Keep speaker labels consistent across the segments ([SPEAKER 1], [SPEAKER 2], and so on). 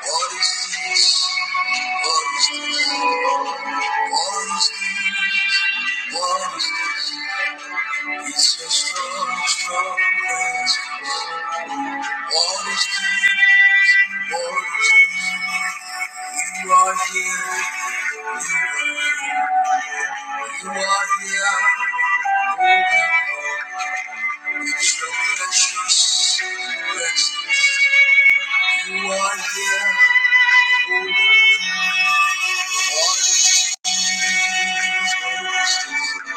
[SPEAKER 1] What is this? What is this? What is this? What is this? It's a strong, strong place. What is this? What is this? You are here. You are here. It's your precious presence. You are here. What is this? What is this?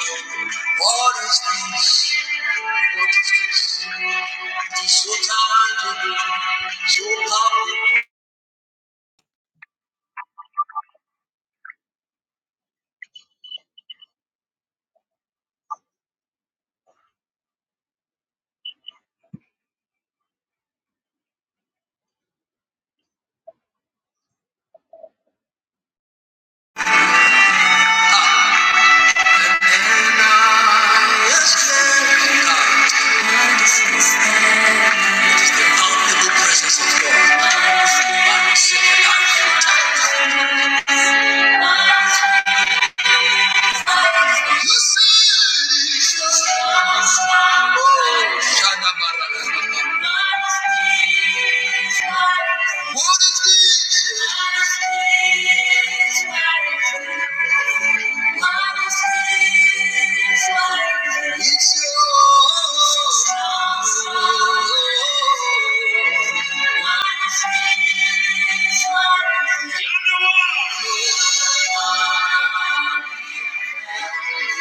[SPEAKER 1] What is this? What is this? It is so tangible, so palpable. And I exclaim, God, it is the palpable presence of God. I am sick and I You said it's yours. Ooh. Shadabarababa. What is this? It's yours. Yonder. Precious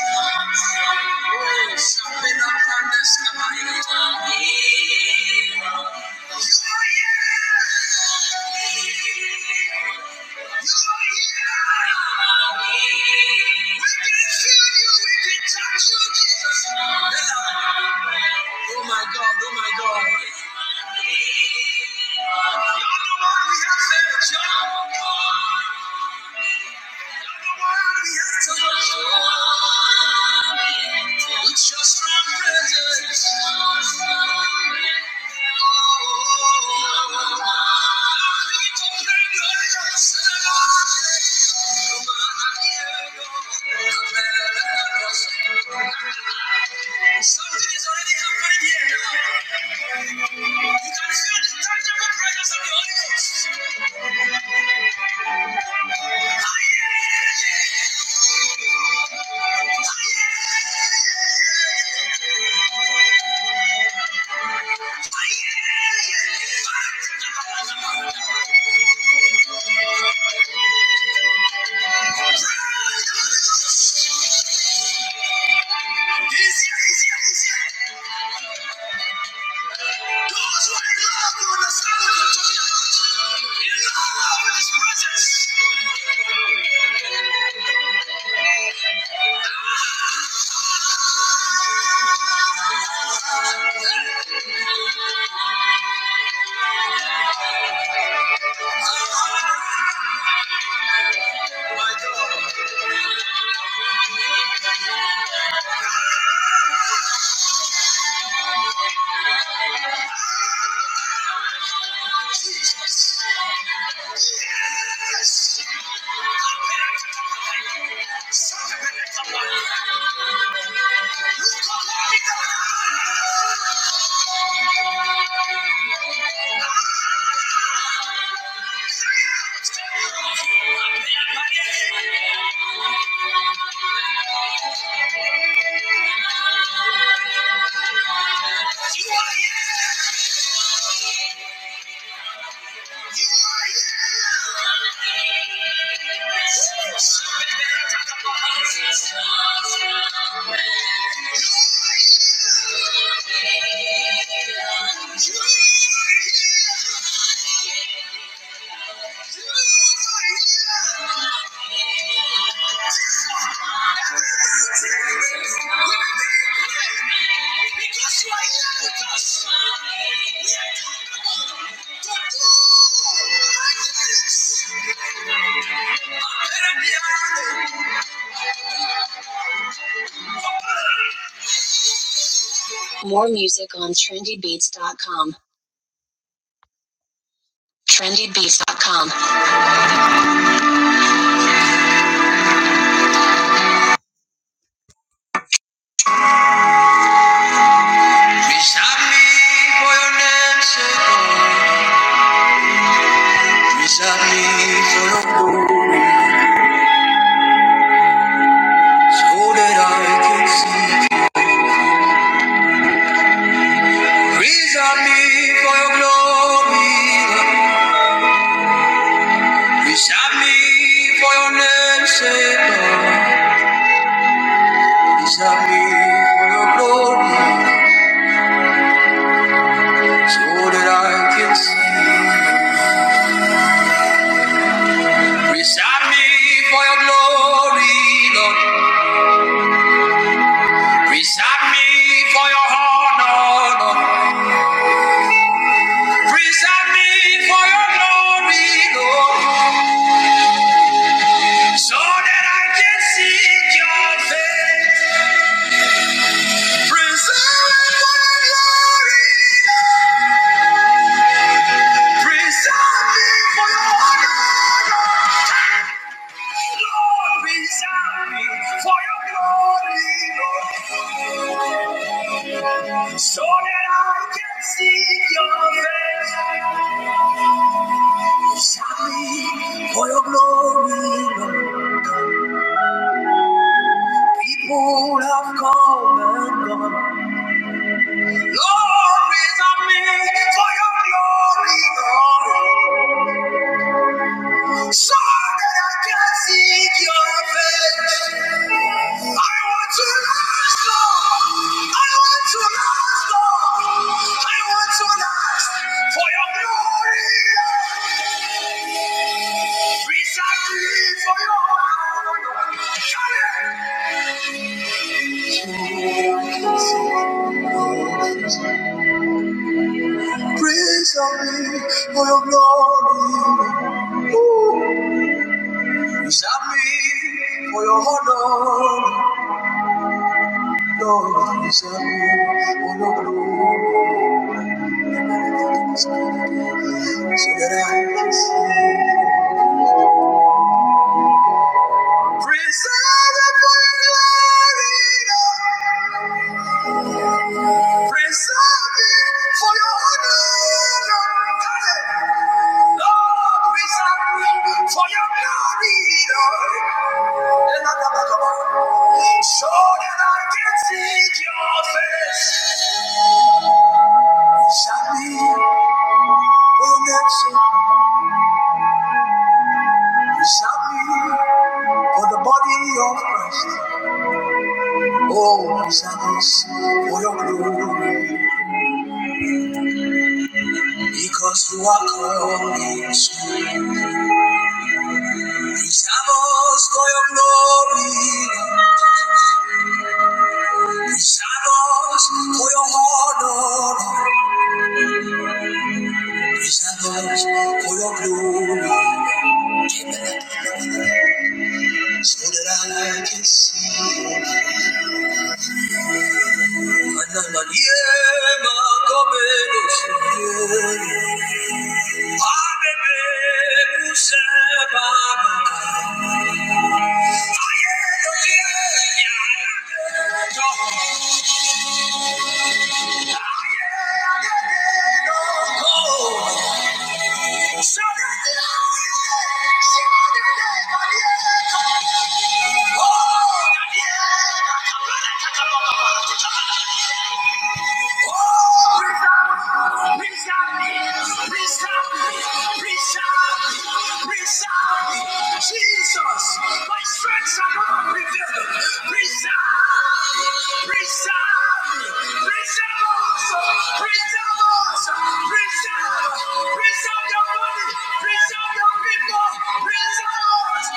[SPEAKER 1] one, with your strong presence. You're the one we have saved, John. Something is already happening here. You can feel the tangible presence of the Holy Ghost. Yeah, yeah, yeah, yeah, yeah. Jesus. You are here. You are here. More music on trendybeats.com. Trendybeats.com. We com. for your name's sake, Miss me need for your glory, so that I can see. You. I me for your glory. Lord. I me for your name's sake, Lord. Praise me for your glory, so that I can see. You. I me for your glory, Lord. Praise me for your honor, Lord. Praise me for your glory, Lord. so that I can seek your face. Preserve me for your glory. Preserve me for your honor. Lord, preserve me for your glory. Lord. So that I can seek your face. Preserve me for your glory, Lord. People have come and gone. Lord, is a for your glory, Lord. So that I can seek your face. I want to last, Lord. I want to last, Lord. I want to last for your glory. Praise and grief for your Praise and grief for your glory. Praise me for your honor. Lord Jesus, oh Lord, so that I can see. Preserve it for your glory, preserve it for your honor, Lord, preserve it for your glory, so that I can seek your face. Preserve me, oh Lord, preserve me. For the body of Christ, oh Jesus, for your glory, because you are coming soon. Preserve us for your glory, preserve us for your honor, preserve us for your glory, so that I can see. Ananayema kameno sinye. Abebe kusema maka. Ayelo ye, yanageto. Yageto. Sadede, sadede, kadieko. Oh, kadieko. Jesus, my strength shall not be revealed. Reach out, reach out, reach out, reach out, reach out, reach out your body, reach your people, preserve us.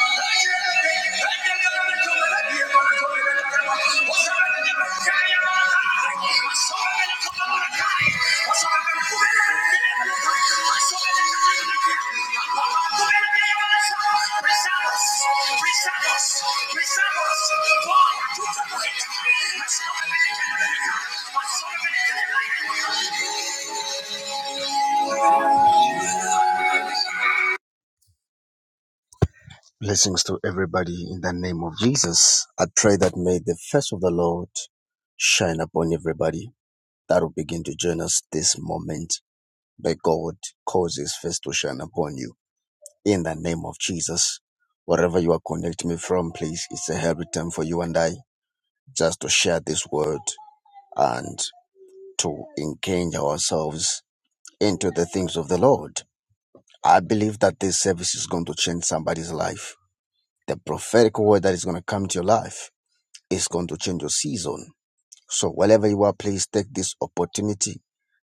[SPEAKER 1] Blessings to everybody in the name of Jesus. I pray that may the face of the Lord shine upon everybody. that will begin to join us this moment. May God cause His face to shine upon you. In the name of Jesus, wherever you are connecting me from, please, it's a happy time for you and I just to share this word and to engage ourselves into the things of the Lord. I believe that this service is going to change somebody's life. The prophetic word that is going to come to your life is going to change your season. So, wherever you are, please take this opportunity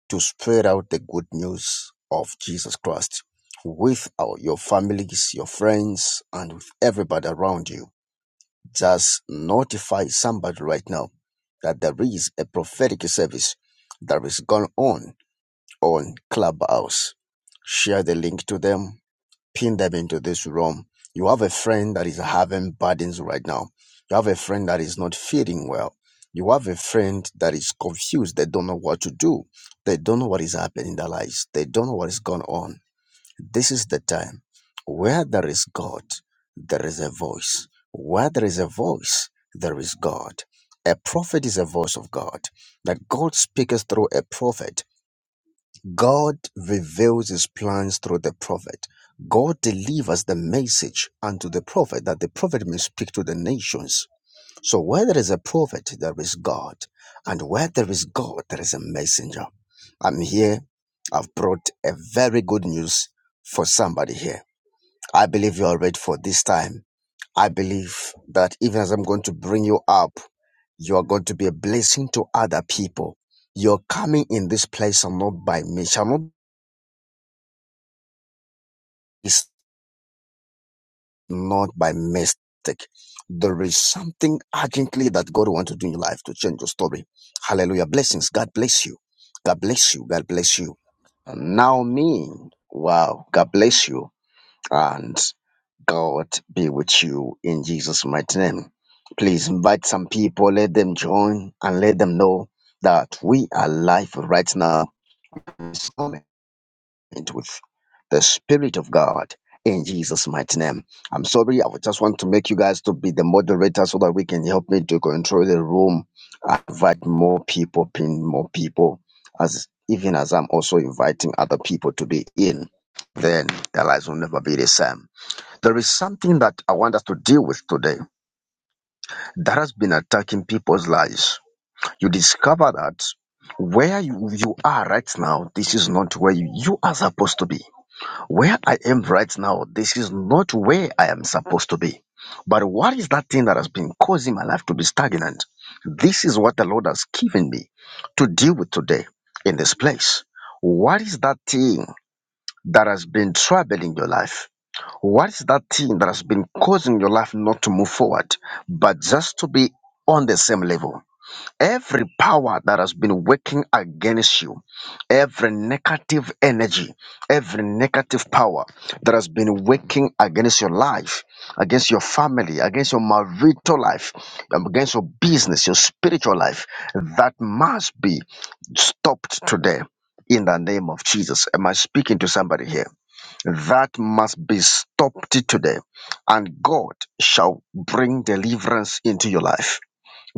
[SPEAKER 1] to spread out the good news of Jesus Christ with our, your families, your friends, and with everybody around you. Just notify somebody right now that there is a prophetic service that is going on on Clubhouse. Share the link to them pin them into this room. You have a friend that is having burdens right now. You have a friend that is not feeling well. You have a friend that is confused. They don't know what to do. They don't know what is happening in their lives. They don't know what is going on. This is the time where there is God, there is a voice. Where there is a voice, there is God. A prophet is a voice of God. That God speaks through a prophet. God reveals his plans through the prophet. God delivers the message unto the prophet that the prophet may speak to the nations. So where there is a prophet, there is God. And where there is God, there is a messenger. I'm here. I've brought a very good news for somebody here. I believe you are ready for this time. I believe that even as I'm going to bring you up, you are going to be a blessing to other people. Your coming in this place shall not by me, shall not It's not by mistake. There is something urgently that God wants to do in your life to change your story. Hallelujah. Blessings. God bless you. God bless you. God bless you. And now me. Wow. God bless you. And God be with you in Jesus' mighty name. Please invite some people, let them join and let them know that we are live right now. alignment with the Spirit of God in Jesus' mighty name. I'm sorry, I would just want to make you guys to be the moderator so that we can help me to control the room, invite more people, pin more people, as even as I'm also inviting other people to be in. Then their lives will never be the same. There is something that I want us to deal with today that has been attacking people's lives. You discover that where you, you are right now, this is not where you, you are supposed to be. Where I am right now, this is not where I am supposed to be. But what is that thing that has been causing my life to be stagnant? This is what the Lord has given me to deal with today in this place. What is that thing that has been troubling your life? What is that thing that has been causing your life not to move forward, but just to be on the same level? Every power that has been working against you, every negative energy, every negative power that has been working against your life, against your family, against your marital life, um, against your business, your spiritual life, that must be stopped today in the name of Jesus. Am I speaking to somebody here? That must be stopped today, and God shall bring deliverance into your life.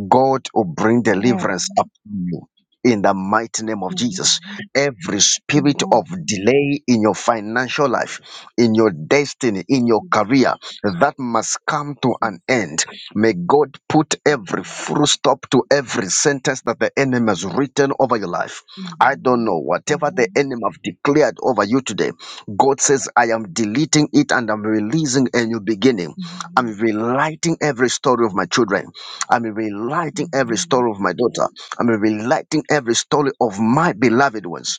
[SPEAKER 1] God will bring deliverance upon
[SPEAKER 2] Amen.
[SPEAKER 1] you in the mighty name of Jesus.
[SPEAKER 2] Amen.
[SPEAKER 1] Every spirit of
[SPEAKER 2] Amen.
[SPEAKER 1] delay in your financial life, in your destiny, in your
[SPEAKER 2] Jesus,
[SPEAKER 1] career, that must come to an
[SPEAKER 2] Jesus.
[SPEAKER 1] end. May God put every
[SPEAKER 2] Amen.
[SPEAKER 1] full stop to every sentence that the enemy has written over your life. I don't know.
[SPEAKER 2] Amen.
[SPEAKER 1] Whatever the
[SPEAKER 2] Amen.
[SPEAKER 1] enemy have declared over you today, God says, I am deleting it and I'm releasing a new beginning. I'm relighting every story of my children. I'm relighting every
[SPEAKER 2] Amen.
[SPEAKER 1] story of my daughter. I'm relighting every story of my beloved ones.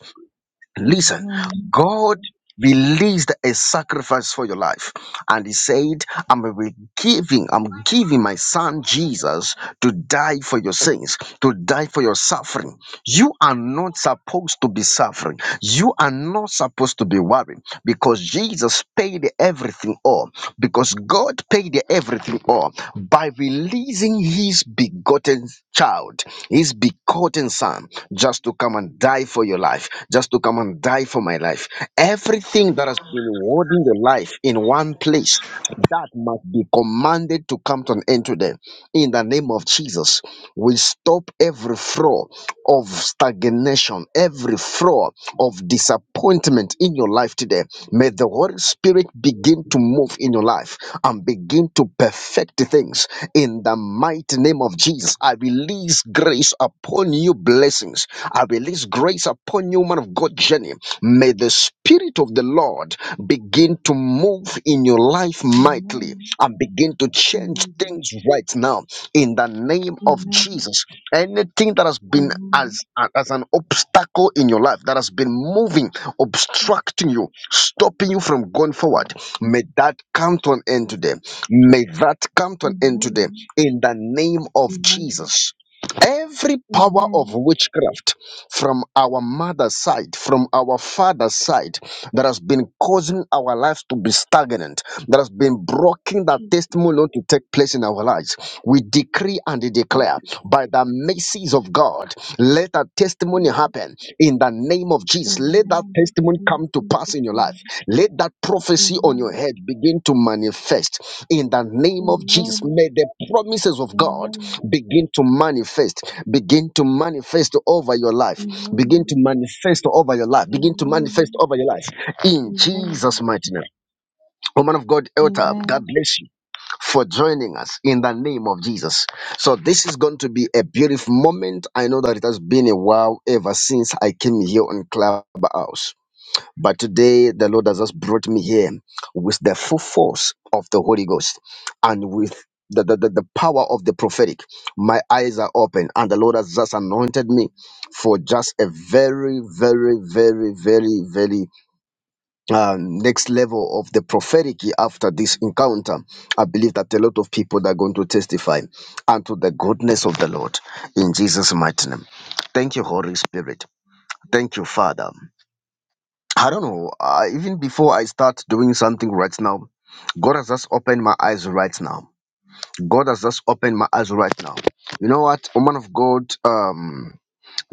[SPEAKER 1] Listen,
[SPEAKER 2] Amen.
[SPEAKER 1] God released a sacrifice for your life, and He said, I'm re- giving, I'm giving my son Jesus to die for your sins, to die for your suffering. You are not supposed to be suffering, you are not supposed to be worried because Jesus paid everything all because God paid everything all by releasing his begotten child, his begotten son, just to come and die for your life, just to come and die for my life. Everything that has been holding your life in one place
[SPEAKER 3] Um,
[SPEAKER 1] that must be commanded to come to an end today. In the name of Jesus, we stop every flow of stagnation, every flow of disappointment in your life today. May the Holy Spirit begin to move in your life and begin to perfect things. In the mighty name of Jesus, I release grace upon you, blessings. I release grace upon you, man of God, Jenny journey. May the Spirit of the Lord begin to move in your life mightily
[SPEAKER 2] Amen.
[SPEAKER 1] and begin to change
[SPEAKER 2] Amen.
[SPEAKER 1] things right now in the name of
[SPEAKER 2] Amen. Amen.
[SPEAKER 1] Jesus. Anything that has been as,
[SPEAKER 2] Amen.
[SPEAKER 1] as an obstacle in your life that has been moving,
[SPEAKER 2] Jesus,
[SPEAKER 1] obstructing you, stopping you from going
[SPEAKER 2] Jesus,
[SPEAKER 1] forward, may that come to an end today.
[SPEAKER 2] Jesus.
[SPEAKER 1] May that come to an end today
[SPEAKER 2] Amen.
[SPEAKER 1] in the name of
[SPEAKER 2] Amen.
[SPEAKER 1] Jesus. Every power of
[SPEAKER 2] Amen.
[SPEAKER 1] witchcraft from our mother's side, from our father's side, that has been causing our lives to be stagnant, that has been blocking that
[SPEAKER 2] Jesus,
[SPEAKER 1] testimony not to take place in our lives, we decree and declare
[SPEAKER 2] Jesus,
[SPEAKER 1] by the mercies of God, let a testimony
[SPEAKER 2] Jesus.
[SPEAKER 1] happen in the name of Jesus. Let that
[SPEAKER 2] Amen.
[SPEAKER 1] testimony
[SPEAKER 2] In
[SPEAKER 1] come to pass
[SPEAKER 2] Jesus'
[SPEAKER 1] in your life.
[SPEAKER 2] name.
[SPEAKER 1] Let that prophecy on your
[SPEAKER 2] Amen.
[SPEAKER 1] head begin to manifest in the name of Jesus.
[SPEAKER 2] Amen.
[SPEAKER 1] May the promises of God
[SPEAKER 2] Amen.
[SPEAKER 1] begin to manifest, begin to manifest over your life, begin
[SPEAKER 2] Amen.
[SPEAKER 1] to manifest over your life, begin to manifest
[SPEAKER 2] Amen.
[SPEAKER 1] over your life in Jesus'
[SPEAKER 2] Amen.
[SPEAKER 1] mighty name. Oh, Man of God, Elta, God
[SPEAKER 2] Amen.
[SPEAKER 1] bless you for joining us in the name of Jesus. So this is going to be a beautiful moment. I know that it has been a while ever since I came here on Clubhouse. But today the Lord has just brought me here with the full force of the Holy Ghost and with the, the, the, the power of the prophetic. My eyes are open and the Lord has just anointed me for just a very, very, very, very, very, um, next level of the prophetic after this encounter. I believe that a lot of people are going to testify unto the goodness of the Lord in Jesus' mighty name. Thank you, Holy Spirit. Thank you, Father. I don't know, uh, even before I start doing something right now, God has just opened my eyes right now. God has just opened my eyes right now. You know what, woman of God, um,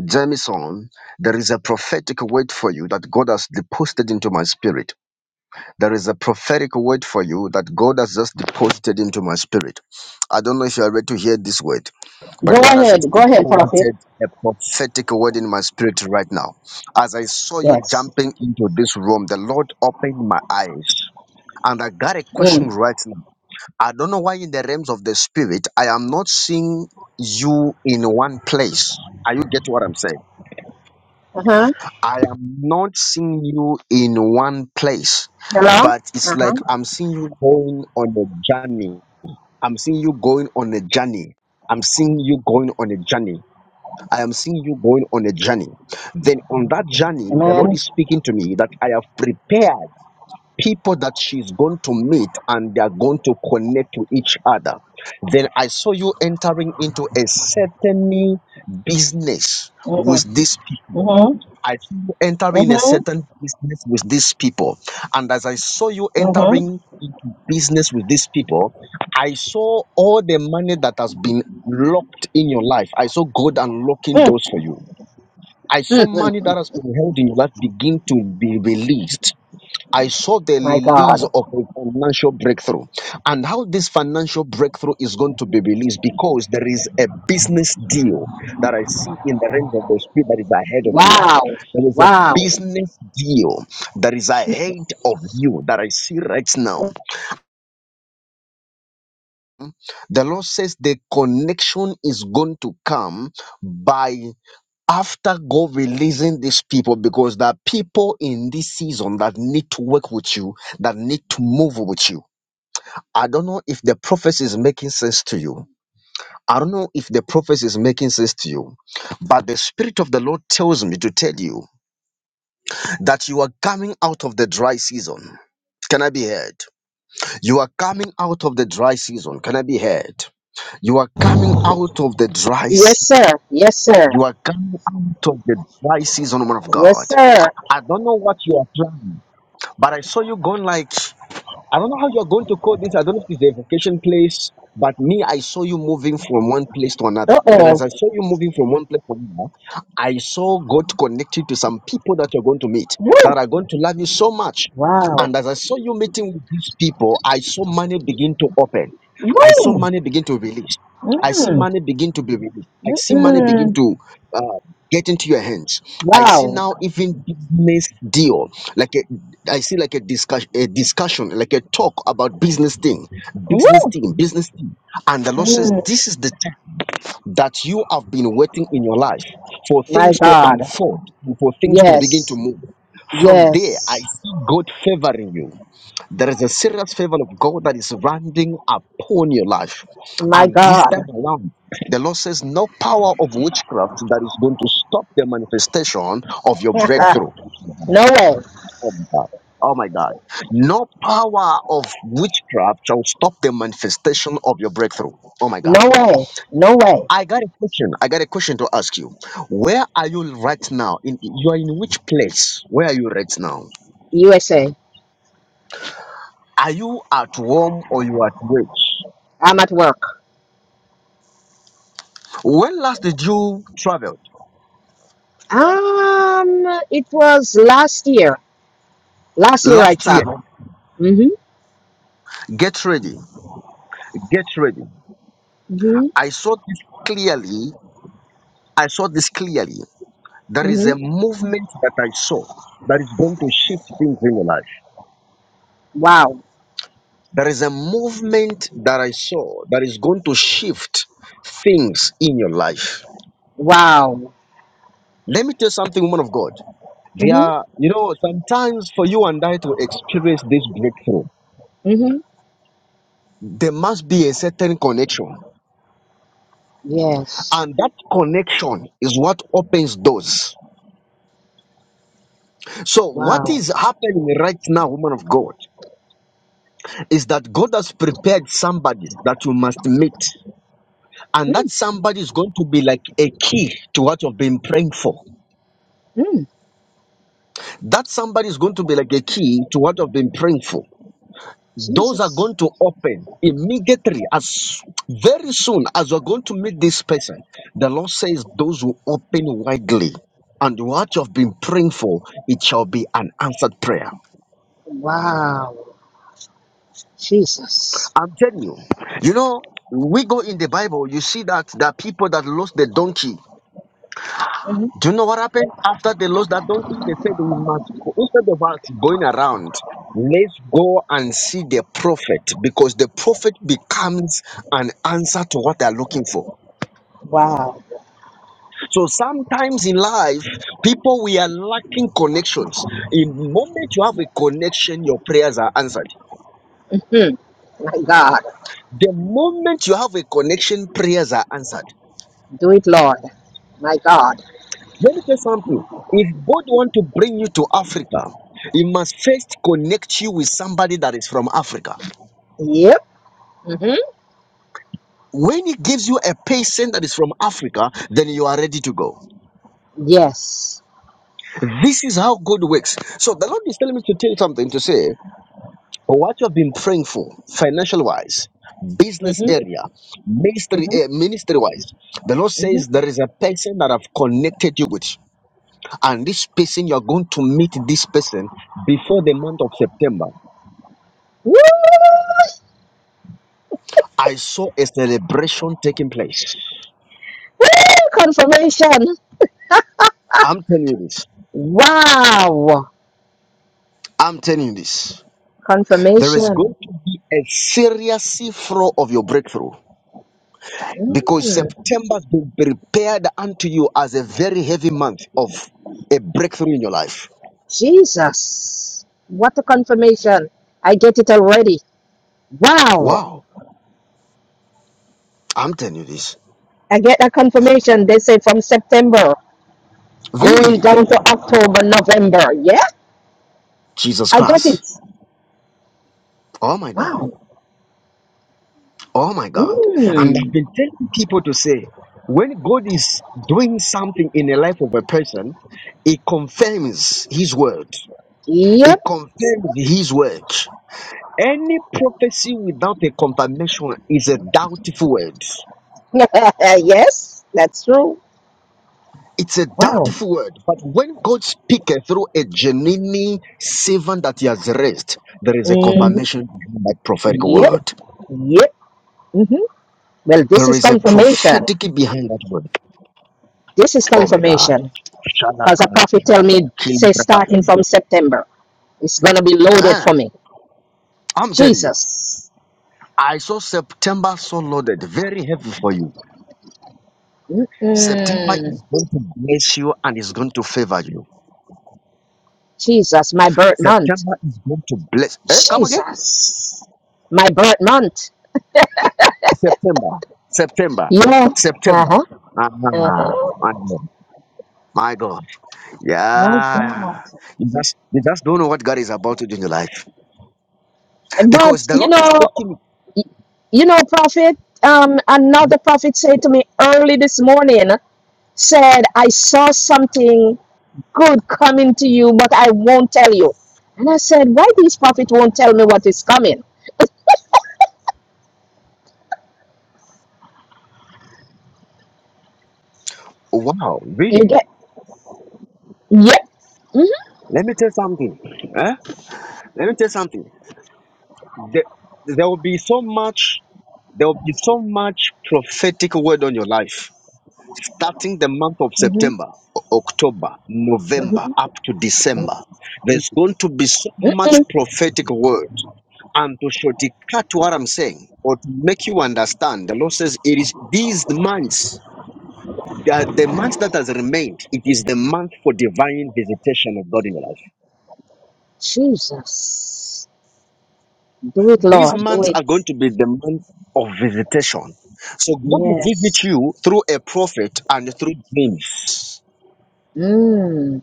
[SPEAKER 1] Jamison, there is a prophetic word for you that God has deposited into my spirit there is a prophetic word for you that God has just deposited into my spirit. I don't know if you are ready to hear this word,
[SPEAKER 4] Go
[SPEAKER 1] but God has just
[SPEAKER 4] ahead. Go ahead, Prophet.
[SPEAKER 1] deposited a prophetic word in my spirit right now. As I saw you
[SPEAKER 4] Yes.
[SPEAKER 1] jumping into this room, the Lord opened my eyes. And I got a
[SPEAKER 4] Mm.
[SPEAKER 1] question right now. I don't know why, in the realms of the spirit, I am not seeing you in one place. Are you get what I'm saying?
[SPEAKER 4] Uh-huh.
[SPEAKER 1] I am not seeing you in one place,
[SPEAKER 4] Hello?
[SPEAKER 1] but it's like
[SPEAKER 4] Uh-huh.
[SPEAKER 1] I'm seeing you going on a journey. I'm seeing you going on a journey. I'm seeing you going on a journey. I am seeing you going on a journey. Then on that journey, the Lord
[SPEAKER 4] Amen.
[SPEAKER 1] is speaking to me that I have prepared people that she's going to meet and they are going to connect to each other. Then I saw you entering into a certain business with
[SPEAKER 4] Mm-hmm.
[SPEAKER 1] these people
[SPEAKER 4] Mm-hmm.
[SPEAKER 1] I see you entering a
[SPEAKER 4] Mm-hmm.
[SPEAKER 1] certain business with these people. And as I saw you
[SPEAKER 4] Mm-hmm.
[SPEAKER 1] entering into business with these people, I saw all the money that has been locked in your life. I saw God unlocking doors for
[SPEAKER 4] Mm.
[SPEAKER 1] you. I saw
[SPEAKER 4] Mm-hmm.
[SPEAKER 1] money that has been held in your life begin to be released I saw the
[SPEAKER 4] My
[SPEAKER 1] release
[SPEAKER 4] God.
[SPEAKER 1] of a financial breakthrough and how this financial breakthrough is going to be released because there is a business deal that I see in the realms of the spirit that is ahead of you.
[SPEAKER 4] Wow.
[SPEAKER 1] There is a
[SPEAKER 4] Wow.
[SPEAKER 1] business deal that is
[SPEAKER 4] Jesus.
[SPEAKER 1] ahead of you that I see right now. The Lord says the connection is going to come by after God releasing these people because there are people in this season that need to work with you, that need to move with you I don't know if the prophecy is making sense to you. I don't know if the prophecy is making sense to you, but the Spirit of the Lord tells me to tell you that you are coming out of the dry season. Can I be heard? You are coming out of the dry season. Can I be heard? You are coming out of the dry
[SPEAKER 4] Yes,
[SPEAKER 1] season.
[SPEAKER 4] sir. Yes, sir.
[SPEAKER 1] You are coming out of the dry season, woman of
[SPEAKER 4] Yes,
[SPEAKER 1] God.
[SPEAKER 4] sir.
[SPEAKER 1] I don't know what you are planning, but I saw you going like I don't know how you're going to call this. I don't know if it's a vacation place, but me, I saw you moving from one place to another. Then, as
[SPEAKER 4] Uh-oh.
[SPEAKER 1] I saw you moving from one place to another, I saw God connected to some people that you're going to meet that
[SPEAKER 4] Woo.
[SPEAKER 1] are going to love you so much.
[SPEAKER 4] Wow.
[SPEAKER 1] And as I saw you meeting with these people, I saw money begin to open. I saw
[SPEAKER 4] Woo.
[SPEAKER 1] money begin to release. I see
[SPEAKER 4] Mm.
[SPEAKER 1] money begin to be released. I see money begin
[SPEAKER 4] Mm-mm.
[SPEAKER 1] to get into your hands. I see
[SPEAKER 4] Wow.
[SPEAKER 1] now even business deal, like a, I see like a discussion, a discussion, like a talk about business thing, business
[SPEAKER 4] Woo.
[SPEAKER 1] thing, business thing. And the Lord says,
[SPEAKER 4] Mm.
[SPEAKER 1] this is the time that you have been waiting in your life for
[SPEAKER 4] My
[SPEAKER 1] things to
[SPEAKER 4] God.
[SPEAKER 1] unfold, for things to begin to
[SPEAKER 4] Yes.
[SPEAKER 1] move. From there, I
[SPEAKER 4] Yes.
[SPEAKER 1] see God favoring you. There is a serious favor of God that is landing upon your life.
[SPEAKER 4] My
[SPEAKER 1] And this
[SPEAKER 4] God.
[SPEAKER 1] time around, the Lord says, No power of witchcraft that is going to stop the manifestation of your breakthrough.
[SPEAKER 4] no way.
[SPEAKER 1] Oh my God. Oh my God. No power of witchcraft shall stop the manifestation of your breakthrough. Oh my God.
[SPEAKER 4] No way. No way.
[SPEAKER 1] I got a question. I got a question to ask you. Where are you right now? In you are in which place? Where are you right now?
[SPEAKER 4] USA.
[SPEAKER 1] Are you at home or you are at work?
[SPEAKER 4] I'm at work.
[SPEAKER 1] When last did you travel?
[SPEAKER 4] Um, it was last year. Last year I
[SPEAKER 1] Last year.
[SPEAKER 4] traveled. Mm-hmm.
[SPEAKER 1] Get ready. Get ready.
[SPEAKER 4] Mm-hmm.
[SPEAKER 1] I saw this clearly. I saw this clearly. There is a
[SPEAKER 4] Mm-hmm.
[SPEAKER 1] movement that I saw that is going to shift things in your life.
[SPEAKER 4] Wow.
[SPEAKER 1] There is a movement that I saw that is going to shift things in your life.
[SPEAKER 4] Wow.
[SPEAKER 1] Let me tell you something, woman of God. There
[SPEAKER 4] Mm-hmm.
[SPEAKER 1] are, you know, sometimes for you and I to experience this breakthrough,
[SPEAKER 4] Mm-hmm.
[SPEAKER 1] there must be a certain connection
[SPEAKER 4] Yes.
[SPEAKER 1] And that connection is what opens doors. So, what
[SPEAKER 4] Wow.
[SPEAKER 1] is happening right now, woman of God, is that God has prepared somebody that you must meet. And
[SPEAKER 4] Mm-hmm.
[SPEAKER 1] that somebody is going to be like a key to what you've been praying for.
[SPEAKER 4] Mm-hmm.
[SPEAKER 1] That somebody is going to be like a key to what you've been praying for. Doors are
[SPEAKER 4] Jesus.
[SPEAKER 1] going to open immediately, as very soon as you're going to meet this person. The Lord says, Those who open widely, and what you've been praying for, it shall be an answered prayer.
[SPEAKER 4] Wow. Jesus.
[SPEAKER 1] I'm telling you. You know, we go in the Bible, you see that the people that lost the donkey.
[SPEAKER 4] Mm-hmm.
[SPEAKER 1] Do you know what happened after they lost that donkey? They said we must instead of us going around, let's go and see the prophet because the prophet becomes an answer to what they're looking for.
[SPEAKER 4] Wow.
[SPEAKER 1] So sometimes in life, people we are lacking connections. The moment you have a connection, your prayers are answered.
[SPEAKER 4] Hmm. My God.
[SPEAKER 1] The moment you have a connection, prayers are answered.
[SPEAKER 4] Do it, Lord. My God.
[SPEAKER 1] Let me tell something. If God want to bring you to Africa, He must first connect you with somebody that is from Africa.
[SPEAKER 4] Yep. Mm-hmm.
[SPEAKER 1] When He gives you a patient that is from Africa, then you are ready to go.
[SPEAKER 4] Yes.
[SPEAKER 1] This is how God works. So the Lord is telling me to tell you something to say what you have been praying for, financial wise, business
[SPEAKER 4] Mm-hmm.
[SPEAKER 1] area, ministry
[SPEAKER 4] Mm-hmm.
[SPEAKER 1] ministry wise. The Lord
[SPEAKER 4] Mm-hmm.
[SPEAKER 1] says there is a person that I've connected you with, and this person you are going to meet this person before the month of September.
[SPEAKER 4] Woo!
[SPEAKER 1] I saw a celebration taking place.
[SPEAKER 4] Woo! Confirmation.
[SPEAKER 1] I'm telling you this.
[SPEAKER 4] Wow.
[SPEAKER 1] I'm telling you this. There is
[SPEAKER 4] Confirmation.
[SPEAKER 1] going to be a serious flow of your breakthrough because
[SPEAKER 4] Mm,
[SPEAKER 1] September has been prepared unto you as a very heavy month of a breakthrough in your life.
[SPEAKER 4] Jesus. What a confirmation. I get it already. Wow.
[SPEAKER 1] Wow. I'm telling you this.
[SPEAKER 4] I get a confirmation. They say from September going
[SPEAKER 1] Really?
[SPEAKER 4] down to October, November. Yeah,
[SPEAKER 1] Jesus
[SPEAKER 4] I get it.
[SPEAKER 1] Christ. Oh my God.
[SPEAKER 4] Wow.
[SPEAKER 1] Oh my God. And I've
[SPEAKER 4] Mm.
[SPEAKER 1] been telling people to say, when God is doing something in the life of a person, it confirms his word. It
[SPEAKER 4] Yep.
[SPEAKER 1] confirms his word. Any prophecy without a confirmation is a doubtful word.
[SPEAKER 4] yes, that's true.
[SPEAKER 1] It's a
[SPEAKER 4] Wow.
[SPEAKER 1] doubtful word. But when God speaks through a genuine servant that he has raised, there is a
[SPEAKER 4] Mm.
[SPEAKER 1] confirmation behind that prophetic
[SPEAKER 4] Yep.
[SPEAKER 1] word.
[SPEAKER 4] Yep. hmm Well, this
[SPEAKER 1] There
[SPEAKER 4] is
[SPEAKER 1] is a
[SPEAKER 4] confirmation.
[SPEAKER 1] prophetic behind that word.
[SPEAKER 4] This is
[SPEAKER 1] Oh my God.
[SPEAKER 4] confirmation because a prophet
[SPEAKER 1] Shalabah,
[SPEAKER 4] tell me say
[SPEAKER 1] Kilabah.
[SPEAKER 4] starting from September it's gonna be loaded for
[SPEAKER 1] Ah,
[SPEAKER 4] me.
[SPEAKER 1] I'm telling you,
[SPEAKER 4] Jesus,
[SPEAKER 1] I saw September so loaded, very heavy for you. September
[SPEAKER 4] Mm-mm.
[SPEAKER 1] is going to bless you and is going to favor you.
[SPEAKER 4] Jesus, my birth month.
[SPEAKER 1] September is going to bless. Eh, come again?
[SPEAKER 4] Jesus, my birth month.
[SPEAKER 1] September. September.
[SPEAKER 4] Yeah. Uh
[SPEAKER 1] September.
[SPEAKER 4] huh.
[SPEAKER 1] Ah,
[SPEAKER 4] Uh huh.
[SPEAKER 1] my God. My God.
[SPEAKER 4] My God.
[SPEAKER 1] Yeah. You just, you just don't know what God is about to do in your life. Because
[SPEAKER 4] But
[SPEAKER 1] the
[SPEAKER 4] you
[SPEAKER 1] Lord is
[SPEAKER 4] know,
[SPEAKER 1] taking
[SPEAKER 4] y- you know, prophet. Um, another
[SPEAKER 1] it.
[SPEAKER 4] prophet said to me early this morning. Said I saw something. good coming to you, but I won't tell you. And I said, why these prophets won't tell me what is coming?
[SPEAKER 1] Wow,
[SPEAKER 4] You
[SPEAKER 1] really?
[SPEAKER 4] get, yeah. Mhm.
[SPEAKER 1] Let me tell something. Eh? Let me tell something. There there will be so much, there will be so much prophetic word on your life. starting the month of
[SPEAKER 4] Mhm.
[SPEAKER 1] September, O- October, November,
[SPEAKER 4] Mhm.
[SPEAKER 1] up to December, there's going to be so much
[SPEAKER 4] Mm-mm.
[SPEAKER 1] prophetic word. And to shortcut what I'm saying, or to make you understand, the Lord says it is these months, that the month that has remained, it is the month for divine visitation of God in your life.
[SPEAKER 4] Jesus. Do it,
[SPEAKER 1] These
[SPEAKER 4] Lord. Do
[SPEAKER 1] months are going
[SPEAKER 4] it.
[SPEAKER 1] to be the month of visitation. So God will visit
[SPEAKER 4] Yes.
[SPEAKER 1] you through a prophet and through dreams.
[SPEAKER 4] Mm.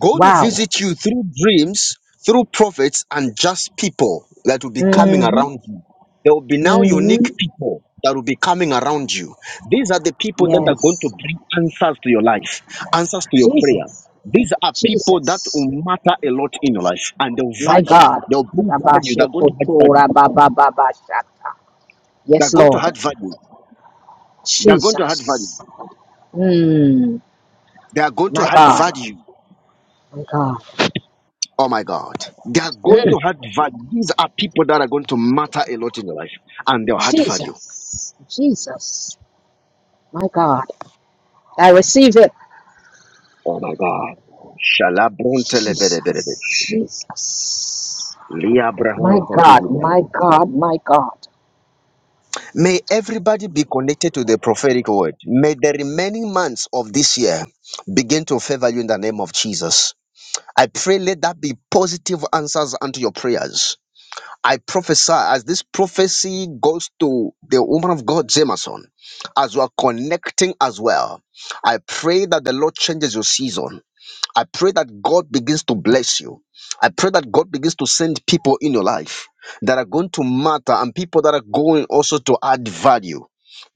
[SPEAKER 1] God will
[SPEAKER 4] Wow.
[SPEAKER 1] visit you through dreams, through prophets, and just people that will be coming
[SPEAKER 4] Mm-hmm.
[SPEAKER 1] around you. There will be now unique
[SPEAKER 4] Mhm.
[SPEAKER 1] people that will be coming around you. These are the
[SPEAKER 4] Mm-hmm.
[SPEAKER 1] people that are going to
[SPEAKER 4] Yes.
[SPEAKER 1] bring answers to your life, answers to your prayer.
[SPEAKER 4] Jesus.
[SPEAKER 1] These are people that
[SPEAKER 4] Jesus.
[SPEAKER 1] will matter a lot in your life and they'll
[SPEAKER 4] My
[SPEAKER 1] value.
[SPEAKER 4] God.
[SPEAKER 1] They'll bring value. They're going
[SPEAKER 4] Rabashikotora babababashata. Yes,
[SPEAKER 1] to
[SPEAKER 4] Lord.
[SPEAKER 1] add value. They're going to add value. They're going to add value.
[SPEAKER 4] Jesus. Mm.
[SPEAKER 1] They are going to
[SPEAKER 4] My
[SPEAKER 1] add
[SPEAKER 4] God.
[SPEAKER 1] value
[SPEAKER 4] my God.
[SPEAKER 1] Oh my God. They are going
[SPEAKER 4] Mm.
[SPEAKER 1] to add value. These are people that are going to matter a lot in your life and they'll add value.
[SPEAKER 4] Jesus, Jesus, my God. I receive it.
[SPEAKER 1] Oh my God. Shalabronte lebedeberebe.
[SPEAKER 4] Jesus, Jesus, my God,
[SPEAKER 1] takidibra.
[SPEAKER 4] my God, my God.
[SPEAKER 1] May everybody be connected to the prophetic word. May the remaining months of this year begin to favor you in the name of Jesus. I pray let that be positive answers unto your prayers. I prophesy as this prophecy goes to the woman of God, Jameson, as we are connecting as well. I pray that the Lord changes your season. I pray that God begins to bless you. I pray that God begins to send people in your life that are going to matter and people that are going also to add value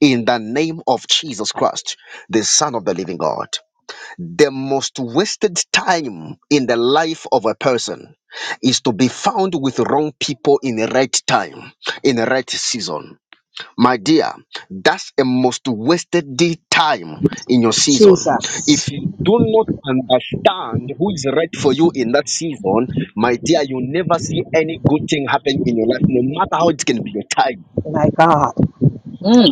[SPEAKER 1] in the name of Jesus Christ, the Son of the living God. The most wasted time in the life of a person is to be found with wrong people in the right time, in the right season. My dear, that's a most wasted day time in your season.
[SPEAKER 4] Jesus,
[SPEAKER 1] If you do not understand who is right for you in that season, my dear, you'll never see any good thing happen in your life, no matter how it can be your time.
[SPEAKER 4] my God.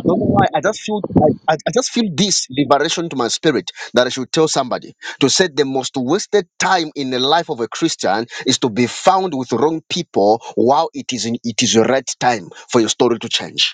[SPEAKER 1] I don't know why. I just feel I, I, I just feel this liberation to my spirit that I should tell somebody to say the most wasted time in the life of a Christian is to be found with wrong people while it is in, it is the right time for your story to change.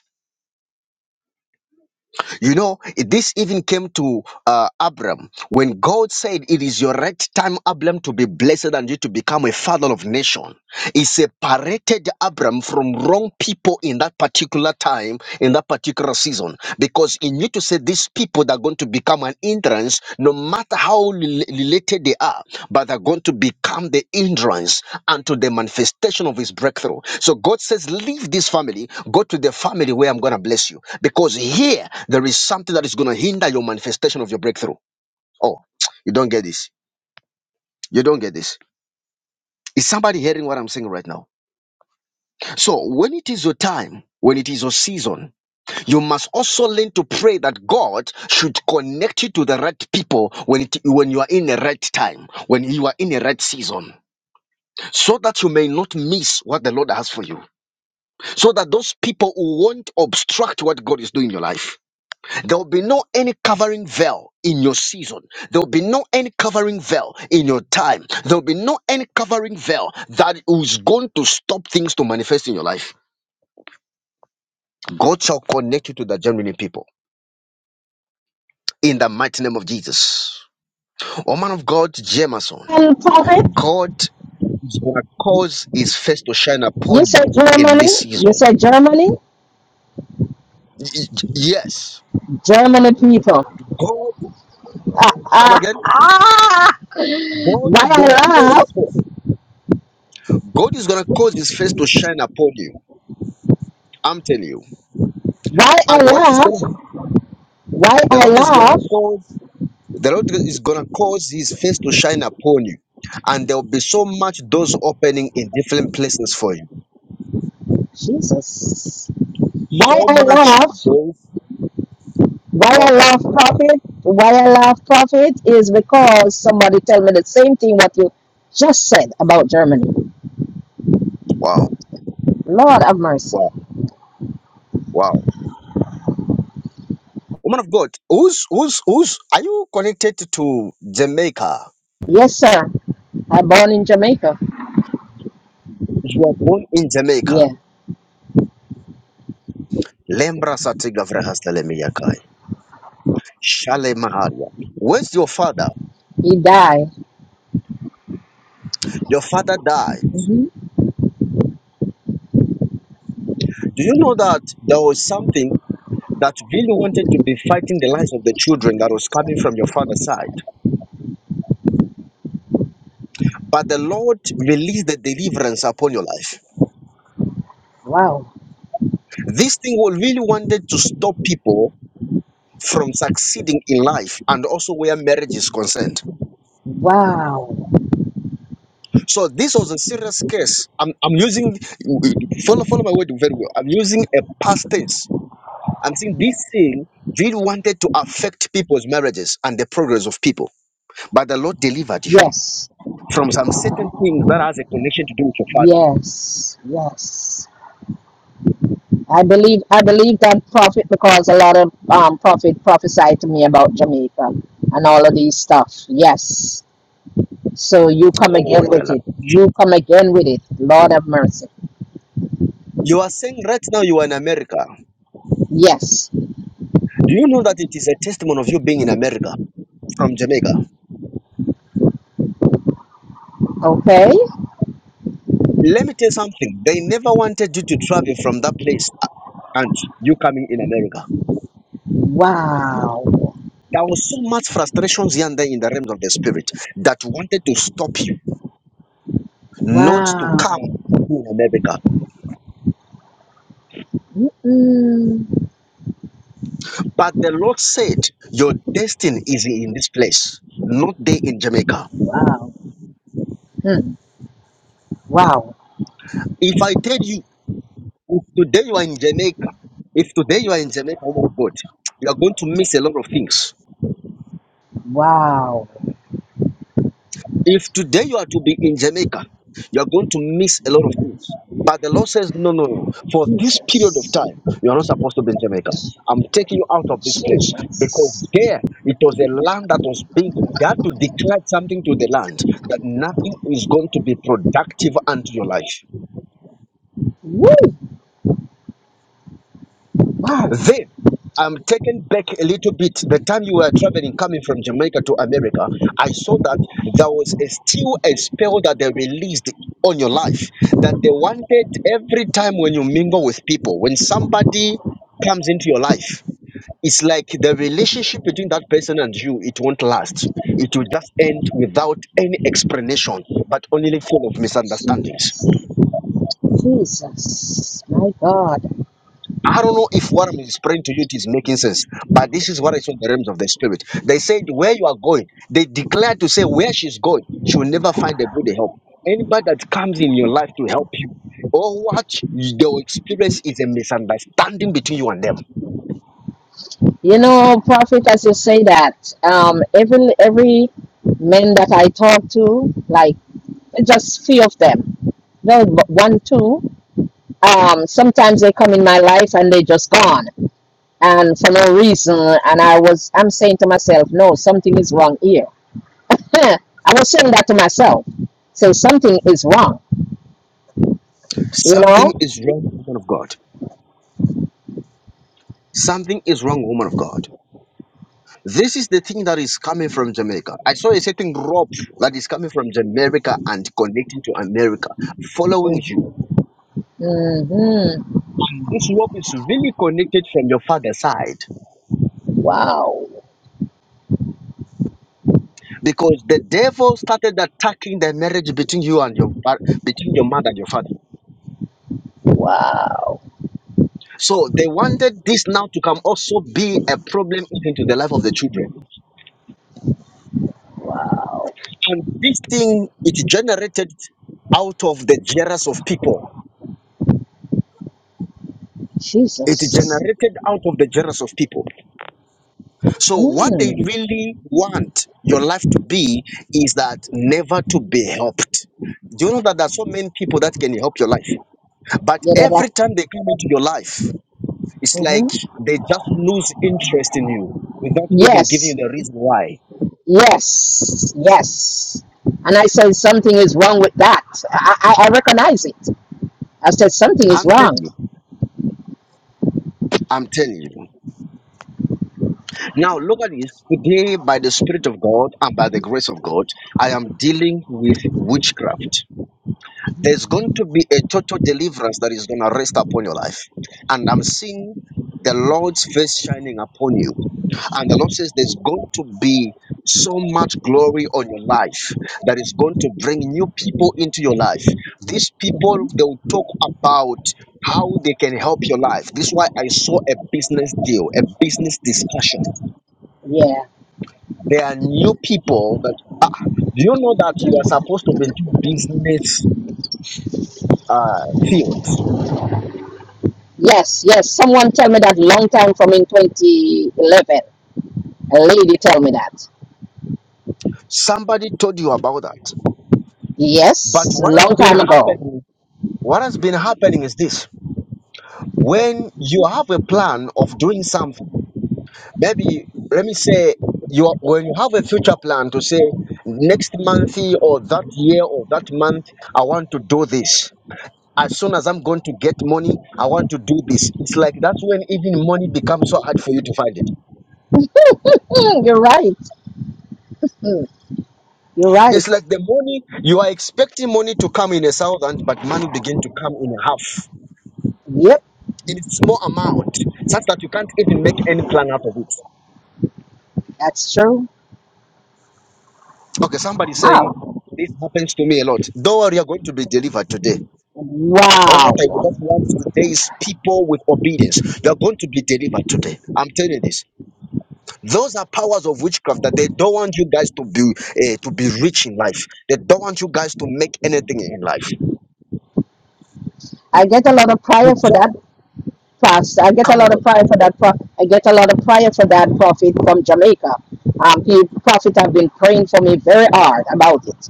[SPEAKER 1] You know, it- this even came to uh, Abram when God said, It is your right time, Abram, to be blessed and you to become a father of nation. He separated Abram from wrong people in that particular time, in that particular season, because he knew to say, These people that going to become an hindrance, no matter how rel- related they are, but they are going to become the hindrance unto the manifestation of his breakthrough. So God says, Leave this family, go to the family where I'm going to bless you. Because here, there is something that is going to hinder your manifestation of your breakthrough. Oh, you don't get this. You don't get this. Is somebody hearing what I'm saying right now? So when it is your time, when it is your season, You must also learn to pray that God should connect you to the right people when it, when you are in the right time, when you are in the right season, so that you may not miss what the Lord has for you. So that those people who won't obstruct what God is doing in your life. There will be no any covering veil in your season. There will be no any covering veil in your time. There will be no any covering veil that is going to stop things to manifest in your life. God shall connect you to the genuine people in the mighty name of Jesus. O man of God, Jameson,
[SPEAKER 4] And prophet,
[SPEAKER 1] God is going to cause his face to shine
[SPEAKER 4] you
[SPEAKER 1] upon you
[SPEAKER 4] said
[SPEAKER 1] in this
[SPEAKER 4] Germany, you
[SPEAKER 1] season.
[SPEAKER 4] said Germany,
[SPEAKER 1] Y- y- Yes.
[SPEAKER 4] Germany people.
[SPEAKER 1] God,
[SPEAKER 4] Ah,
[SPEAKER 1] come
[SPEAKER 4] ah,
[SPEAKER 1] again.
[SPEAKER 4] ah.
[SPEAKER 1] God
[SPEAKER 4] why
[SPEAKER 1] is
[SPEAKER 4] I
[SPEAKER 1] going to cause
[SPEAKER 4] laugh,
[SPEAKER 1] his face. God is going to cause his face to shine upon you. I'm telling you.
[SPEAKER 4] why I
[SPEAKER 1] And what is going
[SPEAKER 4] laugh,
[SPEAKER 1] to happen?
[SPEAKER 4] why
[SPEAKER 1] The
[SPEAKER 4] I
[SPEAKER 1] Lord is going to
[SPEAKER 4] laugh,
[SPEAKER 1] cause, the Lord is going to cause his face to shine upon you. And there will be so much doors opening in different places for you.
[SPEAKER 4] Jesus, why
[SPEAKER 1] So
[SPEAKER 4] I
[SPEAKER 1] much
[SPEAKER 4] laugh
[SPEAKER 1] doors
[SPEAKER 4] Why I love
[SPEAKER 1] opening.
[SPEAKER 4] profit? Why I love profit is because somebody tell me the same thing what you just said about Germany.
[SPEAKER 1] Wow.
[SPEAKER 4] Lord have mercy.
[SPEAKER 1] Wow. Wow. Woman of God, who's who's who's are you connected to Jamaica?
[SPEAKER 4] Yes, sir. I born in Jamaica.
[SPEAKER 1] You are born in Jamaica.
[SPEAKER 4] Yeah.
[SPEAKER 1] Lembra satiga vrahasta lemiyakai. Shale maharia. Where's your father?
[SPEAKER 4] He died.
[SPEAKER 1] Your father died.
[SPEAKER 4] hmm
[SPEAKER 1] Do you know that there was something that really wanted to be fighting the lives of the children that was coming from your father's side? But the Lord released the deliverance upon your life.
[SPEAKER 4] Wow.
[SPEAKER 1] This thing wa- really wanted to stop people from succeeding in life and also where marriage is concerned.
[SPEAKER 4] Wow.
[SPEAKER 1] So this was a serious case. I'm, I'm using follow follow my word very well. I'm using a past tense. I'm saying this thing really wanted to affect people's marriages and the progress of people. But the Lord delivered you
[SPEAKER 4] Yes.
[SPEAKER 1] from some certain things that has a connection to do with your father.
[SPEAKER 4] Yes. Yes. I believe I believe that prophet because a lot of um prophet prophesied to me about Jamaica and all of these stuff. Yes. So you come
[SPEAKER 1] Oh
[SPEAKER 4] again
[SPEAKER 1] yeah.
[SPEAKER 4] with it. You
[SPEAKER 1] la-
[SPEAKER 4] come again with it. Lord have mercy.
[SPEAKER 1] You are saying right now you are in America.
[SPEAKER 4] Yes.
[SPEAKER 1] Do you know that it is a testimony of you being in America from Jamaica?
[SPEAKER 4] Okay.
[SPEAKER 1] Let me tell you something. They never wanted you to travel from that place uh, and you coming in America.
[SPEAKER 4] Wow.
[SPEAKER 1] There was so much frustrations here and there in the realms of the spirit that wanted to stop you not to come
[SPEAKER 4] Wow.
[SPEAKER 1] and be in America.
[SPEAKER 4] Mm-mm.
[SPEAKER 1] But the Lord said, Your destiny is in this place, not there in Jamaica.
[SPEAKER 4] Wow. Hmm. Wow.
[SPEAKER 1] If I tell you, if today you are in Jamaica, if today you are in Jamaica, woman of God, you are going to miss a lot of things
[SPEAKER 4] Wow.
[SPEAKER 1] If today you are to be in Jamaica, you are going to miss a lot of things. But the Lord says, no, no, no. For this period of
[SPEAKER 4] Jesus.
[SPEAKER 1] time, you are not supposed to be in Jamaica. I'm taking you out of this place because
[SPEAKER 4] Jesus.
[SPEAKER 1] there it was a land that was being, they had to declare something to the land that nothing is going to be productive unto your life.
[SPEAKER 4] Woo. Wow.
[SPEAKER 1] Then I'm taken back a little bit. The time you were traveling, coming from Jamaica to America, I saw that there was a, still a spell that they released on your life that they wanted every time when you mingle with people, when somebody comes into your life, it's like the relationship between that person and you, it won't last. It will just end without any explanation, but only full of misunderstandings.
[SPEAKER 4] Jesus. Jesus. My God.
[SPEAKER 1] I don't know if what I'm explaining to you it is making sense, but this is what I saw in the realms of the spirit. They said, Where you are going, they declared to say where she's going, she will never find a good help. Anybody that comes in your life to help you, or what your experience is a misunderstanding between you and them.
[SPEAKER 4] You know, prophet, as you say that, um, every every men that I talk to, like just few of them. No, but one, two. Um, sometimes they come in my life and they just gone, and for no reason. And I was, I'm saying to myself, no, something is wrong here. I was saying that to myself. Say something is wrong, you
[SPEAKER 1] Something
[SPEAKER 4] know.
[SPEAKER 1] is wrong, woman of God. Something is wrong, woman of God. This is the thing that is coming from Jamaica. I saw a certain rope that is coming from Jamaica and connecting to America, following you.
[SPEAKER 4] Mm-hmm.
[SPEAKER 1] This rope is really connected from your father's side
[SPEAKER 4] Wow,
[SPEAKER 1] because the devil started attacking the marriage between you and your fa- between your mother and your father.
[SPEAKER 4] wow,
[SPEAKER 1] So they wanted this now to come also be a problem even to the life of the children.
[SPEAKER 4] wow.
[SPEAKER 1] And this thing it generated out of the jealous of people. It
[SPEAKER 4] Jesus.
[SPEAKER 1] generated out of the jealous of people. So what they
[SPEAKER 4] Mm.
[SPEAKER 1] really want your life to be is that never to be helped. Do you know that there are so many people that can help your life? But
[SPEAKER 4] Yeah, that.
[SPEAKER 1] every time they come into your life, it's like
[SPEAKER 4] Mm-hmm.
[SPEAKER 1] they just lose interest in you without even giving you
[SPEAKER 4] Yes,
[SPEAKER 1] the reason why.
[SPEAKER 4] yes, yes. And I said something is wrong with that. I, I, I recognize it. I said something is
[SPEAKER 1] I'm
[SPEAKER 4] wrong.
[SPEAKER 1] telling you, I'm telling you. Now, look at this. Today, by the Spirit of God and by the grace of God, I am dealing with witchcraft. There's going to be a total deliverance that is going to rest upon your life. And I'm seeing the Lord's face shining upon you. And the Lord says there's going to be so much glory on your life that is going to bring new people into your life. These people, they'll talk about how they can help your life. This is why I saw a business deal, a business discussion.
[SPEAKER 4] Yeah.
[SPEAKER 1] There are new people that do you know that you are supposed to be into business uh, field.
[SPEAKER 4] Yes, yes. Someone tell me that long time from in 2011. A lady tell me that.
[SPEAKER 1] Somebody told you about that. But
[SPEAKER 4] Yes,
[SPEAKER 1] what has
[SPEAKER 4] long
[SPEAKER 1] been
[SPEAKER 4] time ago.
[SPEAKER 1] happening? What has been happening is this: when you have a plan of doing something Maybe let me say you are, when you have a future plan to say next month or that year or that month I want to do this. As soon as I'm going to get money, I want to do this. It's like that's when even money becomes so hard for you to find it.
[SPEAKER 4] You're right. Hmm, You're
[SPEAKER 1] It's
[SPEAKER 4] right.
[SPEAKER 1] like the money you are expecting money to come in a thousand, but money begin to come in half
[SPEAKER 4] Yep,
[SPEAKER 1] in small amount, such that you can't even make any plan out of it.
[SPEAKER 4] that's true.
[SPEAKER 1] Okay, somebody saying
[SPEAKER 4] Wow.
[SPEAKER 1] this happens to me a lot. Don't worry, you're going to be delivered today Or what I would
[SPEAKER 4] Wow.
[SPEAKER 1] just want today is people with obedience. They're going to be delivered today. I'm telling you this. Those are powers of witchcraft that they don't want you guys to be uh, to be rich in life. They don't want you guys to make anything in life.
[SPEAKER 4] I get a lot of
[SPEAKER 1] They
[SPEAKER 4] prayer for
[SPEAKER 1] just
[SPEAKER 4] that pastor. I get a
[SPEAKER 1] come
[SPEAKER 4] lot of
[SPEAKER 1] over.
[SPEAKER 4] prayer for that. Pro- I get a lot of prayer for that prophet from Jamaica. Um, he prophet have been praying for me very hard about it.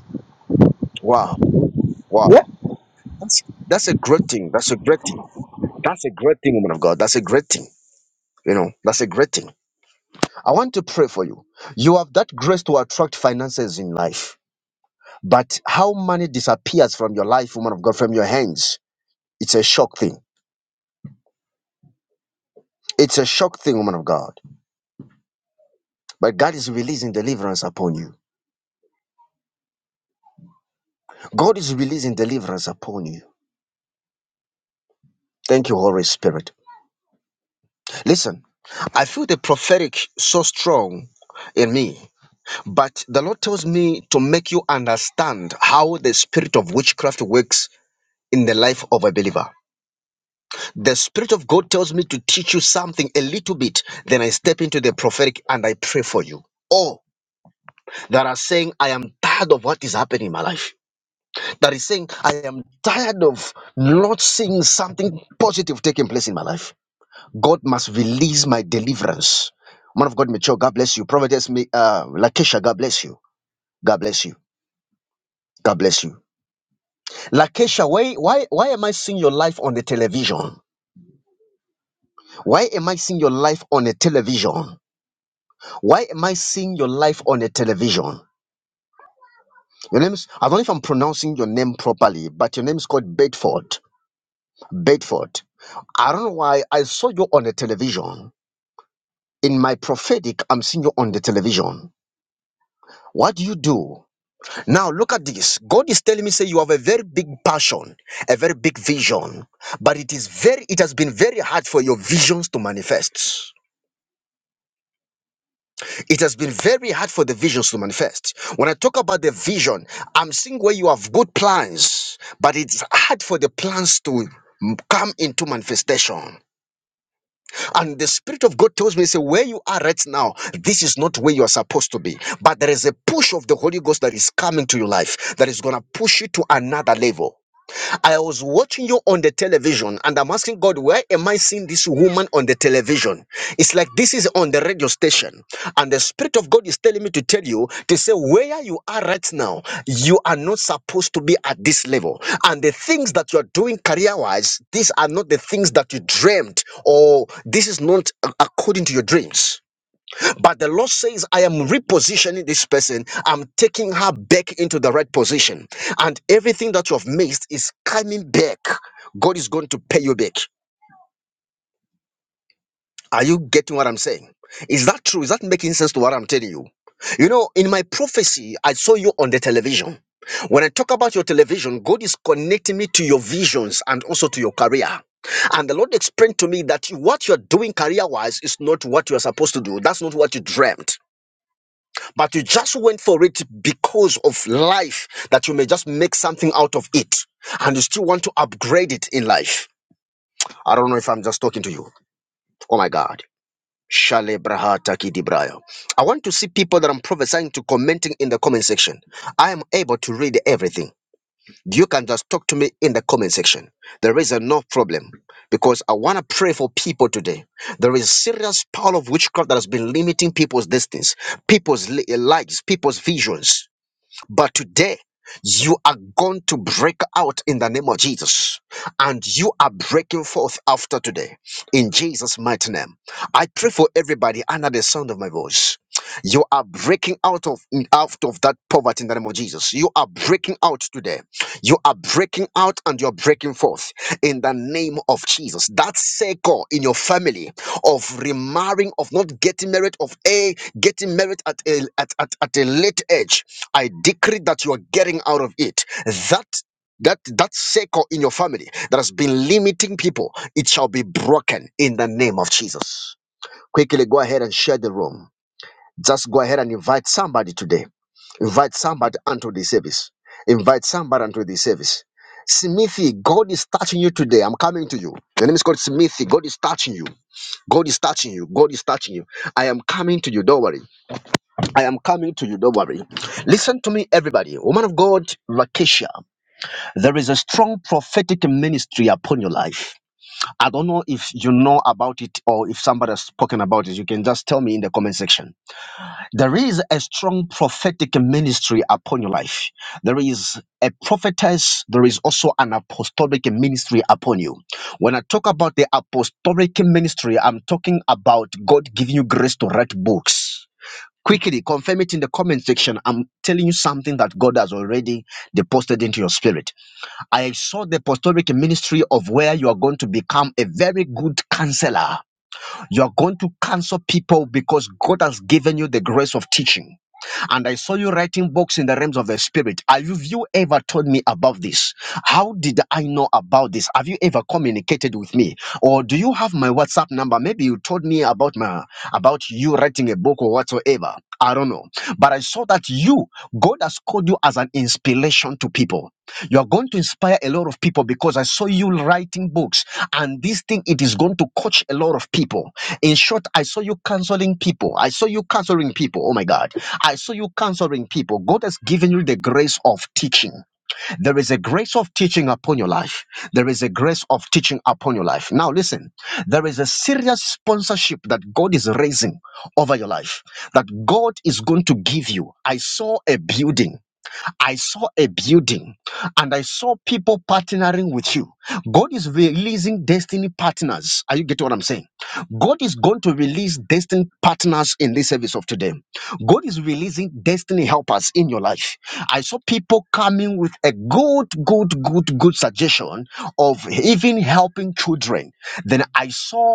[SPEAKER 1] Wow, wow.
[SPEAKER 4] Yep.
[SPEAKER 1] That's that's a great thing. That's a great thing. That's a great thing, woman of God. That's a great thing. You know, that's a great thing. I want to pray for you. You have that grace to attract finances in life. But how money disappears from your life, woman of God, from your hands It's a shock thing. It's a shock thing, woman of God. But God is releasing deliverance upon you. God is releasing deliverance upon you. Thank you, Holy Spirit. Listen, I feel the prophetic so strong in me, but the Lord tells me to make you understand how the spirit of witchcraft works in the life of a believer. The Spirit of God tells me to teach you something a little bit, then I step into the prophetic and I pray for you. Oh, that are saying, I am tired of what is happening in my life. that is saying, I am tired of not seeing something positive taking place in my life. God must release my deliverance. Man of God, Mitchell, God bless you. Prophetess, Mi- uh, Lakesha, God bless you. God bless you. God bless you. Lakesha, why, why, why am I seeing your life on the television? Why am I seeing your life on a television? Why am I seeing your life on a television? Your name is, I don't know if I'm pronouncing your name properly, but your name is called Bedford. Bedford. I don't know why I saw you on the television. In my prophetic, I'm seeing you on the television. What do you do? Now look at this. God is telling me, say you have a very big passion, a very big vision, but it is very, it has been very hard for your visions to manifest. It has been very hard for the visions to manifest. When I talk about the vision, I'm seeing where you have good plans, but it's hard for the plans to come into manifestation. And the Spirit of God tells me, he say, where you are right now, this is not where you are supposed to be. But there is a push of the Holy Ghost that is coming to your life that is going to push you to another level. I was watching you on the television and I'm asking God, where am I seeing this woman on the television? It's like this is on the radio station. And the Spirit of God is telling me to tell you to say, where you are right now, you are not supposed to be at this level. And the things that you are doing career wise, these are not the things that you dreamed or this is not a- according to your dreams. But the Lord says, I am repositioning this person. I'm taking her back into the right position. And everything that you have missed is coming back. God is going to pay you back. Are you getting what I'm saying? Is that true? Is that making sense to what I'm telling you? You know, in my prophecy, I saw you on the television. When I talk about your television, God is connecting me to your visions and also to your career. And the Lord explained to me that what you're doing career wise is not what you're supposed to do. That's not what you dreamt. but you just went for it because of life that you may just make something out of it and you still want to upgrade it in life i don't know if i'm just talking to you oh my god Shale braha taki di I want to see people that I'm prophesying to commenting in the comment section. I am able to read everything. You can just talk to me in the comment section. There is a no problem because I want to pray for people today. There is serious power of witchcraft that has been limiting people's destinies, people's li- lives, people's visions. But today, you are going to break out in the name of Jesus, and you are breaking forth after today in Jesus' mighty name. I pray for everybody under the sound of my voice. You are breaking out of out of that poverty in the name of Jesus. You are breaking out today. You are breaking out and you're breaking forth in the name of Jesus. That circle in your family of remarrying, of not getting married, of a getting married at a at, at, at a late age I decree that you are getting out of it. That that that circle in your family that has been limiting people, it shall be broken in the name of Jesus. Quickly go ahead and share the room. Just go ahead and invite somebody today. Invite somebody onto the service. Invite somebody onto the service. Smithy, God is touching you today. I'm coming to you. Your name is called Smithy. God is touching you. God is touching you. God is touching you. I am coming to you. Don't worry. I am coming to you, don't worry. Listen to me, everybody. Woman of God, Rakesha, there is a strong prophetic ministry upon your life. I don't know if you know about it or if somebody has spoken about it. You can just tell me in the comment section. There is a strong prophetic ministry upon your life. There is a prophetess, there is also an apostolic ministry upon you. When I talk about the apostolic ministry, I'm talking about God giving you grace to write books. Quickly confirm it in the comment section. I'm telling you something that God has already deposited into your spirit. I saw the apostolic ministry of where you are going to become a very good counselor. You are going to counsel people because God has given you the grace of teaching and I saw you writing books in the realms of the spirit. Have you you ever told me about this? How did I know about this? Have you ever communicated with me, or do you have my WhatsApp number? Maybe you told me about my about you writing a book or whatsoever. I don't know, but I saw that you, God has called you as an inspiration to people. You are going to inspire a lot of people because I saw you writing books, and this thing it is going to coach a lot of people. In short, I saw you counseling people. I saw you counseling people. Oh my God. I saw you counseling people. God has given you the grace of teaching. There is a grace of teaching upon your life. There is a grace of teaching upon your life. Now, listen, there is a serious sponsorship that God is raising over your life, that God is going to give you. I saw a building. I saw a building and I saw people partnering with you. God is releasing destiny partners. Are you getting what I'm saying? God is going to release destiny partners in this service of today. God is releasing destiny helpers in your life. I saw people coming with a good, good, good, good suggestion of even helping children. Then I saw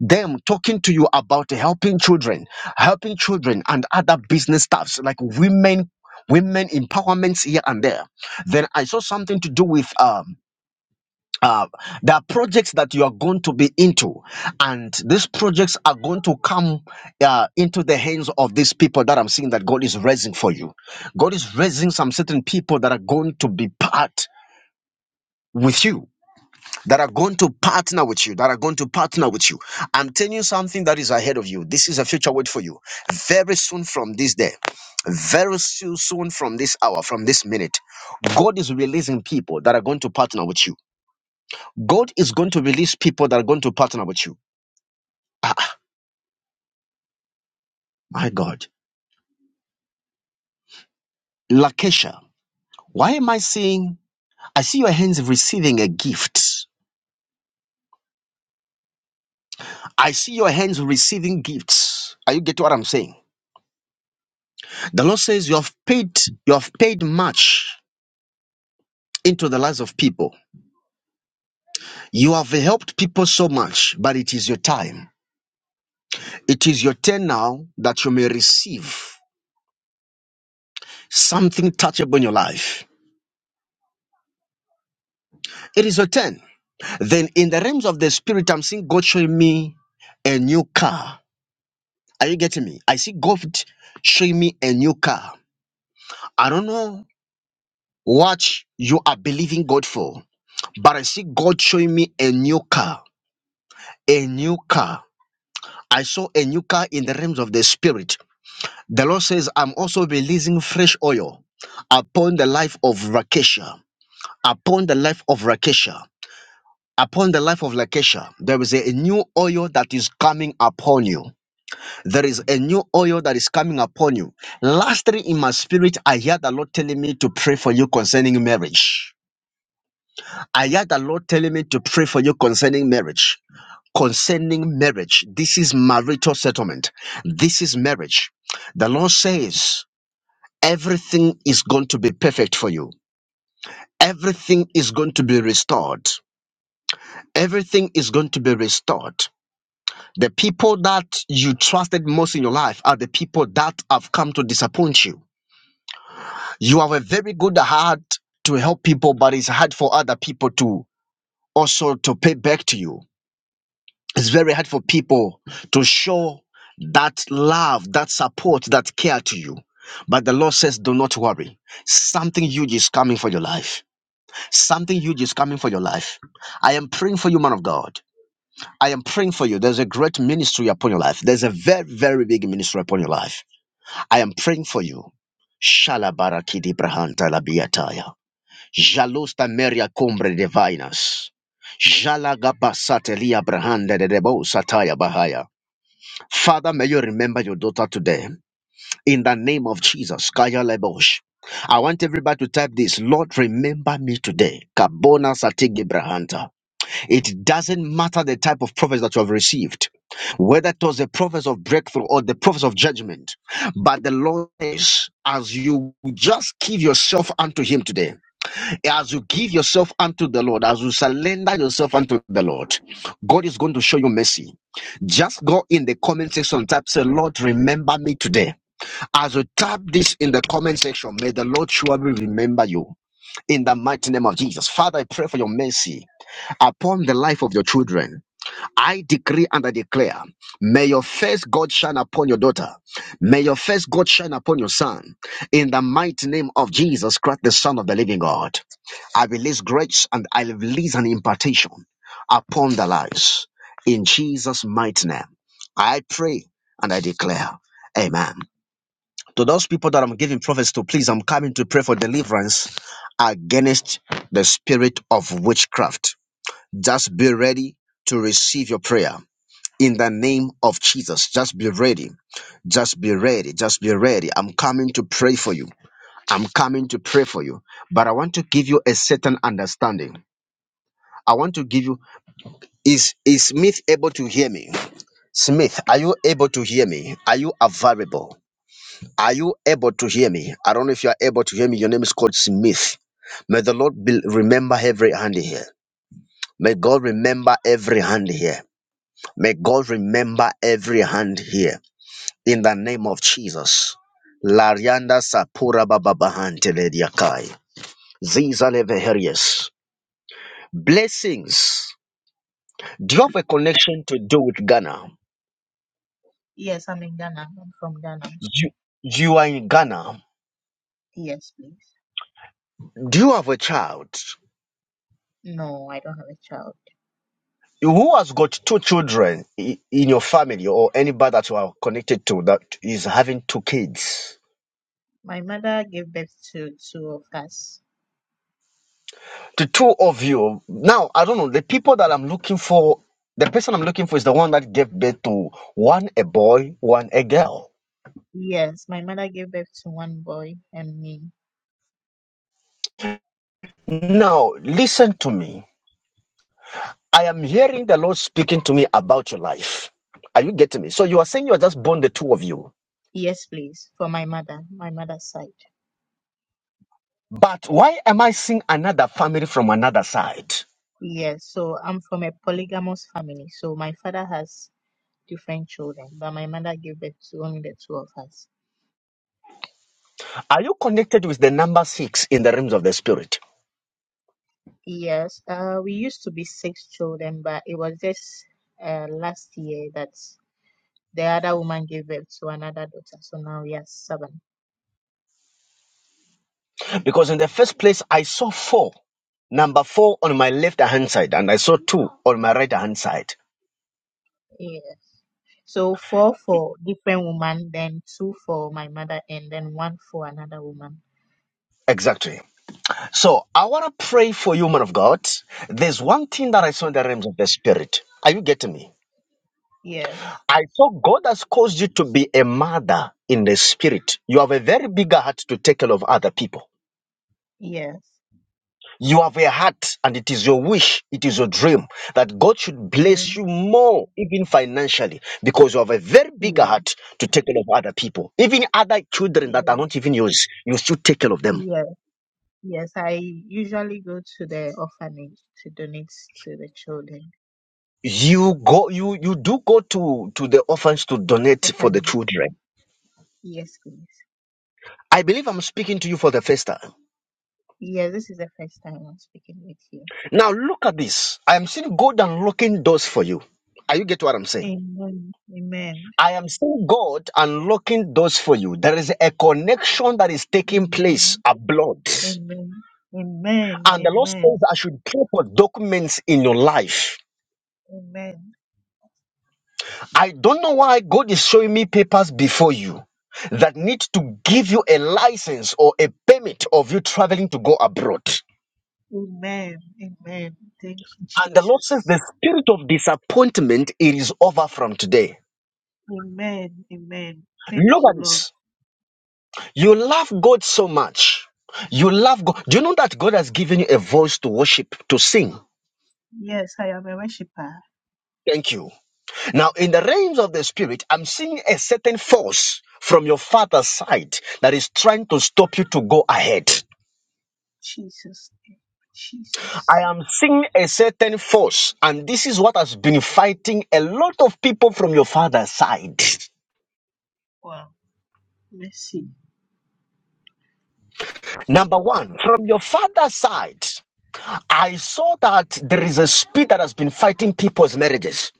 [SPEAKER 1] them talking to you about helping children, helping children and other business stuffs like women, women empowerments here and there. Then I saw something to do with um uh, there are projects that you are going to be into, and these projects are going to come uh, into the hands of these people that I'm seeing that God is raising for you. God is raising some certain people that are going to be part with you that are going to partner with you, that are going to partner with you. I'm telling you something that is ahead of you. This is a future word for you. Very soon from this day, very soo- soon from this hour, from this minute, God is releasing people that are going to partner with you. God is going to release people that are going to partner with you. Ah, my God. Lakesha, why am I seeing? I see your hands receiving a gift. I see your hands receiving gifts. Are you getting what I'm saying? The Lord says you have paid, you have paid much into the lives of people. You have helped people so much, but it is your time. It is your turn now that you may receive something touchable in your life. It is your turn. Then, in the realms of the spirit, I'm seeing God showing me a new car. Are you getting me? I see God showing me a new car. I don't know what you are believing God for, but I see God showing me a new car. A new car. I saw a new car in the realms of the spirit The Lord says, I'm also releasing fresh oil upon the life of Rakesha, upon the life of Rakesha. Upon the life of Lakesha, there is a new oil that is coming upon you. There is a new oil that is coming upon you. Lastly, in my spirit, I hear the Lord telling me to pray for you concerning marriage. I hear the Lord telling me to pray for you concerning marriage. Concerning marriage, this is marital settlement. This is marriage. The Lord says, everything is going to be perfect for you. Everything is going to be restored. Everything is going to be restored. The people that you trusted most in your life are the people that have come to disappoint you. You have a very good heart to help people, but it's hard for other people to also to pay back to you. It's very hard for people to show that love, that support, that care to you. But the Lord says, do not worry. Something huge is coming for your life Something huge is coming for your life. I am praying for you, man of God. I am praying for you. There's a great ministry upon your life. There's a very, very big ministry upon your life. I am praying for you. Shalabarakidi brahanta labiataya. Jalosta meria cumbre divinas. Jalagabasatelia brahanda de debo sataya bahaya. Father, may you remember your daughter today. In the name of Jesus, Kaya Lebosh. I want everybody to type this. Lord, remember me today. Kabona Satigi Brahanta. It doesn't matter the type of prophets that you have received, whether it was the prophets of breakthrough or the prophets of judgment. But the Lord says, as you just give yourself unto Him today, as you give yourself unto the Lord, as you surrender yourself unto the Lord, God is going to show you mercy. Just go in the comment section, and type, say, Lord, remember me today. As you type this in the comment section, may the Lord surely remember you in the mighty name of Jesus. Father, I pray for your mercy upon the life of your children. I decree and I declare, may your face God shine upon your daughter. May your face God shine upon your son. In the mighty name of Jesus Christ, the Son of the living God, I release grace and I release an impartation upon the lives. In Jesus' mighty name, I pray and I declare, Amen. To those people that I'm giving prophets to, please, I'm coming to pray for deliverance against the spirit of witchcraft just be ready to receive your prayer in the name of Jesus. Just be ready. Just be ready. Just be ready. I'm coming to pray for you. I'm coming to pray for you. But I want to give you a certain understanding. I want to give you is is Smith able to hear me? Smith, are you able to hear me? Are you available? Are you able to hear me? I don't know if you are able to hear me. Your name is called Smith. May the Lord be, remember every hand here. May God remember every hand here. May God remember every hand here in the name of Jesus. Larianda Sapura Bababahantelekai. Ziza Leveherius. Blessings. Do you have a connection to do with Ghana?
[SPEAKER 2] Yes, I'm in Ghana. I'm from Ghana.
[SPEAKER 1] You, you are in Ghana.
[SPEAKER 2] Yes, please.
[SPEAKER 1] Do you have a child?
[SPEAKER 2] No, I don't have a child.
[SPEAKER 1] Who has got two children i- in your family or anybody that you are connected to that is having two kids?
[SPEAKER 2] My mother gave birth to two of us.
[SPEAKER 1] the two of you now i don't know the people that i'm looking for the person i'm looking for is the one that gave birth to one a boy one a girl
[SPEAKER 2] Yes, my mother gave birth to one boy and me.
[SPEAKER 1] now listen to me i am hearing the lord speaking to me about your life are you getting me so you are saying you are just born the two of you
[SPEAKER 2] Yes, please. For my mother, my mother's side.
[SPEAKER 1] but why am i seeing another family from another side
[SPEAKER 2] Yes, so I'm from a polygamous family. So my father has different children, but my mother gave birth to only the two of us.
[SPEAKER 1] are you connected with the number six in the realms of the spirit
[SPEAKER 2] Yes, uh, we used to be six children, but it was just uh, last year that. The other woman gave birth to another daughter. So now we are seven.
[SPEAKER 1] because in the first place i saw four number four on my left hand side and i saw two on my right hand side
[SPEAKER 2] Yes. So four for different woman, then two for my mother, and then one for another woman.
[SPEAKER 1] Exactly. So I want to pray for you, man of God. There's one thing that I saw
[SPEAKER 2] Okay.
[SPEAKER 1] in the realms of the spirit. Are you getting me?
[SPEAKER 2] Yes.
[SPEAKER 1] I saw God has caused you to be a mother in the spirit. You have a very big heart to take care of other people.
[SPEAKER 2] Yes.
[SPEAKER 1] You have a heart, and it is your wish, it is your dream that God should bless
[SPEAKER 2] Amen.
[SPEAKER 1] you more, even financially, because you have a very big
[SPEAKER 2] Yes.
[SPEAKER 1] heart to take care of other people, even other children that are
[SPEAKER 2] Amen.
[SPEAKER 1] not even yours. You still take care of them
[SPEAKER 2] Yes. Yes. I usually go to the orphanage to donate to the children.
[SPEAKER 1] you go you you do go to to the orphans to donate for the
[SPEAKER 2] Orphanage.
[SPEAKER 1] children
[SPEAKER 2] Yes, please.
[SPEAKER 1] i believe i'm speaking to you for the first time
[SPEAKER 2] Yes, this is the first time I'm speaking with you.
[SPEAKER 1] now look at this i am seeing god unlocking doors for you are you get what i'm saying
[SPEAKER 2] Amen. Amen.
[SPEAKER 1] i am seeing god unlocking doors for you there is a connection that is taking place
[SPEAKER 2] Amen.
[SPEAKER 1] abroad
[SPEAKER 2] Amen. Amen.
[SPEAKER 1] and the lord
[SPEAKER 2] Amen.
[SPEAKER 1] says i should pray for documents in your life
[SPEAKER 2] Amen.
[SPEAKER 1] I don't know why God is showing me papers before you that need to give you a license or a permit of you traveling to go abroad. And
[SPEAKER 2] Amen. Amen. Thank you,
[SPEAKER 1] the Lord says
[SPEAKER 2] Jesus.
[SPEAKER 1] the spirit of disappointment it is over from today.
[SPEAKER 2] Amen. Amen.
[SPEAKER 1] Look
[SPEAKER 2] Thank you,
[SPEAKER 1] at
[SPEAKER 2] Lord.
[SPEAKER 1] this. You love God so much. You love God. Do you know that God has given you a voice to worship, to sing?
[SPEAKER 2] Yes, I am a worshiper.
[SPEAKER 1] Thank you. Now, in the realms of the spirit, I'm seeing a certain force from your father's side that is trying to stop you to go ahead.
[SPEAKER 2] Jesus.
[SPEAKER 1] I
[SPEAKER 2] Jesus.
[SPEAKER 1] am seeing a certain force, and this is what has been fighting a lot of people from your father's side.
[SPEAKER 2] Wow. Mercy.
[SPEAKER 1] Number one, from your father's side, I saw that there is a spirit that has been fighting people's marriages.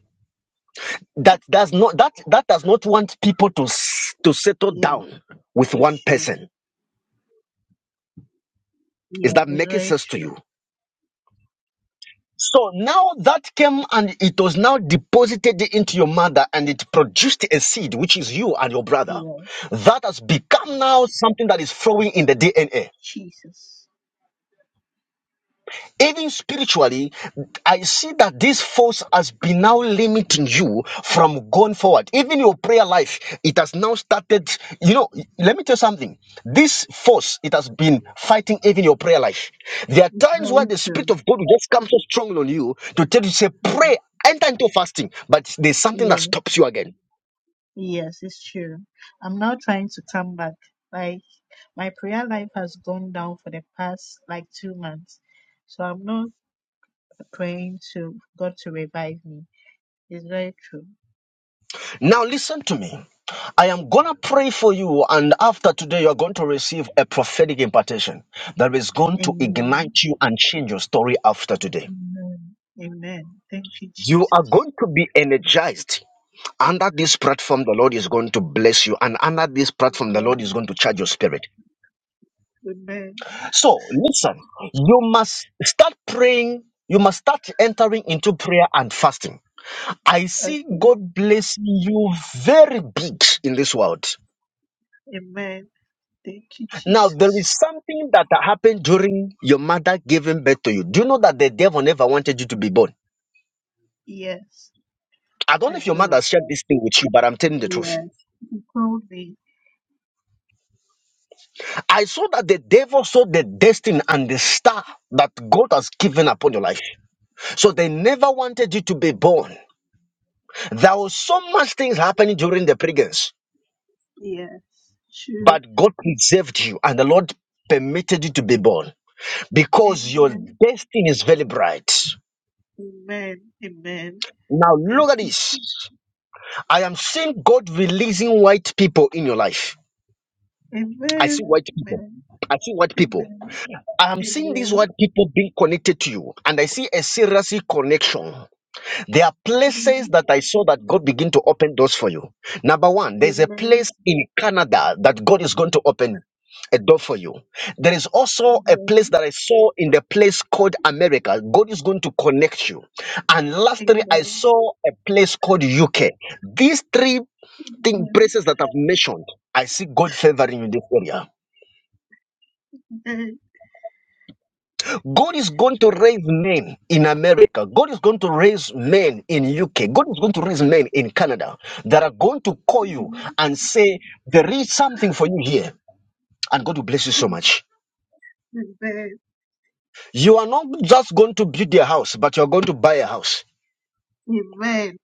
[SPEAKER 1] That does not that that does not want people to s- to settle
[SPEAKER 2] Yeah,
[SPEAKER 1] down with one
[SPEAKER 2] it's true.
[SPEAKER 1] person. Is
[SPEAKER 2] Yeah,
[SPEAKER 1] that
[SPEAKER 2] it's
[SPEAKER 1] making
[SPEAKER 2] very
[SPEAKER 1] sense to
[SPEAKER 2] true.
[SPEAKER 1] you? So now that came and it was now deposited into your mother and it produced a seed, which is you and your brother.
[SPEAKER 2] Yeah,
[SPEAKER 1] That has become now something that is flowing in the DNA.
[SPEAKER 2] Jesus.
[SPEAKER 1] Even spiritually, I see that this force has been now limiting you from going forward. Even your prayer life, it has now started. You know, let me tell you something. This force, it has been fighting even your prayer life. There are
[SPEAKER 2] It's
[SPEAKER 1] times where
[SPEAKER 2] very
[SPEAKER 1] the Spirit
[SPEAKER 2] true.
[SPEAKER 1] of God will just come so strongly on you to tell you, say,
[SPEAKER 2] Yeah,
[SPEAKER 1] pray, enter into fasting, but there's something that
[SPEAKER 2] yeah,
[SPEAKER 1] stops you again.
[SPEAKER 2] yes, it's true. I'm now trying to come back. Like my prayer life has gone down for the past like two months. So I'm not praying to God to revive me. It's very true.
[SPEAKER 1] Now, listen to me. I am going to pray for you, and after today, you are going to receive a prophetic impartation that is going to
[SPEAKER 2] Amen.
[SPEAKER 1] ignite you and change your story after today.
[SPEAKER 2] Amen. Amen. Thank you,
[SPEAKER 1] You are
[SPEAKER 2] Jesus.
[SPEAKER 1] going to be energized. Under this platform, the Lord is going to bless you, and under this platform, the Lord
[SPEAKER 2] Amen.
[SPEAKER 1] is going to charge your spirit.
[SPEAKER 2] Amen.
[SPEAKER 1] So, listen, you must start praying, you must start entering into prayer and fasting. I see
[SPEAKER 2] Okay.
[SPEAKER 1] God blessing you very big in this world.
[SPEAKER 2] Amen. Thank you,
[SPEAKER 1] Now, there is
[SPEAKER 2] Jesus.
[SPEAKER 1] something that happened during your mother giving birth to you. Do you know that the devil never wanted you to be born?
[SPEAKER 2] Yes,
[SPEAKER 1] I don't know
[SPEAKER 2] I
[SPEAKER 1] if your
[SPEAKER 2] know
[SPEAKER 1] mother
[SPEAKER 2] of
[SPEAKER 1] shared
[SPEAKER 2] that.
[SPEAKER 1] this thing with you, but I'm telling the truth.
[SPEAKER 2] Yes. You called me.
[SPEAKER 1] I saw that the devil saw the destiny and the star that God has given upon your life. So they never wanted you to be born. There was so much things happening during the pregnancy,
[SPEAKER 2] Yes. True.
[SPEAKER 1] but God preserved you and the Lord permitted you to be born because your
[SPEAKER 2] Amen.
[SPEAKER 1] destiny is very bright.
[SPEAKER 2] Amen. Amen.
[SPEAKER 1] Now,
[SPEAKER 2] Thank
[SPEAKER 1] look at
[SPEAKER 2] you,
[SPEAKER 1] this.
[SPEAKER 2] Jesus.
[SPEAKER 1] I am seeing God releasing white people in your life. I see
[SPEAKER 2] Amen.
[SPEAKER 1] white people.
[SPEAKER 2] Amen.
[SPEAKER 1] I see white people.
[SPEAKER 2] Amen.
[SPEAKER 1] I am seeing these
[SPEAKER 2] Amen.
[SPEAKER 1] white people being connected to you, and I see a serious connection. There are
[SPEAKER 2] Amen.
[SPEAKER 1] places that I saw that God begin to open doors for you. Number one, there's a
[SPEAKER 2] Amen.
[SPEAKER 1] place in Canada that God is going to open a door for you. There is also a place
[SPEAKER 2] Amen.
[SPEAKER 1] that I saw in the place called America. God is going to connect you. And lastly, I
[SPEAKER 2] Amen.
[SPEAKER 1] saw a place called UK. These three thing,
[SPEAKER 2] Amen.
[SPEAKER 1] places that I've mentioned, I see God favoring you in this area.
[SPEAKER 2] Amen.
[SPEAKER 1] God is going to raise men in America. God is going to raise men in UK. God is going to raise men in Canada that are going to call you and say, there is something for you here. And God will bless you so much.
[SPEAKER 2] Amen.
[SPEAKER 1] You are not just going to build a house, but you are going to buy a house.
[SPEAKER 2] Amen.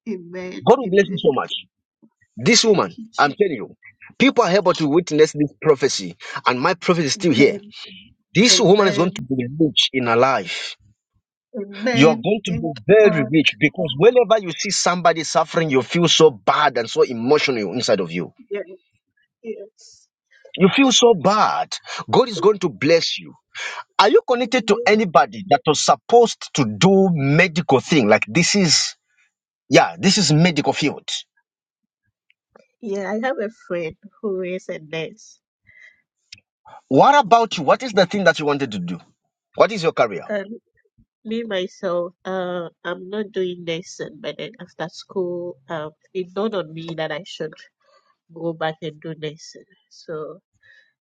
[SPEAKER 1] God will bless you so
[SPEAKER 2] Amen.
[SPEAKER 1] much. This
[SPEAKER 2] Thank
[SPEAKER 1] woman,
[SPEAKER 2] you,
[SPEAKER 1] I'm
[SPEAKER 2] Jesus.
[SPEAKER 1] telling you, people are able to witness this prophecy, and my prophecy is still here.
[SPEAKER 2] Amen.
[SPEAKER 1] This woman is going to
[SPEAKER 2] Amen.
[SPEAKER 1] be rich in her life. You're
[SPEAKER 2] Amen.
[SPEAKER 1] going to be
[SPEAKER 2] Thank you,
[SPEAKER 1] very
[SPEAKER 2] God.
[SPEAKER 1] rich because whenever you see somebody suffering, you feel so bad and so emotional inside of you.
[SPEAKER 2] Yeah. Yes.
[SPEAKER 1] You feel so bad. God is going to bless you. Are you connected to
[SPEAKER 2] Amen.
[SPEAKER 1] anybody that was supposed to do medical thing? Like this is, yeah, this is medical field.
[SPEAKER 2] Yeah, I have a friend who is a nurse.
[SPEAKER 1] What about you? What is the thing that you wanted to do? What is your career?
[SPEAKER 2] And me myself, uh, I'm not doing nursing, but then after school, um, it dawned on me that I should go back and do nursing. So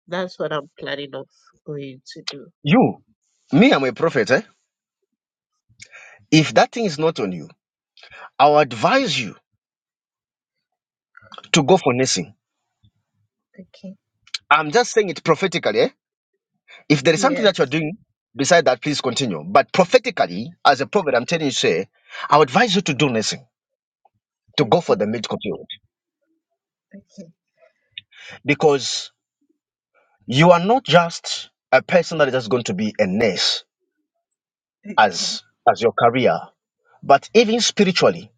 [SPEAKER 2] that's what I'm planning of going to do.
[SPEAKER 1] You, me, I'm a prophet. Eh? If that thing is not on you, I'll advise you to go for nursing.
[SPEAKER 2] Okay.
[SPEAKER 1] I'm just saying it prophetically. eh? If there is something
[SPEAKER 2] Yeah.
[SPEAKER 1] that you're doing beside that, please continue. But prophetically, as a prophet, I'm telling you, say, I would advise you to do nothing, to go for
[SPEAKER 2] Okay.
[SPEAKER 1] the medical field,
[SPEAKER 2] Okay,
[SPEAKER 1] because you are not just a person that is just going to be a nurse
[SPEAKER 2] okay.
[SPEAKER 1] as as your career, but even spiritually,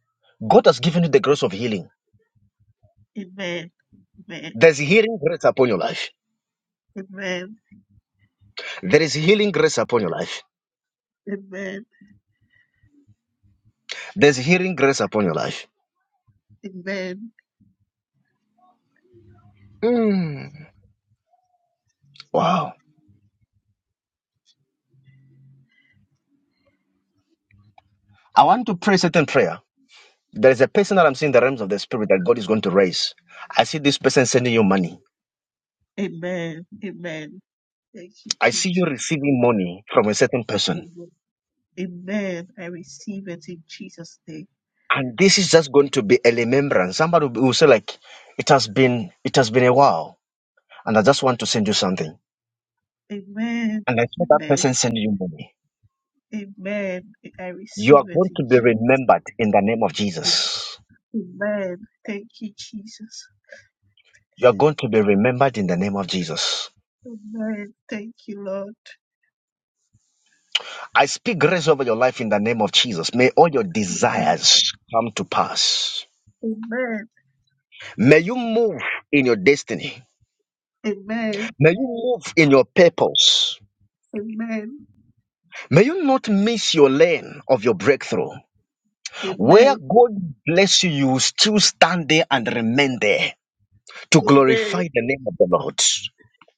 [SPEAKER 1] God has given you the grace of healing.
[SPEAKER 2] Amen, amen,
[SPEAKER 1] There's healing grace upon your life.
[SPEAKER 2] amen,
[SPEAKER 1] There is healing grace upon your life.
[SPEAKER 2] amen,
[SPEAKER 1] There's healing grace upon your life.
[SPEAKER 2] amen,
[SPEAKER 1] Mm, Wow. I want to pray certain prayer There is a person that I'm seeing in the realms of the spirit that God is going to raise. I see this person sending you money.
[SPEAKER 2] amen, amen. Thank you,
[SPEAKER 1] I see you
[SPEAKER 2] Jesus.
[SPEAKER 1] receiving money from a certain person.
[SPEAKER 2] Amen. Amen. I receive it in Jesus' name.
[SPEAKER 1] And this is just going to be a remembrance. Somebody will will say, like, it has been it has been a while, and I just want to send you something.
[SPEAKER 2] Amen,
[SPEAKER 1] And I saw that
[SPEAKER 2] amen,
[SPEAKER 1] person sending you money.
[SPEAKER 2] amen. I
[SPEAKER 1] You are
[SPEAKER 2] receive it
[SPEAKER 1] going
[SPEAKER 2] in
[SPEAKER 1] to be
[SPEAKER 2] Jesus'
[SPEAKER 1] remembered in the name of
[SPEAKER 2] name.
[SPEAKER 1] Jesus.
[SPEAKER 2] Amen. Thank you, Jesus.
[SPEAKER 1] You are going to be remembered in the name of Jesus.
[SPEAKER 2] Amen. Thank you, Lord.
[SPEAKER 1] I speak grace over your life in the name of Jesus. May all your
[SPEAKER 2] Amen,
[SPEAKER 1] desires come to pass.
[SPEAKER 2] amen,
[SPEAKER 1] May you move in your destiny.
[SPEAKER 2] amen,
[SPEAKER 1] May you move in your purpose.
[SPEAKER 2] amen,
[SPEAKER 1] May you not miss your lane of your breakthrough. Where
[SPEAKER 2] amen,
[SPEAKER 1] God bless you, you will still stand there and remain there to
[SPEAKER 2] amen,
[SPEAKER 1] glorify the name of the Lord.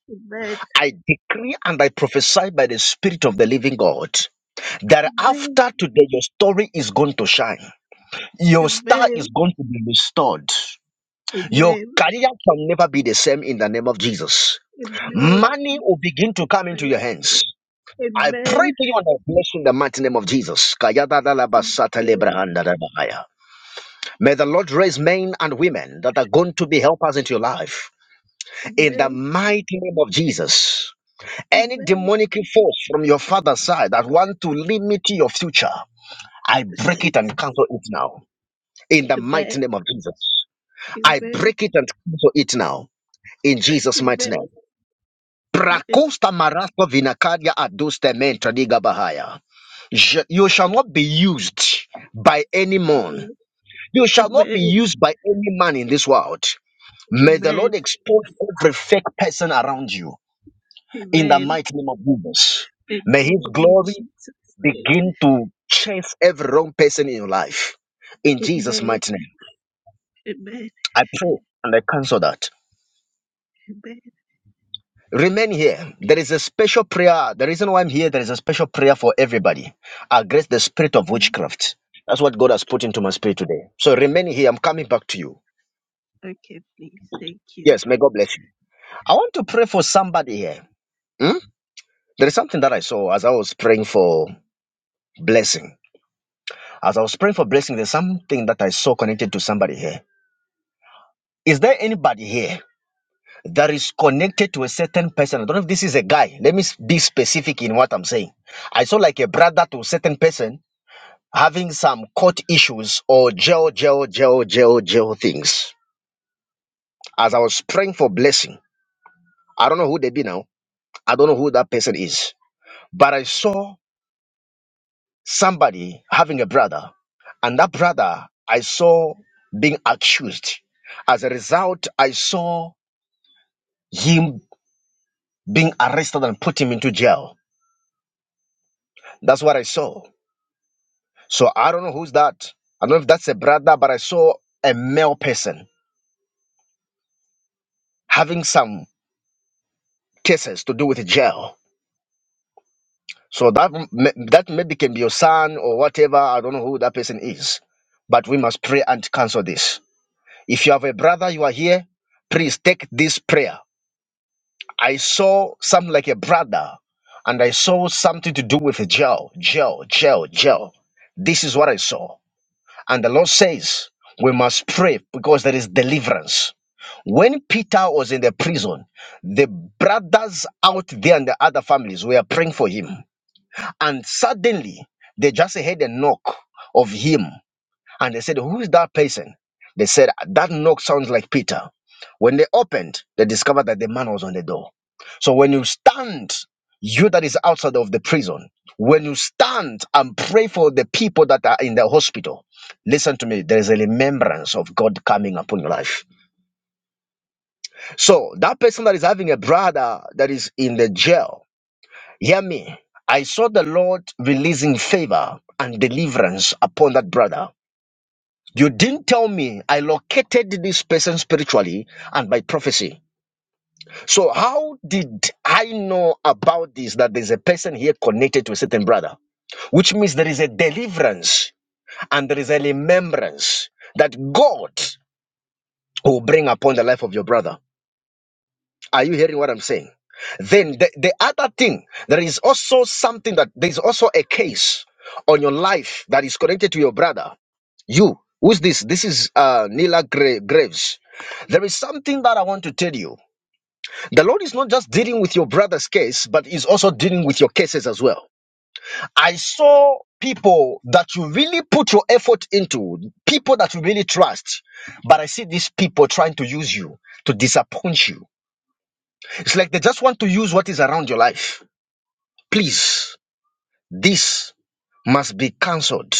[SPEAKER 2] amen.
[SPEAKER 1] I decree and I prophesy by the Spirit of the living God that
[SPEAKER 2] Amen.
[SPEAKER 1] after today, your story is going to shine. Your star
[SPEAKER 2] Amen.
[SPEAKER 1] is going to be restored. Your
[SPEAKER 2] Amen.
[SPEAKER 1] career can never be the same in the name of Jesus.
[SPEAKER 2] Amen.
[SPEAKER 1] Money will begin to come into your
[SPEAKER 2] Amen.
[SPEAKER 1] hands. I pray to
[SPEAKER 2] Amen.
[SPEAKER 1] you and I bless you in the mighty name of Jesus. Kayadadalabasatalebrehandadabahaya. May the Lord raise men and women that are going to be helpers into your life in the
[SPEAKER 2] Amen.
[SPEAKER 1] mighty name of Jesus. Any
[SPEAKER 2] Amen.
[SPEAKER 1] demonic force from your father's side that want to limit your future, I break it and cancel it now in the mighty
[SPEAKER 2] Amen.
[SPEAKER 1] name of Jesus. I
[SPEAKER 2] Amen.
[SPEAKER 1] break it and cancel it now in
[SPEAKER 2] Amen.
[SPEAKER 1] Jesus' mighty name.
[SPEAKER 2] Amen. Amen.
[SPEAKER 1] Prakosta marasto vinakadia aduste mentra diga bahaya. Je- You shall not be used by any man. You shall not be
[SPEAKER 2] Amen.
[SPEAKER 1] used by any man in this world. May the Lord
[SPEAKER 2] Amen.
[SPEAKER 1] expose every fake person around you in the
[SPEAKER 2] Amen.
[SPEAKER 1] mighty name of Jesus. May His
[SPEAKER 2] Amen. In
[SPEAKER 1] glory
[SPEAKER 2] Jesus' name.
[SPEAKER 1] begin to chase every wrong person in your life. In Jesus'
[SPEAKER 2] Amen.
[SPEAKER 1] mighty name,
[SPEAKER 2] Amen.
[SPEAKER 1] I pray and I cancel that.
[SPEAKER 2] Amen.
[SPEAKER 1] Remain here. There is a special prayer. The reason why I'm here, there is a special prayer for everybody against the spirit of witchcraft. That's what God has put
[SPEAKER 2] Okay.
[SPEAKER 1] into my spirit today. So remain here. I'm coming back to you.
[SPEAKER 2] Okay, please. Thank you.
[SPEAKER 1] Yes, may God bless you. I want to pray for somebody here. Hmm? There is something that I saw as I was praying for blessing. As I was praying for blessing, there's something that I saw connected to somebody here. Is there anybody here that is connected to a certain person? I don't know if this is a guy. Let me s- be specific in what I'm saying. I saw like a brother to a certain person having some court issues or jail, jail, jail, jail, jail things. As I was praying for blessing, I don't know who they be now. I don't know who that person is. But I saw somebody having a brother, and that brother I saw being accused. As a result, I saw him being arrested and put him into jail. That's what I saw. So I don't know who's that. I don't know if that's a brother, but I saw a male person having some cases to do with jail So that m- that maybe can be your son or whatever. I don't know who that person is, but we must pray and cancel this. If you have a brother, you are here. Please take this prayer. I saw something like a brother, and I saw something to do with a jail, jail, jail, jail. This is what I saw, and the Lord says we must pray because there is deliverance. When Peter was in the prison, the brothers out there and the other families were praying for him and suddenly, they just heard a knock of him. And they said, Who is that person? They said, That knock sounds like Peter. When they opened, they discovered that the man was on the door. So when you stand, you that is outside of the prison, when you stand and pray for the people that are in the hospital, listen to me, there is a remembrance of God coming upon your life. So that person that is having a brother that is in the jail, Hear me. I saw the Lord releasing favor and deliverance upon that brother. You didn't tell me I located this person spiritually and by prophecy. So, how did I know about this that there's a person here connected to a certain brother? Which means there is a deliverance and there is a remembrance that God will bring upon the life of your brother. Are you hearing what I'm saying? Then the, the other thing, there is also something that there is also a case on your life that is connected to your brother. You, who's this? This is uh, Nila Gra- Graves. There is something that I want to tell you. The Lord is not just dealing with your brother's case, but is also dealing with your cases as well. I saw people that you really put your effort into, people that you really trust, but I see these people trying to use you to disappoint you it's like they just want to use what is around your life. Please, this must be cancelled.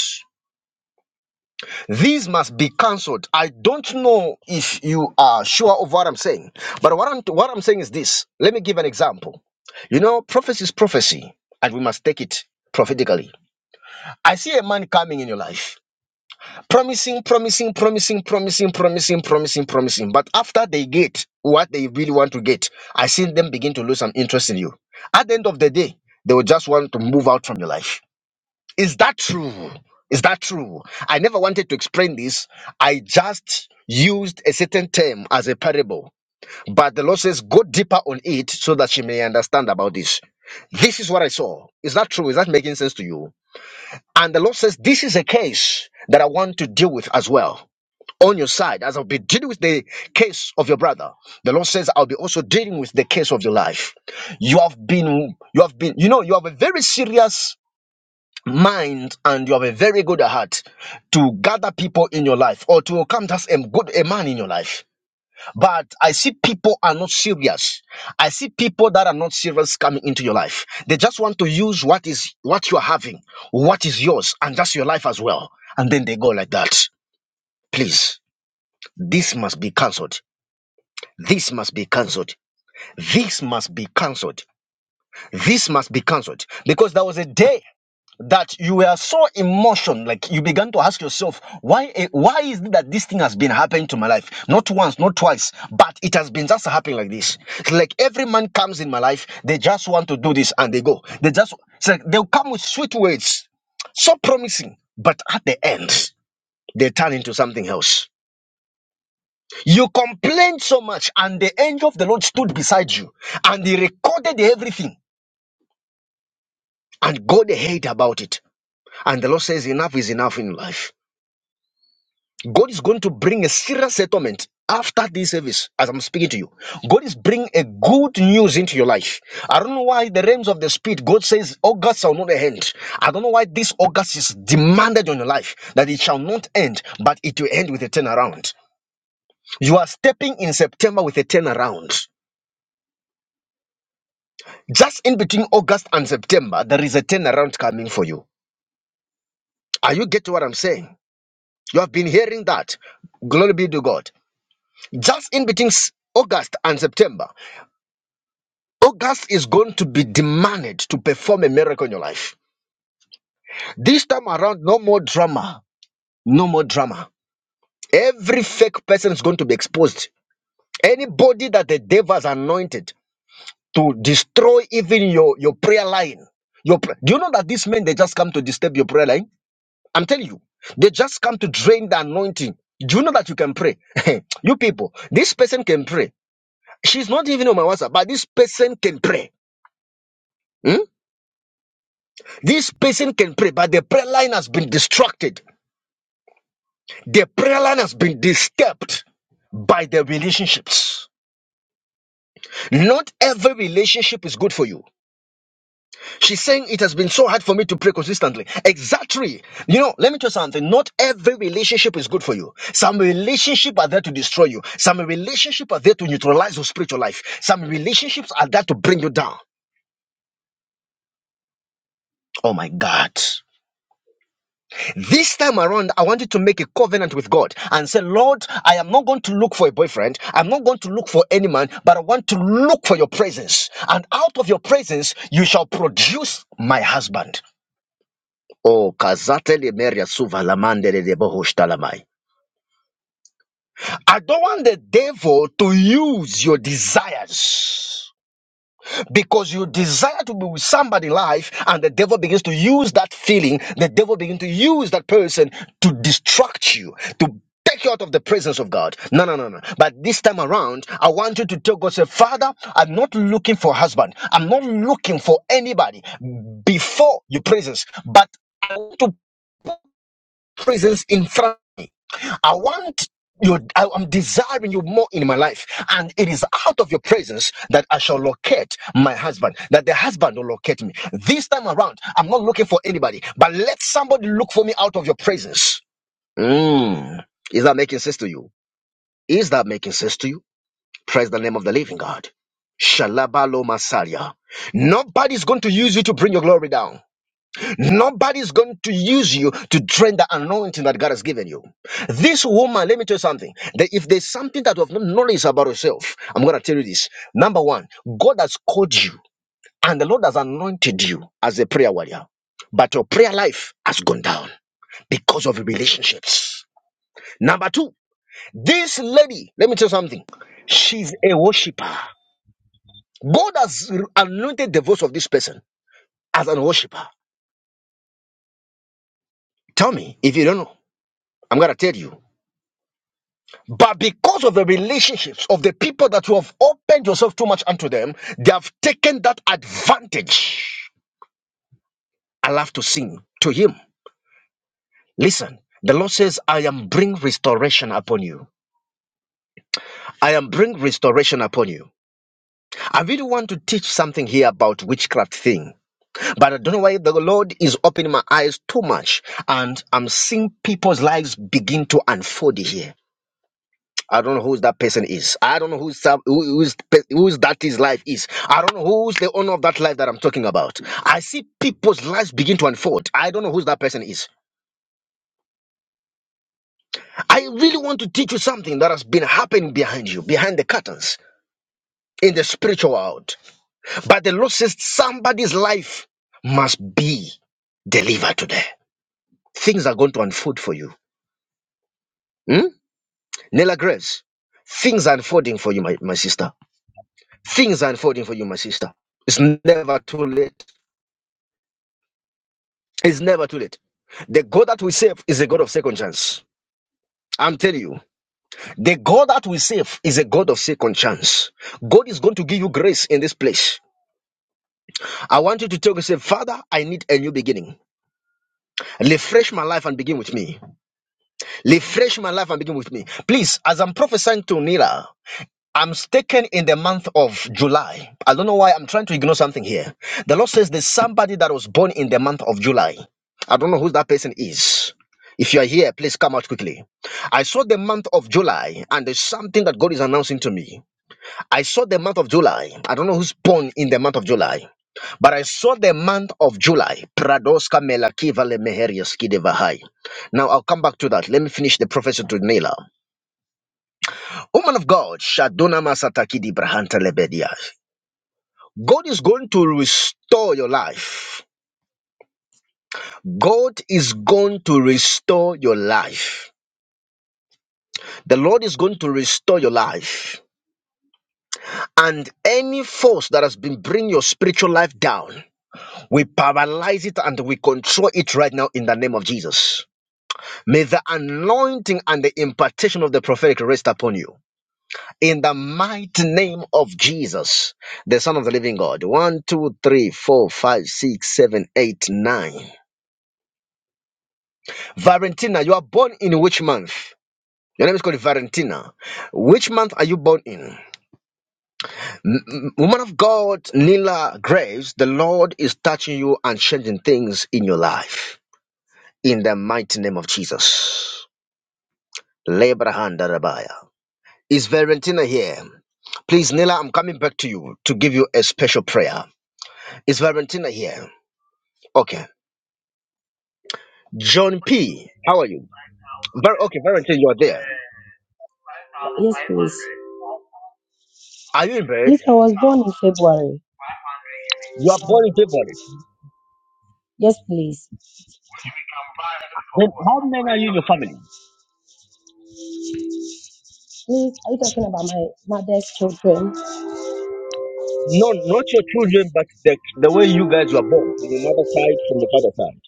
[SPEAKER 1] These must be cancelled. I don't know if you are sure of what I'm saying, but what I'm what I'm saying is this. Let me give an example. You know, prophecy is prophecy, and we must take it prophetically. I see a man coming in your life. promising, promising, promising, promising, promising, promising, promising. But after they get what they really want to get, I see them begin to lose some interest in you. At the end of the day, they will just want to move out from your life. Is that true? Is that true? I never wanted to explain this. I just used a certain term as a parable. But the Lord says, go deeper on it so that she may understand about this. This is what I saw. Is that true? Is that making sense to you? And the Lord says, This is a case that I want to deal with as well on your side as I'll be dealing with the case of your brother. The Lord says I'll be also dealing with the case of your life. You have been you have been you know you have a very serious mind and you have a very good heart to gather people in your life or to come as a good a man in your life. But I see people are not serious. I see people that are not serious coming into your life. They just want to use what is what you are having, what is yours, and just your life as well. And then they go like that. Please, this must be cancelled This must be cancelled. This must be cancelled. This must be cancelled. Because there was a day that you were so emotion, like you began to ask yourself, why eh, why is it that this thing has been happening to my life? Not once, not twice, but it has been just happening like this. It's like every man comes in my life, they just want to do this and they go. They just it's like they'll come with sweet words, so promising, but at the end, they turn into something else. You complained so much, and the angel of the Lord stood beside you, and he recorded everything, and God heard about it. And the Lord says, Enough is enough in life. God is going to bring a serious settlement after this service, as I'm speaking to you. God is bringing a good news into your life. I don't know why the realms of the spirit, God says, August shall not end. I don't know why this August is demanded on your life, that it shall not end, but it will end with a turnaround. You are stepping in September with a turnaround. Just in between August and September, there is a turnaround coming for you. Are you getting what I'm saying? You have been hearing that. Glory be to God. Just in between s- August and September, August is going to be demanded to perform a miracle in your life. This time around, no more drama. No more drama. Every fake person is going to be exposed. Anybody that the devil has anointed to destroy even your, your prayer line. Your pr- Do you know that these men they just come to disturb your prayer line? I'm telling you, they just come to drain the anointing. Do you know that you can pray? you people, this person can pray. She's not even on my WhatsApp, but this person can pray. Hmm? This person can pray, but the prayer line has been distracted. The prayer line has been disturbed by the relationships. Not every relationship is good for you. She's saying it has been so hard for me to pray consistently. Exactly. You know, let me tell you something. Not every relationship is good for you. Some relationships are there to destroy you. Some relationships are there to neutralize your spiritual life. Some relationships are there to bring you down. Oh my God. This time around, I wanted to make a covenant with God and say, Lord, I am not going to look for a boyfriend. I'm not going to look for any man, but I want to look for your presence. And out of your presence, you shall produce my husband. Oh, Kazate Lemeria Suvalamande de Bohushtalamai. I don't want the devil to use your desires because you desire to be with somebody in life, and the devil begins to use that feeling, the devil begins to use that person to distract you, to take you out of the presence of God. No, no, no, no. But this time around, I want you to tell God, say, Father, I'm not looking for a husband. I'm not looking for anybody before your presence, but I want to. presence in front. I want you, I, am desiring you more in my life. And it is out of your presence that I shall locate my husband, that the husband will locate me. This time around, I'm not looking for anybody, but let somebody look for me out of your presence. Mm. Is that making sense to you? Is that making sense to you? Praise the name of the living God. Shalabalo Masalia. Nobody's going to use you to bring your glory down. Nobody's going to use you to drain the anointing that God has given you. This woman, let me tell you something. That if there's something that you have not knowledge about yourself, I'm going to tell you this. Number one, God has called you and the Lord has anointed you as a prayer warrior. But your prayer life has gone down because of relationships. Number two, this lady, let me tell you something. She's a worshiper. God has anointed the voice of this person as a worshiper. Tell me if you don't know. I'm going to tell you. But because of the relationships of the people that you have opened yourself too much unto them, they have taken that advantage. I love to sing to him. Listen, the Lord says, I am bring restoration upon you. I am bring restoration upon you. I really want to teach something here about witchcraft thing, but I don't know why the Lord is opening my eyes too much and I'm seeing people's lives begin to unfold here. I don't know who that person is. I don't know who's some, who, who's pe- who's that his life is. I don't know who's the owner of that life that I'm talking about. I see people's lives begin to unfold. I don't know who that person is. I really want to teach you something that has been happening behind you, behind the curtains in the spiritual world. But the Lord says somebody's life must be delivered today. Things are going to unfold for you. Hmm? Nella Grace, things are unfolding for you, my, my sister. Things are unfolding for you, my sister. It's never too late It's never too late. The God that we serve is a God of second chance. I'm telling you, the God that we serve is a God of second chance. God is going to give you grace in this place. I want you to tell yourself, Father, I need a new beginning. Refresh my life and begin with me. Refresh my life and begin with me. Please, as I'm prophesying to Nila, I'm sticking in the month of July. I don't know why I'm trying to ignore something here. The Lord says there's somebody that was born in the month of July. I don't know who that person is. If you are here, please come out quickly. I saw the month of July, and there's something that God is announcing to me. I saw the month of July. I don't know who's born in the month of July. But I saw the month of July. Pradoska melaki vale meherias kidevahai. Now I'll come back to that. Let me finish the prophecy to Nila. Woman of God, Shaduna Masataki di Brahanta Lebedia. God is going to restore your life. God is going to restore your life. The Lord is going to restore your life. And any force that has been bringing your spiritual life down, we paralyze it and we control it right now in the name of Jesus. May the anointing and the impartation of the prophetic rest upon you. in the mighty name of Jesus, the Son of the Living God. One, two, three, four, five, six, seven, eight, nine. Valentina, you are born in which month? Your name is called Valentina. Which month are you born in? M- m- Woman of God, Nila Graves, the Lord is touching you and changing things in your life. In the mighty name of Jesus. Lebrahanda Rabaya. Is Valentina here? Please, Nila, I'm coming back to you to give you a special prayer. It's Valentina here? Okay. John P. How are you? Very okay, Valentina, you are there.
[SPEAKER 5] Yes, please.
[SPEAKER 1] Are you in bed?
[SPEAKER 5] Please, I was born in February.
[SPEAKER 1] You are born in February.
[SPEAKER 5] Yes, please.
[SPEAKER 1] Then how many are you in your family?
[SPEAKER 5] Please, are you talking about my mother's children?
[SPEAKER 1] No, not your children, but the, the way you guys were born from your mother's side, from your father's side.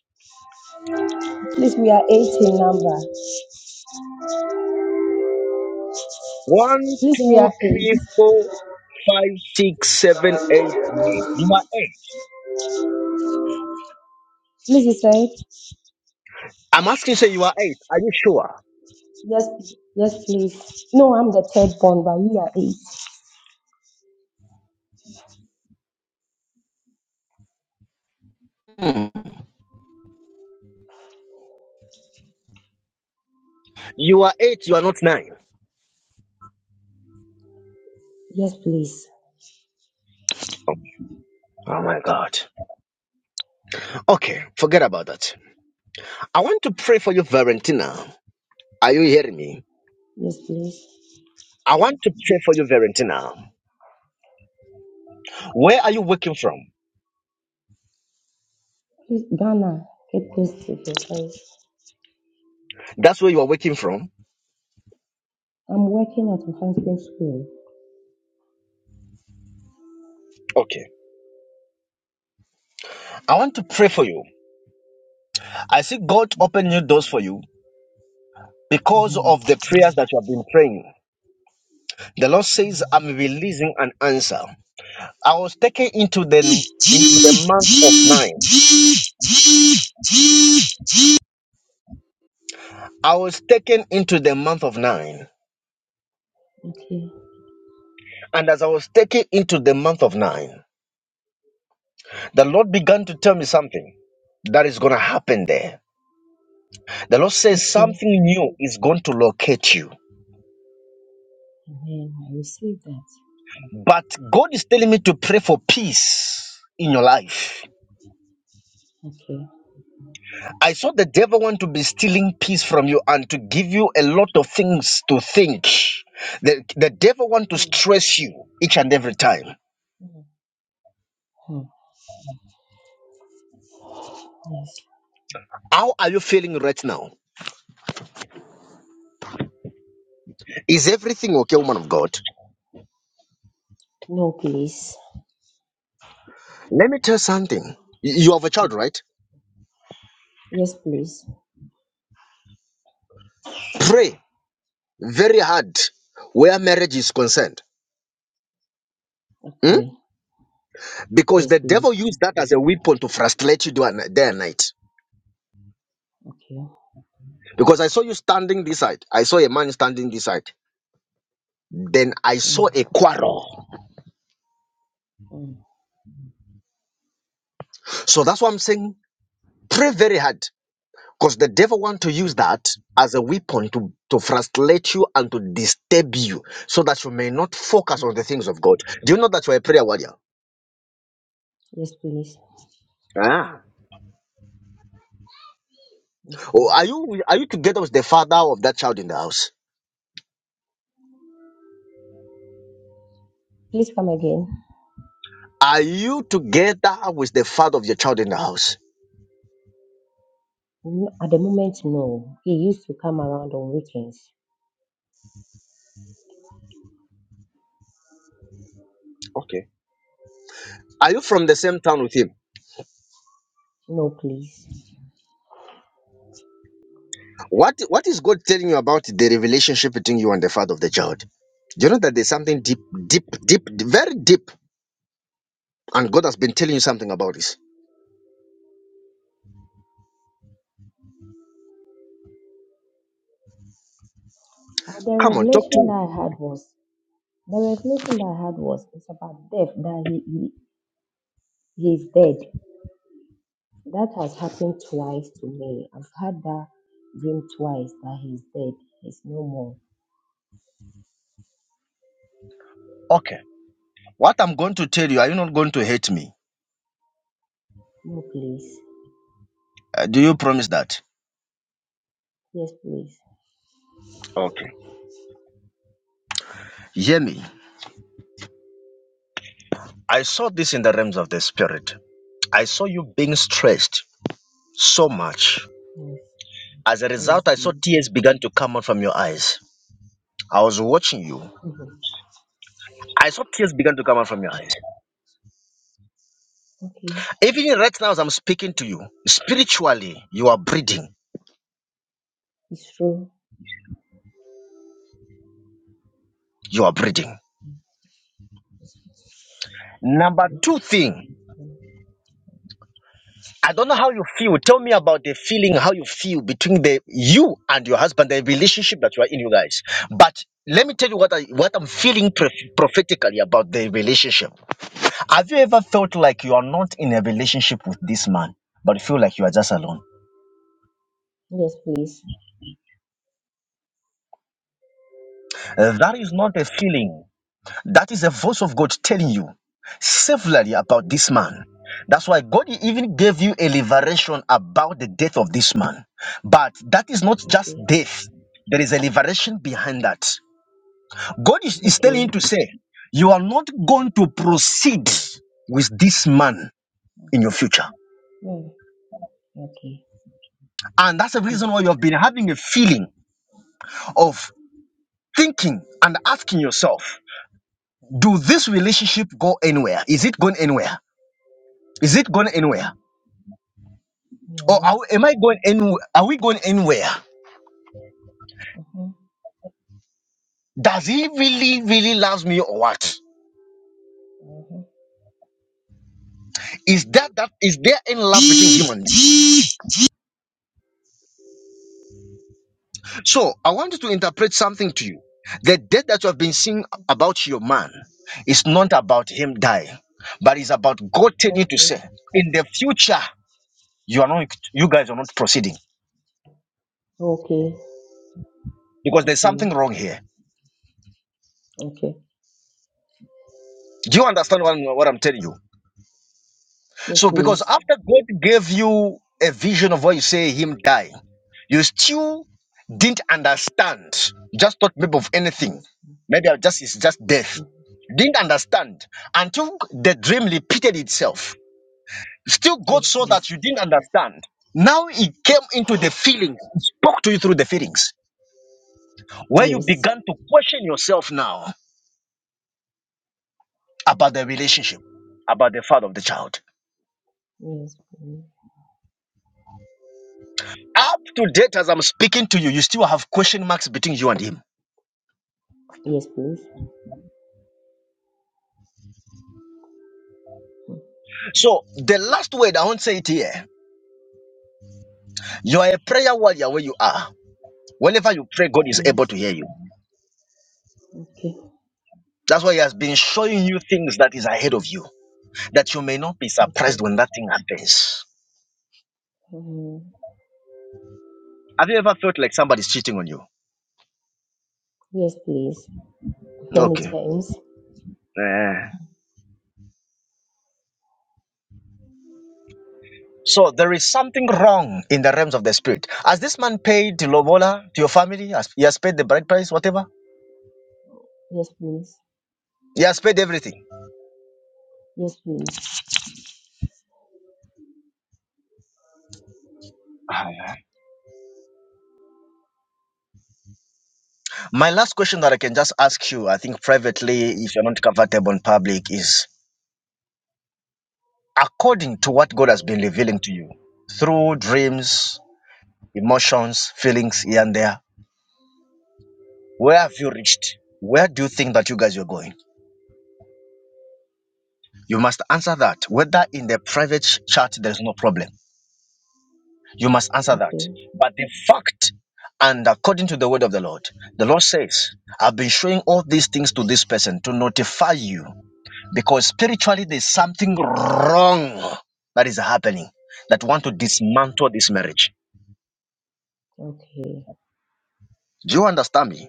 [SPEAKER 5] Please, we are eight in number.
[SPEAKER 1] One,
[SPEAKER 5] Please, we
[SPEAKER 1] two,
[SPEAKER 5] are eight.
[SPEAKER 1] three, four, five, six, seven, eight, nine. You are eight.
[SPEAKER 5] Please, you said?
[SPEAKER 1] I'm asking, say you are eight. Are you sure?
[SPEAKER 5] Yes, yes, please. No, I'm the third born, but we are eight.
[SPEAKER 1] Hmm. You are eight. You are not nine.
[SPEAKER 5] Yes, please.
[SPEAKER 1] Oh my God. Okay, forget about that. I want to pray for you, Valentina. Are you hearing me?
[SPEAKER 5] Yes, please.
[SPEAKER 1] I want to pray for you, Valentina. Where are you working from?
[SPEAKER 5] Please, Ghana, get close to the place.
[SPEAKER 1] That's where you are working from.
[SPEAKER 5] I'm working at enhancement school.
[SPEAKER 1] Okay. I want to pray for you. I see God open new doors for you because of the prayers that you have been praying. The Lord says, I'm releasing an answer. I was taken into the into the month of nine. I was taken into the month of nine.
[SPEAKER 5] Okay.
[SPEAKER 1] And as I was taken into the month of nine, the Lord began to tell me something that is going to happen there. The Lord says
[SPEAKER 5] Okay.
[SPEAKER 1] something new is going to locate you.
[SPEAKER 5] Amen. I receive that.
[SPEAKER 1] But God is telling me to pray for peace in your life.
[SPEAKER 5] Okay.
[SPEAKER 1] I saw the devil want to be stealing peace from you and to give you a lot of things to think. The, the devil want to
[SPEAKER 5] Hmm.
[SPEAKER 1] stress you each and every time.
[SPEAKER 5] Hmm. Hmm. Yes.
[SPEAKER 1] How are you feeling right now? Is everything okay, woman of God?
[SPEAKER 5] No, please.
[SPEAKER 1] Let me tell you something. Y- You have a
[SPEAKER 5] Hmm.
[SPEAKER 1] child, right?
[SPEAKER 5] Yes, please.
[SPEAKER 1] Pray very hard where marriage is concerned. Hmm?
[SPEAKER 5] Okay.
[SPEAKER 1] Because
[SPEAKER 5] Yes,
[SPEAKER 1] the devil
[SPEAKER 5] please.
[SPEAKER 1] used that as a weapon to frustrate you day and day and night.
[SPEAKER 5] Okay.
[SPEAKER 1] Because I saw you standing this side. I saw a man standing this side. Then I saw
[SPEAKER 5] Mm.
[SPEAKER 1] a quarrel.
[SPEAKER 5] Mm.
[SPEAKER 1] So that's why I'm saying pray very hard. Because the devil want to
[SPEAKER 5] Okay.
[SPEAKER 1] use that as a weapon to, to frustrate you and to disturb you so that you may not focus on the
[SPEAKER 5] Okay.
[SPEAKER 1] things of God. Do you know that you're a prayer warrior?
[SPEAKER 5] Yes, please.
[SPEAKER 1] Ah.
[SPEAKER 5] Yes, please.
[SPEAKER 1] Oh, are you are you together with the father of that child in the house?
[SPEAKER 5] Please come again.
[SPEAKER 1] Are you together with the father of your child in the house?
[SPEAKER 5] No, At the moment, no. He used to come around on weekends.
[SPEAKER 1] Okay. Are you from the same town with him?
[SPEAKER 5] No, please.
[SPEAKER 1] What what is God telling you about the relationship between you and the father of the child? Do you know that there's something deep, deep, deep, very deep, and God has been telling you something about this?
[SPEAKER 5] Uh, the
[SPEAKER 1] Come on, talk to
[SPEAKER 5] revelation
[SPEAKER 1] me.
[SPEAKER 5] that I had was the revelation that I had was it's about death that he he, He's dead. That has happened twice to me. I've had that dream twice that he's dead. He's no more.
[SPEAKER 1] Okay. What I'm going to tell you, are you not going to hate me?
[SPEAKER 5] No, please.
[SPEAKER 1] Uh, do you promise that?
[SPEAKER 5] Yes, please.
[SPEAKER 1] Okay. Hear me. I saw this in the realms of the spirit. I saw you being stressed so much.
[SPEAKER 5] Yes,
[SPEAKER 1] As a
[SPEAKER 5] yes,
[SPEAKER 1] result, I saw
[SPEAKER 5] please.
[SPEAKER 1] tears began to come out from your eyes. I was watching you.
[SPEAKER 5] Mhm.
[SPEAKER 1] I saw tears began to come out from your eyes.
[SPEAKER 5] okay,
[SPEAKER 1] Even right now, as I'm speaking to you, spiritually, you are breathing.
[SPEAKER 5] it's true.
[SPEAKER 1] You are breathing.
[SPEAKER 5] Yes,
[SPEAKER 1] Number two thing,
[SPEAKER 5] Mm.
[SPEAKER 1] I don't know how you feel. Tell me about the feeling, how you feel between the you and your husband, the relationship that you are in, you guys. But let me tell you what I what I'm feeling prof- prophetically about the relationship. Have you ever felt like you are not in a relationship with this man, but feel like you are just alone?
[SPEAKER 5] Yes, please.
[SPEAKER 1] Uh, That is not a feeling. That is the voice of God telling you severally about this man. That's why God even gave you a liberation about the death of this man. But that is not just
[SPEAKER 5] Okay,
[SPEAKER 1] death, there is a liberation behind that. God is, is telling you
[SPEAKER 5] okay.
[SPEAKER 1] to say, You are not going to proceed with this man in your future.
[SPEAKER 5] Mm, Okay.
[SPEAKER 1] And that's the reason why you have been having a feeling of thinking and asking yourself, Do this relationship go anywhere? Is it going anywhere? Is it going
[SPEAKER 5] Mm-hmm.
[SPEAKER 1] anywhere? Or
[SPEAKER 5] No.
[SPEAKER 1] are, we- am I going anywhere? Are we going anywhere?
[SPEAKER 5] Mm-hmm.
[SPEAKER 1] Does he really, really loves me or what?
[SPEAKER 5] Mm-hmm.
[SPEAKER 1] Is that that is there any love between him and me? So I wanted to interpret something to you. The death that you have been seeing about your man is not about him dying, but it's about God telling to
[SPEAKER 5] Okay.
[SPEAKER 1] say, in the future, you are not you guys are not proceeding
[SPEAKER 5] Okay.
[SPEAKER 1] because there's
[SPEAKER 5] Okay.
[SPEAKER 1] something wrong here.
[SPEAKER 5] Okay.
[SPEAKER 1] Do you understand what, I'm- what I'm telling you?
[SPEAKER 5] Yes,
[SPEAKER 1] So because
[SPEAKER 5] please.
[SPEAKER 1] after God gave you a vision of what you say him dying, you still didn't understand. You Just thought maybe of anything.
[SPEAKER 5] Yes.
[SPEAKER 1] Maybe I just it's just death.
[SPEAKER 5] Mm.
[SPEAKER 1] Didn't understand until the dream repeated itself. Still God
[SPEAKER 5] Yes,
[SPEAKER 1] saw that
[SPEAKER 5] please.
[SPEAKER 1] you didn't understand. Now it came into the feelings, He spoke to you through the feelings, where you
[SPEAKER 5] Yes.
[SPEAKER 1] began to question yourself now about the relationship, about the father of the child.
[SPEAKER 5] Yes. please.
[SPEAKER 1] Up to date, as I'm speaking to you, you still have question marks between you and him
[SPEAKER 5] Yes, please.
[SPEAKER 1] So the last word I won't say it here. You are a prayer warrior where you are. Whenever you pray, God is able
[SPEAKER 5] Yes.
[SPEAKER 1] to hear you.
[SPEAKER 5] Okay.
[SPEAKER 1] That's why He has been showing you things that is ahead of you, that you may not be
[SPEAKER 5] Okay.
[SPEAKER 1] surprised when that thing happens.
[SPEAKER 5] Um,
[SPEAKER 1] Have you ever felt like somebody's cheating on you?
[SPEAKER 5] yes, please. Many
[SPEAKER 1] Okay.
[SPEAKER 5] times.
[SPEAKER 1] Eh. So there is something wrong in the realms of the spirit. Has this man paid to Lobola, to your family? Has- He has paid the bride price, whatever?
[SPEAKER 5] Yes, please.
[SPEAKER 1] He has paid everything.
[SPEAKER 5] Yes, please.
[SPEAKER 1] Ah, yeah. My last question that I can just ask you, I think privately, if you're not comfortable in public, is according to what God has been revealing to you through dreams, emotions, feelings here and there. Where have you reached? Where do you think that you guys are going? You must answer that. Whether in the private ch- chat, there's no problem. You must answer that.
[SPEAKER 5] Okay.
[SPEAKER 1] But the fact, and according to the word of the Lord, the Lord says, I've been showing all these things to this person to notify you because spiritually there's
[SPEAKER 5] Okay.
[SPEAKER 1] something wrong that is happening that want to dismantle this marriage.
[SPEAKER 5] Okay.
[SPEAKER 1] Do you understand me?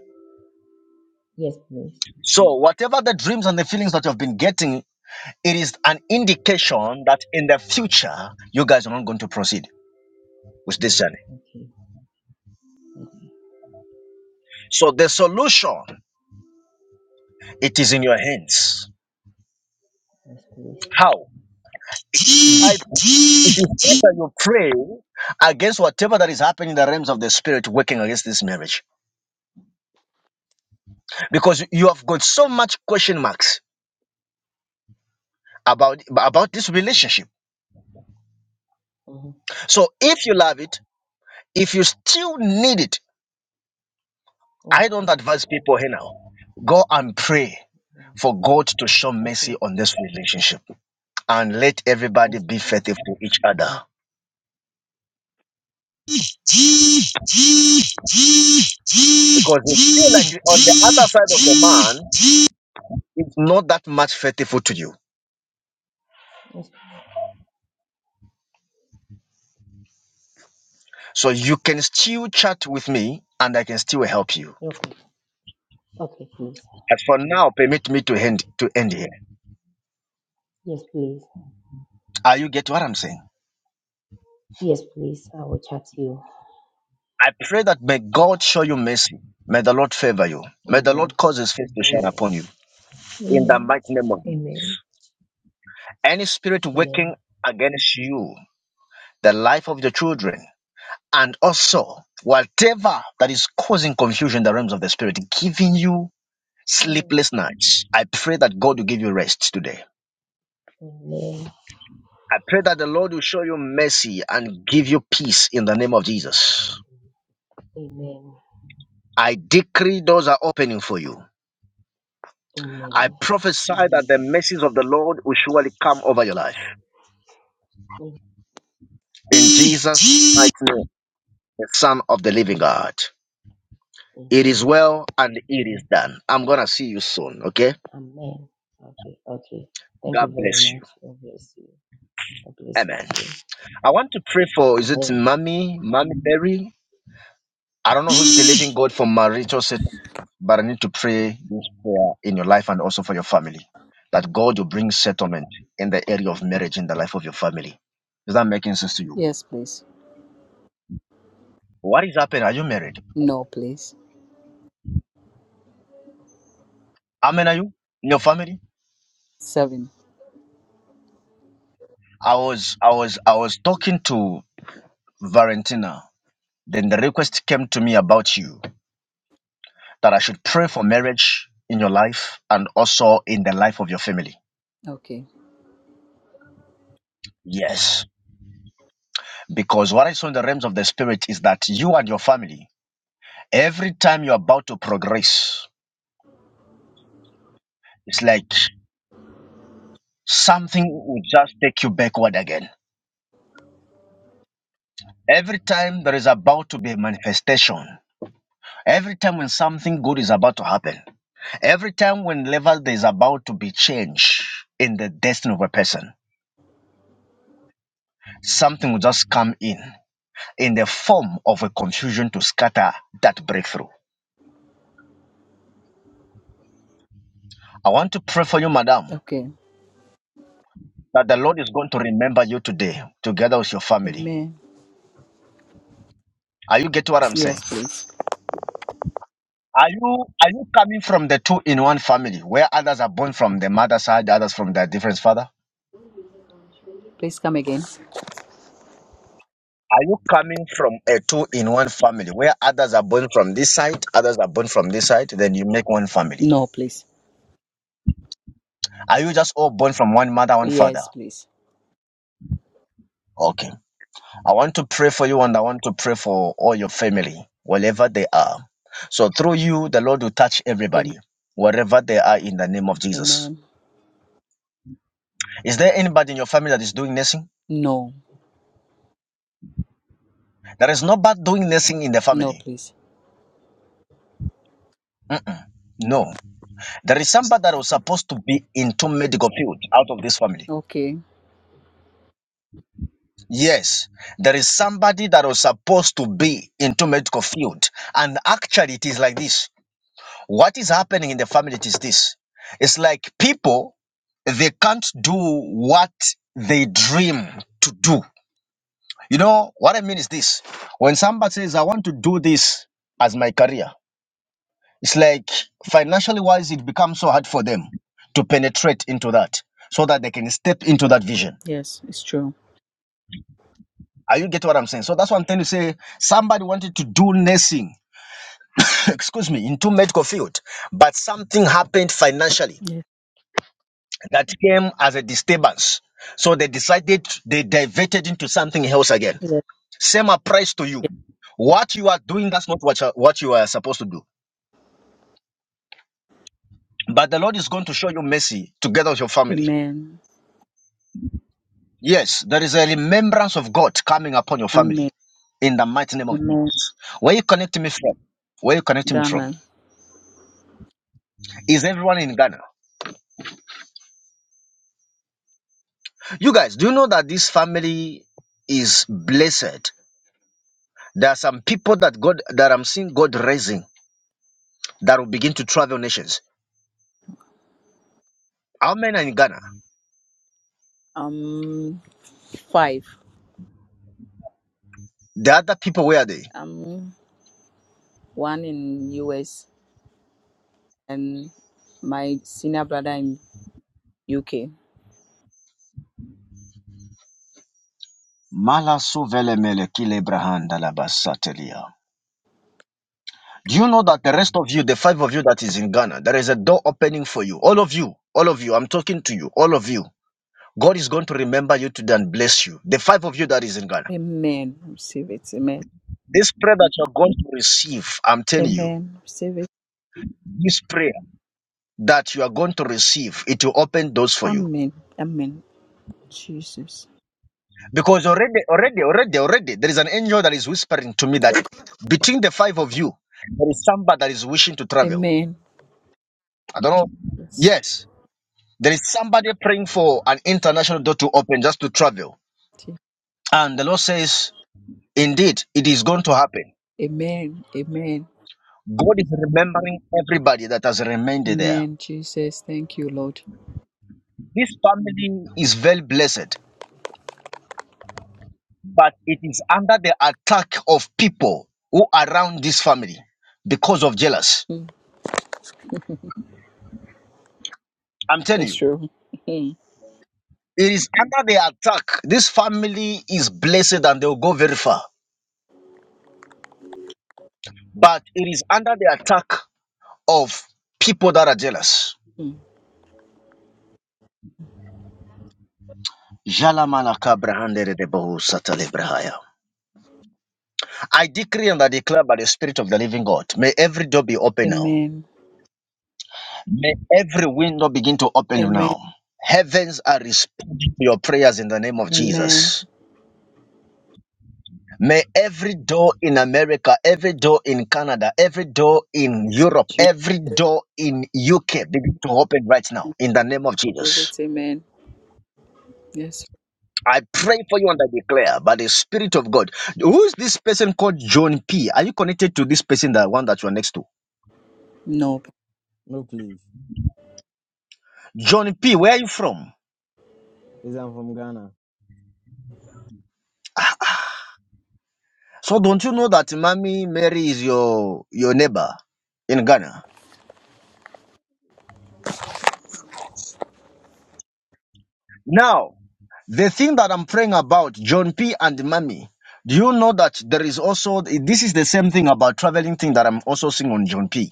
[SPEAKER 5] Yes, please.
[SPEAKER 1] So, whatever the dreams and the feelings that you've been getting, it is an indication that in the future you guys are not going to proceed with this journey.
[SPEAKER 5] Okay. Okay.
[SPEAKER 1] So, the solution it is in your hands.
[SPEAKER 5] Yes, please.
[SPEAKER 1] How? By it is either you pray against whatever that is happening in the realms of the spirit working against this marriage because you have got so much question marks about about this
[SPEAKER 5] Okay.
[SPEAKER 1] relationship
[SPEAKER 5] Uh-huh.
[SPEAKER 1] so if you love it if you still need it
[SPEAKER 5] Yes,
[SPEAKER 1] I don't
[SPEAKER 5] please.
[SPEAKER 1] advise people here now. Go and pray
[SPEAKER 5] Uh,
[SPEAKER 1] for God to show
[SPEAKER 5] Okay.
[SPEAKER 1] mercy on this relationship and let everybody
[SPEAKER 5] Yes,
[SPEAKER 1] be
[SPEAKER 5] please.
[SPEAKER 1] faithful to each other. Because it feel like
[SPEAKER 5] Okay.
[SPEAKER 1] on the other side of the man, it's not that much faithful to you.
[SPEAKER 5] Yes.
[SPEAKER 1] So you can still chat with me and I can still help you.
[SPEAKER 5] Okay. Okay, please.
[SPEAKER 1] As for now, permit me to end
[SPEAKER 5] Okay.
[SPEAKER 1] to end here.
[SPEAKER 5] Yes, please.
[SPEAKER 1] Are you get what I'm saying?
[SPEAKER 5] Yes, please. I will chat to you.
[SPEAKER 1] I pray that may God show you mercy. May the Lord favor you. May the Lord
[SPEAKER 5] Amen.
[SPEAKER 1] cause his face to shine
[SPEAKER 5] Amen.
[SPEAKER 1] upon you. In the
[SPEAKER 5] Amen.
[SPEAKER 1] mighty name. of
[SPEAKER 5] Amen.
[SPEAKER 1] Any spirit working
[SPEAKER 5] Amen.
[SPEAKER 1] against you, the life of your children, and also whatever that is causing confusion in the realms of the spirit, giving you
[SPEAKER 5] Mm.
[SPEAKER 1] sleepless nights, I pray that God will give you rest today.
[SPEAKER 5] Amen.
[SPEAKER 1] I pray that the Lord will show you mercy and give you peace in the name of Jesus.
[SPEAKER 5] Amen.
[SPEAKER 1] I decree doors are opening for you. I
[SPEAKER 5] Amen.
[SPEAKER 1] prophesy that the mercies of the Lord will surely come over your life. In Jesus' mighty name, the Son of the Living
[SPEAKER 5] Amen.
[SPEAKER 1] God. It is
[SPEAKER 5] Amen.
[SPEAKER 1] well and it is done. I'm gonna see you soon. Okay.
[SPEAKER 5] Amen. Okay. Okay. Thank
[SPEAKER 1] God
[SPEAKER 5] you very
[SPEAKER 1] bless you.
[SPEAKER 5] much. God bless you. God bless you
[SPEAKER 1] Amen.
[SPEAKER 5] too.
[SPEAKER 1] I want to pray for is it
[SPEAKER 5] Amen.
[SPEAKER 1] Mommy, Mommy Mary? I don't know who's believing God for marital settlement, but I need to pray this prayer in your life and also for your family. That God will bring settlement in the area of marriage in the life of your family. Is that making sense to you?
[SPEAKER 6] Yes, please.
[SPEAKER 1] What is happening? Are you married?
[SPEAKER 6] No, please.
[SPEAKER 1] How many are you in your family?
[SPEAKER 6] Seven.
[SPEAKER 1] I was I was I was talking to Valentina. Then the request came to me about you that I should pray for marriage in your life and also in the life of your family.
[SPEAKER 6] Okay.
[SPEAKER 1] Yes. Because what I saw in the realms of the spirit is that you and your family, every time you're about to progress, it's like something will just take you backward again. Every time there is about to be a manifestation, every time when something good is about to happen, every time when level there is about to be change in the destiny of a person, something will just come in in the form of a confusion to scatter that breakthrough. I want to pray for you, madam,
[SPEAKER 6] Okay.
[SPEAKER 1] that the Lord is going to remember you today, together with your family.
[SPEAKER 6] Amen.
[SPEAKER 1] Are you getting what I'm saying?
[SPEAKER 6] Yes, please.
[SPEAKER 1] Are you are you coming from the two in one family where others are born from the mother's side, others from their different father?
[SPEAKER 6] Please come again.
[SPEAKER 1] Are you coming from a two in one family where others are born from this side, others are born from this side, then you make one family?
[SPEAKER 6] No, please.
[SPEAKER 1] Are you just all born from one mother, one father?
[SPEAKER 6] Yes, please.
[SPEAKER 1] Okay. I want to pray for you and I want to pray for all your family, wherever they are. So through you, the Lord will touch
[SPEAKER 6] Am-
[SPEAKER 1] everybody, wherever they are in the name of Jesus.
[SPEAKER 6] Amen.
[SPEAKER 1] Is there anybody in your family that is doing nursing?
[SPEAKER 6] No.
[SPEAKER 1] There is nobody doing nursing in the
[SPEAKER 6] No,
[SPEAKER 1] family.
[SPEAKER 6] please.
[SPEAKER 1] No. There is somebody that was supposed to be into medical field out of this family.
[SPEAKER 6] Okay.
[SPEAKER 1] Yes. There is somebody that was supposed to be into medical field. And actually it is like this. What is happening in the family is this. It's like people, they can't do what they dream to do. You know, what I mean is this. When somebody says, I want to do this as my career, it's like financially wise, it becomes so hard for them to penetrate into that so that they can step into that vision.
[SPEAKER 6] Yes, it's true.
[SPEAKER 1] Are you getting what I'm saying? So that's one thing to say. Somebody wanted to do nursing, excuse me, into medical field, but something happened financially
[SPEAKER 6] Yes.
[SPEAKER 1] that came as a disturbance. So they decided they diverted into something else again.
[SPEAKER 6] Yes. yes.
[SPEAKER 1] Same applies to you. What you are doing, that's not what you, are- what you are supposed to do. But the Lord is going to show you mercy together with your family.
[SPEAKER 6] Amen.
[SPEAKER 1] Yes, there is a remembrance of God coming upon your family
[SPEAKER 6] Amen.
[SPEAKER 1] in the mighty name of
[SPEAKER 6] Amen.
[SPEAKER 1] Jesus. Where you connecting me from? Where you connecting me from?
[SPEAKER 6] Ghana.
[SPEAKER 1] Is everyone in Ghana? You guys, do you know that this family is blessed? There are some people that God that I'm seeing God raising that will begin to travel nations. Our men are in Ghana.
[SPEAKER 6] Um, five.
[SPEAKER 1] The other people, where are they?
[SPEAKER 6] Um, one in US and my senior brother in UK.
[SPEAKER 1] Mala Do you know that the rest of you, the five of you that is in Ghana, there is a door opening for you? All of you, all of you, I'm talking to you, all of you. God is going to remember you today and bless you. The five of you that is in Ghana.
[SPEAKER 6] Amen. Receive it. Amen.
[SPEAKER 1] This prayer that you are going to receive, I'm telling you,
[SPEAKER 6] Amen. Receive it.
[SPEAKER 1] this prayer that you are going to receive, it will open doors for you.
[SPEAKER 6] Amen. Amen. Jesus.
[SPEAKER 1] Because already, already, already, already, there is an angel that is whispering to me that between the five of you, there is somebody that is wishing to travel.
[SPEAKER 6] Amen.
[SPEAKER 1] I don't know.
[SPEAKER 6] Yes.
[SPEAKER 1] Yes, there is somebody praying for an international door to open just to travel.
[SPEAKER 6] Je-
[SPEAKER 1] And the Lord says, indeed, it is going to happen.
[SPEAKER 6] Amen. Amen.
[SPEAKER 1] God is remembering everybody that has remained there.
[SPEAKER 6] Amen. Jesus. Thank you, Lord.
[SPEAKER 1] This family is very blessed, but it is under the attack of people who are around this family because of jealous.
[SPEAKER 6] Mm,
[SPEAKER 1] I'm telling
[SPEAKER 6] It's
[SPEAKER 1] you.
[SPEAKER 6] true. Mm,
[SPEAKER 1] It is under the attack. This family is blessed and they'll go very far. But it is under the attack of people that are jealous.
[SPEAKER 6] mm.
[SPEAKER 1] Jalamalaka brahandere de bohu satale brahaya. I decree and I declare by the Spirit of the Living God, may every door be open now.
[SPEAKER 6] Amen.
[SPEAKER 1] May every window begin to open
[SPEAKER 6] Amen.
[SPEAKER 1] now. Heavens are responding to your prayers in the name of
[SPEAKER 6] Amen.
[SPEAKER 1] Jesus. May every door in America, every door in Canada, every door in Europe,
[SPEAKER 6] Jesus.
[SPEAKER 1] every door in UK begin to open right now in the name of Jesus.
[SPEAKER 6] it's Amen. Yes.
[SPEAKER 1] I pray for you and I declare by the Spirit of God. Who is this person called John P? Are you connected to this person, the one that you are next to?
[SPEAKER 6] No.
[SPEAKER 7] No, please.
[SPEAKER 1] John P, where are you from?
[SPEAKER 7] Please, I'm from Ghana.
[SPEAKER 1] So don't you know that Mommy Mary is your your neighbor in Ghana? Now, the thing that I'm praying about, John P. and Mami, do you know that there is also, this is the same thing about traveling thing that I'm also seeing on John P.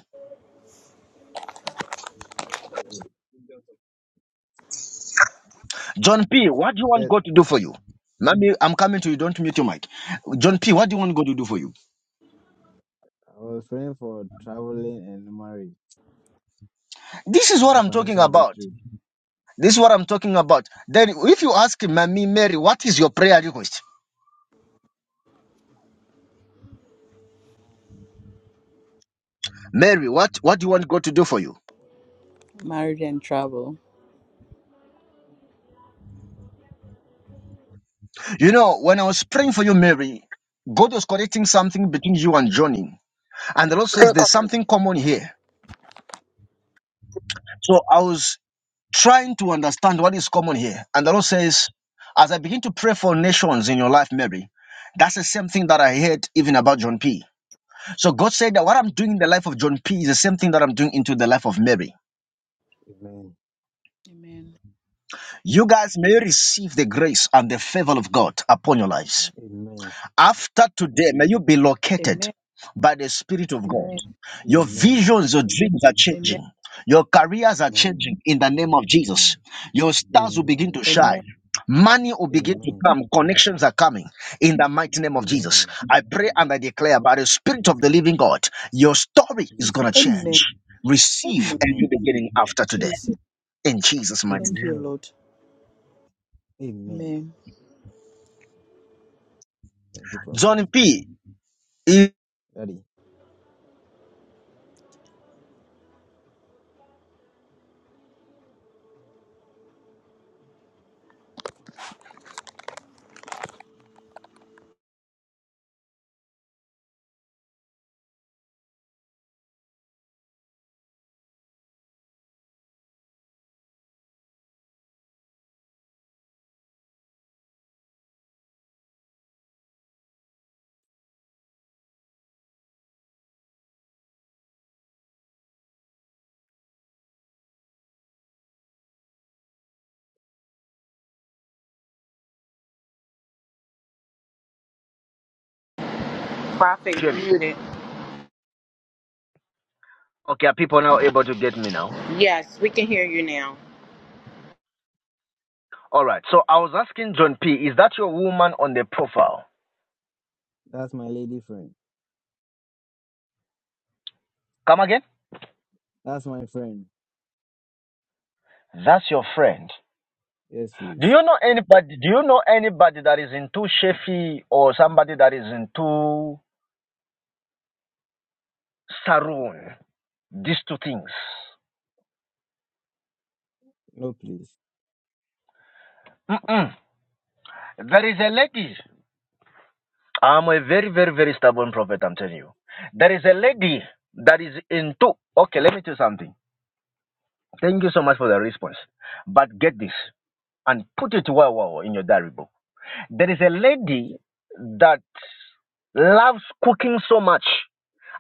[SPEAKER 1] John P., what do you want
[SPEAKER 7] Yes,
[SPEAKER 1] God to do for you? Mami, I'm coming to you. Don't mute your mic. John P., what do you want God to do for you?
[SPEAKER 7] I was praying for traveling and marriage
[SPEAKER 1] This is what
[SPEAKER 7] and
[SPEAKER 1] I'm talking
[SPEAKER 7] financial
[SPEAKER 1] about.
[SPEAKER 7] breakthrough.
[SPEAKER 1] This is what I'm talking about. Then, if you ask Mami Mary, what is your prayer request? Mary, what, what do you want God to do for you?
[SPEAKER 6] Married and travel.
[SPEAKER 1] You know, when I was praying for you, Mary, God was correcting something between you and Johnny. And the Lord says there's something common here. So I was trying to understand what is common here. And the Lord says, as I begin to pray for nations in your life, Mary, that's the same thing that I heard even about John P. So God said that what I'm doing in the life of John P is the same thing that I'm doing into the life of Mary.
[SPEAKER 7] Amen.
[SPEAKER 6] Amen.
[SPEAKER 1] You guys may receive the grace and the favor of God upon your lives.
[SPEAKER 7] Amen.
[SPEAKER 1] After today, may you be located
[SPEAKER 6] Amen.
[SPEAKER 1] by the Spirit of God.
[SPEAKER 6] Amen.
[SPEAKER 1] Your
[SPEAKER 7] Amen.
[SPEAKER 1] visions, your dreams are
[SPEAKER 6] Amen.
[SPEAKER 1] changing. Your careers are
[SPEAKER 7] Amen.
[SPEAKER 1] changing in the name of Jesus.
[SPEAKER 7] Amen.
[SPEAKER 1] Your stars will begin
[SPEAKER 7] Amen.
[SPEAKER 1] to
[SPEAKER 6] Amen.
[SPEAKER 1] shine. Money will begin to
[SPEAKER 7] Amen.
[SPEAKER 1] come. Connections are coming in the mighty name of Jesus.
[SPEAKER 7] Amen.
[SPEAKER 1] I pray and I declare by the
[SPEAKER 7] Amen.
[SPEAKER 1] Spirit of the living God, your story is going to
[SPEAKER 7] Jesus.
[SPEAKER 6] Amen.
[SPEAKER 1] change. Receive
[SPEAKER 6] Amen.
[SPEAKER 1] a new
[SPEAKER 7] Amen.
[SPEAKER 1] beginning after today
[SPEAKER 6] Jesus.
[SPEAKER 1] in Jesus' mighty name.
[SPEAKER 6] Thank you,
[SPEAKER 7] Amen.
[SPEAKER 6] Lord.
[SPEAKER 7] Amen.
[SPEAKER 6] Amen.
[SPEAKER 7] Thank you, Prophet.
[SPEAKER 1] Johnny P. you
[SPEAKER 7] Daddy,
[SPEAKER 8] Prophet,
[SPEAKER 1] Hear
[SPEAKER 8] you're
[SPEAKER 1] me.
[SPEAKER 8] muted.
[SPEAKER 1] Okay, are people now able to get me now?
[SPEAKER 8] Yes, we can hear you now.
[SPEAKER 1] All right. So I was asking John P, is that your woman on the profile?
[SPEAKER 7] that's my lady friend.
[SPEAKER 1] Come again?
[SPEAKER 7] That's my friend.
[SPEAKER 1] That's your friend.
[SPEAKER 7] Yes,
[SPEAKER 1] Do
[SPEAKER 7] please.
[SPEAKER 1] you know anybody do you know anybody that is into Shefi or somebody that is into Saroon? These two things.
[SPEAKER 7] No, please.
[SPEAKER 1] Mm-mm. There is a lady. I'm a very, very, very stubborn prophet, I'm telling you. There is a
[SPEAKER 7] Mm,
[SPEAKER 1] lady that is into okay, let me tell you something. Thank you so much for the response. But get this and put it well, well well in your diary book. There is a lady
[SPEAKER 7] Okay.
[SPEAKER 1] that Loves cooking so much.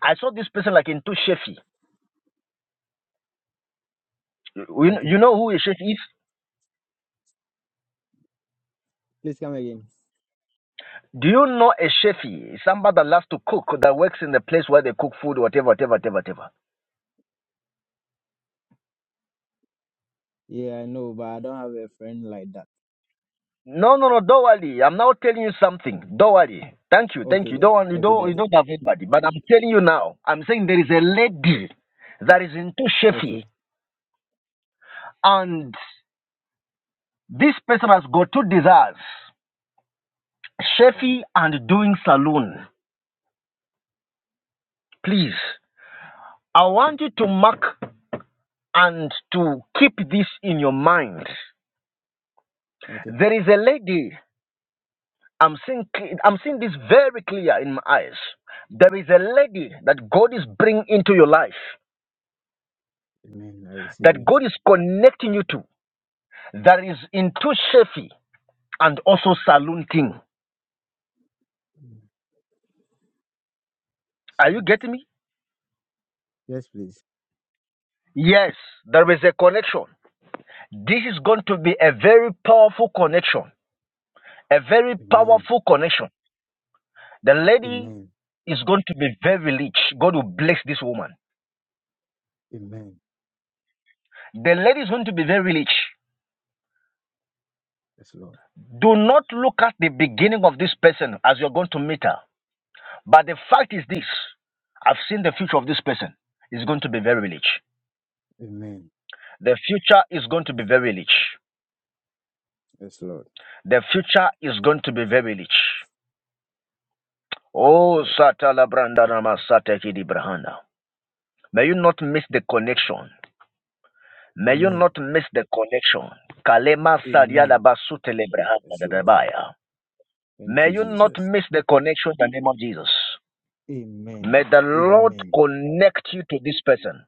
[SPEAKER 1] I saw this person like into Shefi. You,
[SPEAKER 7] Okay.
[SPEAKER 1] you know who a chef is?
[SPEAKER 7] Please come again.
[SPEAKER 1] Do you know a chefi? Somebody that loves to cook, that works in the place where they cook food, whatever, whatever, whatever, whatever.
[SPEAKER 7] Yeah, I know, but I don't have a friend like that.
[SPEAKER 1] No, no, no, don't worry. I'm now telling you something. Don't worry. Thank you,
[SPEAKER 7] Okay
[SPEAKER 1] thank you.
[SPEAKER 7] then.
[SPEAKER 1] Don't you
[SPEAKER 7] Okay,
[SPEAKER 1] don't you
[SPEAKER 7] Daddy.
[SPEAKER 1] don't have anybody. But I'm telling you now. I'm saying there is a
[SPEAKER 7] O-
[SPEAKER 1] lady that is into chefi
[SPEAKER 7] Okay.
[SPEAKER 1] and
[SPEAKER 7] Oh, okay.
[SPEAKER 1] that
[SPEAKER 7] Amen. I receive
[SPEAKER 1] that
[SPEAKER 7] it.
[SPEAKER 1] God is connecting you to. That is into chefi and also saloon saluting.
[SPEAKER 7] Mm,
[SPEAKER 1] Are
[SPEAKER 7] receive
[SPEAKER 1] you
[SPEAKER 7] it.
[SPEAKER 1] getting me?
[SPEAKER 7] Yes, please.
[SPEAKER 1] Yes, there is a connection. This is going to be a very powerful connection. A very
[SPEAKER 7] Amen.
[SPEAKER 1] powerful connection. The lady
[SPEAKER 7] Amen.
[SPEAKER 1] is going to be very rich. God will bless this woman.
[SPEAKER 7] Amen.
[SPEAKER 1] The lady is going to be very rich.
[SPEAKER 7] Yes, Lord.
[SPEAKER 1] Do not look at the beginning of this person as you're going to meet her. But the fact is this I've seen the future of this person is going to be very rich.
[SPEAKER 7] Amen.
[SPEAKER 1] The future is going to be very rich.
[SPEAKER 7] Yes, Lord.
[SPEAKER 1] The future is going to be very rich. Oh,
[SPEAKER 7] Lord.
[SPEAKER 1] Satala Brandanama Satekidi Brahana. May you not miss the connection. May you
[SPEAKER 7] Amen.
[SPEAKER 1] not miss the connection. Kalema saria la
[SPEAKER 7] Amen.
[SPEAKER 1] basute lebrahanda
[SPEAKER 7] Yes,
[SPEAKER 1] da
[SPEAKER 7] Lord.
[SPEAKER 1] dabaya.
[SPEAKER 7] Thank
[SPEAKER 1] May
[SPEAKER 7] you,
[SPEAKER 1] you not
[SPEAKER 7] Jesus.
[SPEAKER 1] miss the connection in the name of Jesus.
[SPEAKER 7] Amen.
[SPEAKER 1] May the Lord
[SPEAKER 7] Amen.
[SPEAKER 1] connect you to this person.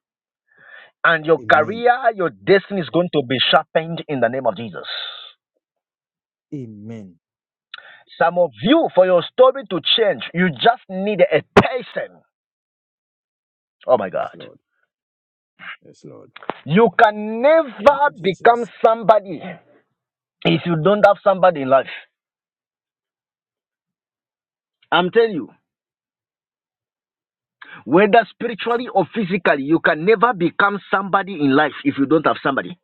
[SPEAKER 1] And your
[SPEAKER 7] Amen.
[SPEAKER 1] career, your destiny is going to be sharpened in the name of Jesus.
[SPEAKER 7] Amen.
[SPEAKER 1] Some of you, for your story to change, you just need a person. Oh my
[SPEAKER 7] Yes,
[SPEAKER 1] God.
[SPEAKER 7] Lord. Yes, Lord.
[SPEAKER 1] You can
[SPEAKER 7] Thank
[SPEAKER 1] never
[SPEAKER 7] you,
[SPEAKER 1] become
[SPEAKER 7] Jesus.
[SPEAKER 1] somebody if you don't have somebody in life. I'm telling you. whether
[SPEAKER 7] Yes,
[SPEAKER 1] spiritually or physically, you can never become somebody in life if you don't have somebody.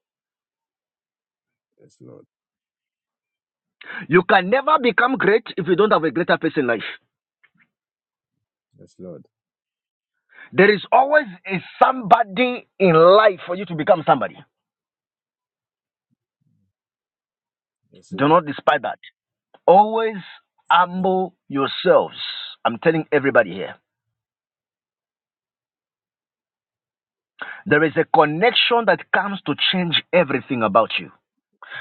[SPEAKER 7] yes, Lord.
[SPEAKER 1] You can never become great if you don't have a greater person in life.
[SPEAKER 7] Yes, Lord.
[SPEAKER 1] There is always a somebody in life for you to become somebody.
[SPEAKER 7] Yes,
[SPEAKER 1] Do
[SPEAKER 7] Lord.
[SPEAKER 1] not despise that. Always
[SPEAKER 7] Amen.
[SPEAKER 1] humble yourselves. I'm telling everybody here. There is a connection that comes to change everything about you,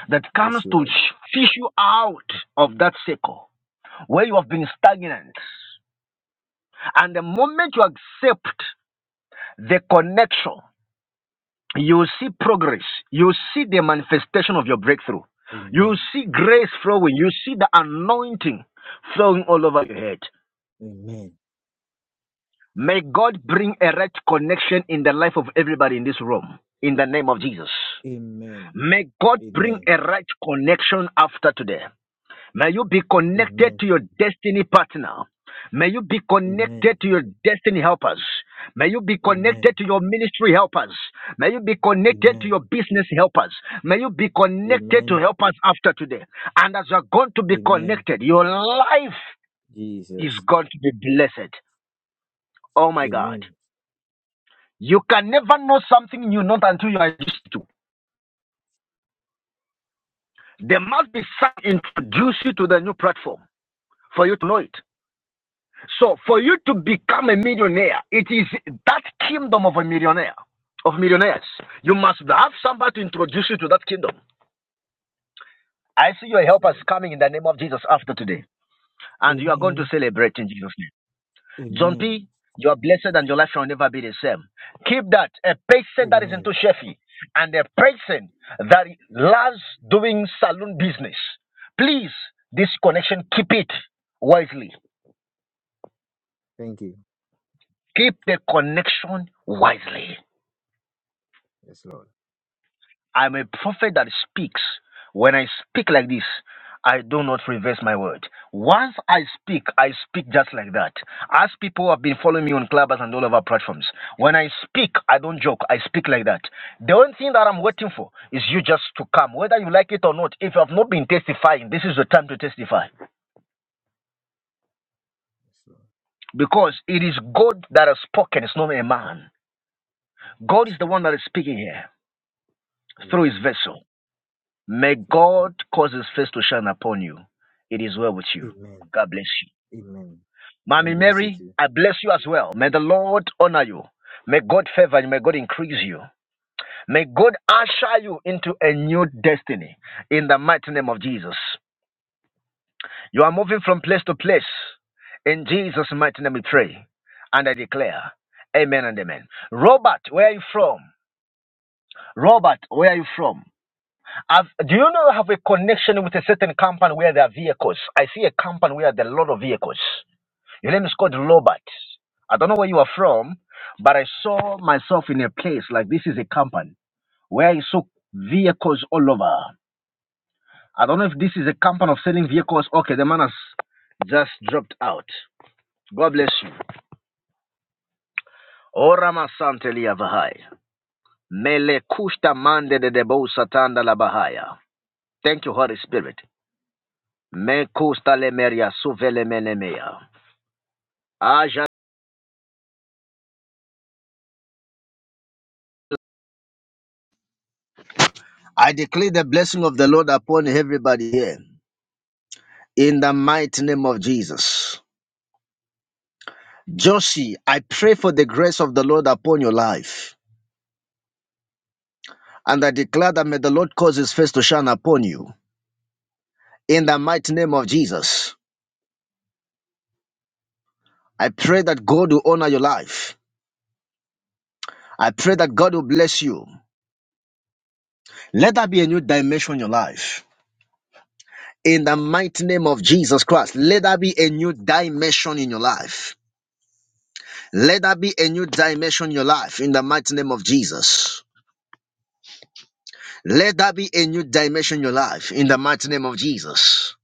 [SPEAKER 1] that
[SPEAKER 7] Yes,
[SPEAKER 1] comes to
[SPEAKER 7] Lord.
[SPEAKER 1] fish you out of that circle where you have been stagnant. And the moment you accept the connection. You see progress. You see the manifestation of your breakthrough. You
[SPEAKER 7] Amen.
[SPEAKER 1] see grace flowing. You see the anointing flowing all over your head.
[SPEAKER 7] Amen.
[SPEAKER 1] May God bring a right connection in the life of everybody in this room. In the name of Jesus.
[SPEAKER 7] Amen.
[SPEAKER 1] May God bring
[SPEAKER 7] Amen.
[SPEAKER 1] a right connection after today. be connected
[SPEAKER 7] Amen.
[SPEAKER 1] to your destiny partner. May you be
[SPEAKER 7] Amen.
[SPEAKER 1] connected to your destiny helpers. May you be
[SPEAKER 7] Amen.
[SPEAKER 1] connected to your ministry helpers. May you be connected to
[SPEAKER 7] Amen.
[SPEAKER 1] your business helpers. May you be connected to
[SPEAKER 7] Amen.
[SPEAKER 1] helpers after today. And as you are going to be
[SPEAKER 7] Amen.
[SPEAKER 1] connected, your life is
[SPEAKER 7] Jesus.
[SPEAKER 1] going to be blessed. Oh my God.
[SPEAKER 7] Amen.
[SPEAKER 1] You can never know something you not until you are used to. There must be some introduce you to the new platform for you to know it. So for you to become a millionaire, it is that kingdom of a millionaire, of millionaires. You must have somebody to introduce you to that kingdom. I see your
[SPEAKER 7] Yes,
[SPEAKER 1] helpers
[SPEAKER 7] Lord.
[SPEAKER 1] coming in the name of Jesus after today. And you are going to
[SPEAKER 7] Amen.
[SPEAKER 1] celebrate in Jesus' name. John
[SPEAKER 7] Amen.
[SPEAKER 1] P., you are blessed and your life shall never be the same. Keep that. A person that is into
[SPEAKER 7] Amen.
[SPEAKER 1] chefy and a person that loves doing saloon business. Please, this connection, keep it wisely.
[SPEAKER 7] Thank you.
[SPEAKER 1] Keep the connection wisely.
[SPEAKER 7] Yes, Lord.
[SPEAKER 1] I'm a prophet that speaks. When I speak like this, I do not reverse my word. Once I speak, I speak just like that. As people have been following me on Clubhouse and all of our platforms, when I speak, I don't joke. I speak like that. The only thing that I'm
[SPEAKER 7] Yes,
[SPEAKER 1] waiting
[SPEAKER 7] Lord.
[SPEAKER 1] for is you just to come, whether you like it or not. If you have not been testifying, this is the time to testify
[SPEAKER 7] Yes, Lord.
[SPEAKER 1] because it is God that has spoken, it's not a man. God
[SPEAKER 7] Yes,
[SPEAKER 1] is the
[SPEAKER 7] Lord.
[SPEAKER 1] one that is speaking here through
[SPEAKER 7] Amen.
[SPEAKER 1] his vessel. May
[SPEAKER 7] Amen.
[SPEAKER 1] God cause his face to shine upon you. It is well with you.
[SPEAKER 7] Amen.
[SPEAKER 1] God bless you.
[SPEAKER 7] Amen. God
[SPEAKER 1] Mommy
[SPEAKER 7] bless you
[SPEAKER 1] Mary,
[SPEAKER 7] too.
[SPEAKER 1] I bless you as well. May the Lord honor you. May God favor you. May God increase you. May God usher you into a new destiny in the mighty name of Jesus. You are moving from place to place. In Jesus' mighty name we pray and I declare, Amen and Amen. Robert, where are you from? Robert, where are you from? Have, do you know have a connection with a certain company where there are vehicles? I see a company where there are a lot of vehicles. Your name is called Lobert. I don't know where you are from, but I saw myself in a place like this is a company where I saw vehicles all over. I don't know if this is a company of selling vehicles. Okay, the man has just dropped out. God bless you. Orama Santelia Vahai. Mele Kushta Mande de Debo Satanda La Bahaya. Thank you, Holy Spirit. Mekustalemeria suvelemenemea. Aja- I declare the blessing of the Lord upon everybody here in the mighty name of Jesus. Josie, I pray for the grace of the Lord upon your life. And I declare that may the Lord cause his face to shine upon you in the mighty name of Jesus. I pray that God will honor your life. I pray that God will bless you. Let there be a new dimension in your life. In the mighty name of Jesus Christ, let there be a new dimension in your life. Let that be a new dimension in your life in the mighty name of Jesus. Let that be a new dimension in your life in the mighty name of Jesus.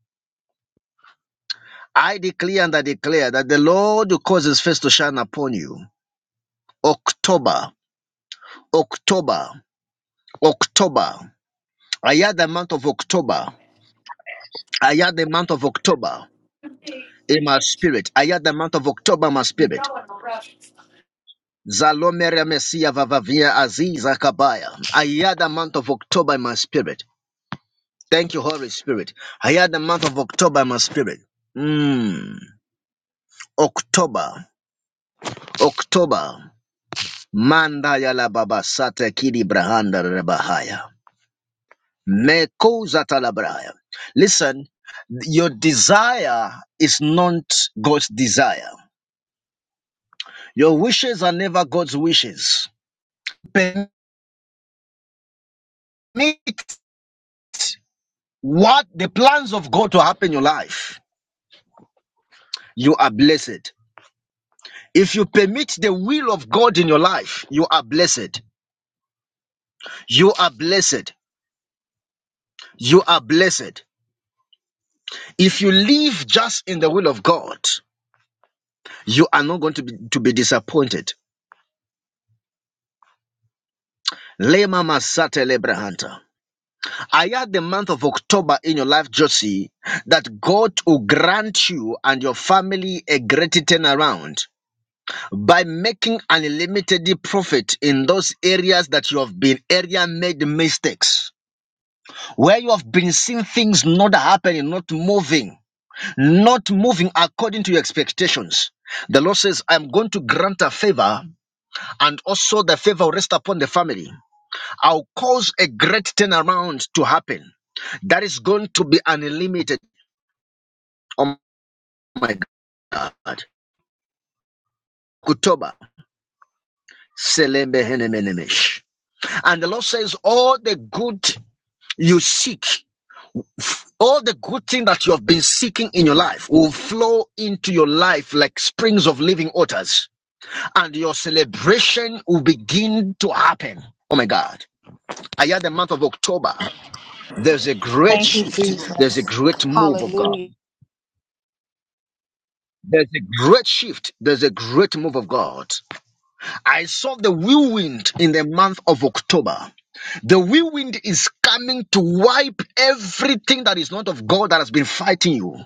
[SPEAKER 1] I declare and I declare that the Lord will cause his face to shine upon you. October, October, October. I had the month of October. I had the month of October in my spirit. I had the month of October in my
[SPEAKER 9] You're
[SPEAKER 1] spirit.
[SPEAKER 9] going to rush.
[SPEAKER 1] Zalomere Messia Vavavia Aziza Kabaya. I had the month of October in my spirit. Thank you, Holy Spirit. I had the month of October in my spirit. Mm. October. October. Manda yala baba sate kidi brahanda rebahaya. Meko zata la brahaya. Listen, your desire is not God's desire. Your wishes are never God's wishes. Permit what the plans of God to happen in your life. You are blessed. If you permit the will of God in your life, you are blessed. You are blessed. You are blessed. If you live just in the will of God, you are not going to be, to be disappointed. Lema Masata Lebrahanta. I had the month of October in your life, Josie, that God will grant you and your family a great turnaround by making an unlimited profit in those areas that you have been area made mistakes, where you have been seeing things not happening, not moving. not moving according to your expectations. The Lord says, I'm going to grant a favor, and also the favor will rest upon the family. I'll cause a great turnaround to happen. That is going to be unlimited. Oh my God. Kutoba. Selembe henemenemesh. And the Lord says, All the good you seek, all the good thing that you have been seeking in your life will flow into your life like springs of living waters. and your celebration will begin to happen. Oh my God. I hear the month of October. There's a great
[SPEAKER 8] Thank you,
[SPEAKER 1] shift. There's a
[SPEAKER 8] Jesus.
[SPEAKER 1] great move of God.
[SPEAKER 8] Hallelujah.
[SPEAKER 1] There's a great shift. There's a great move of God. I saw the whirlwind in the month of October. The whirlwind is coming to wipe everything that is not of God that has been fighting you.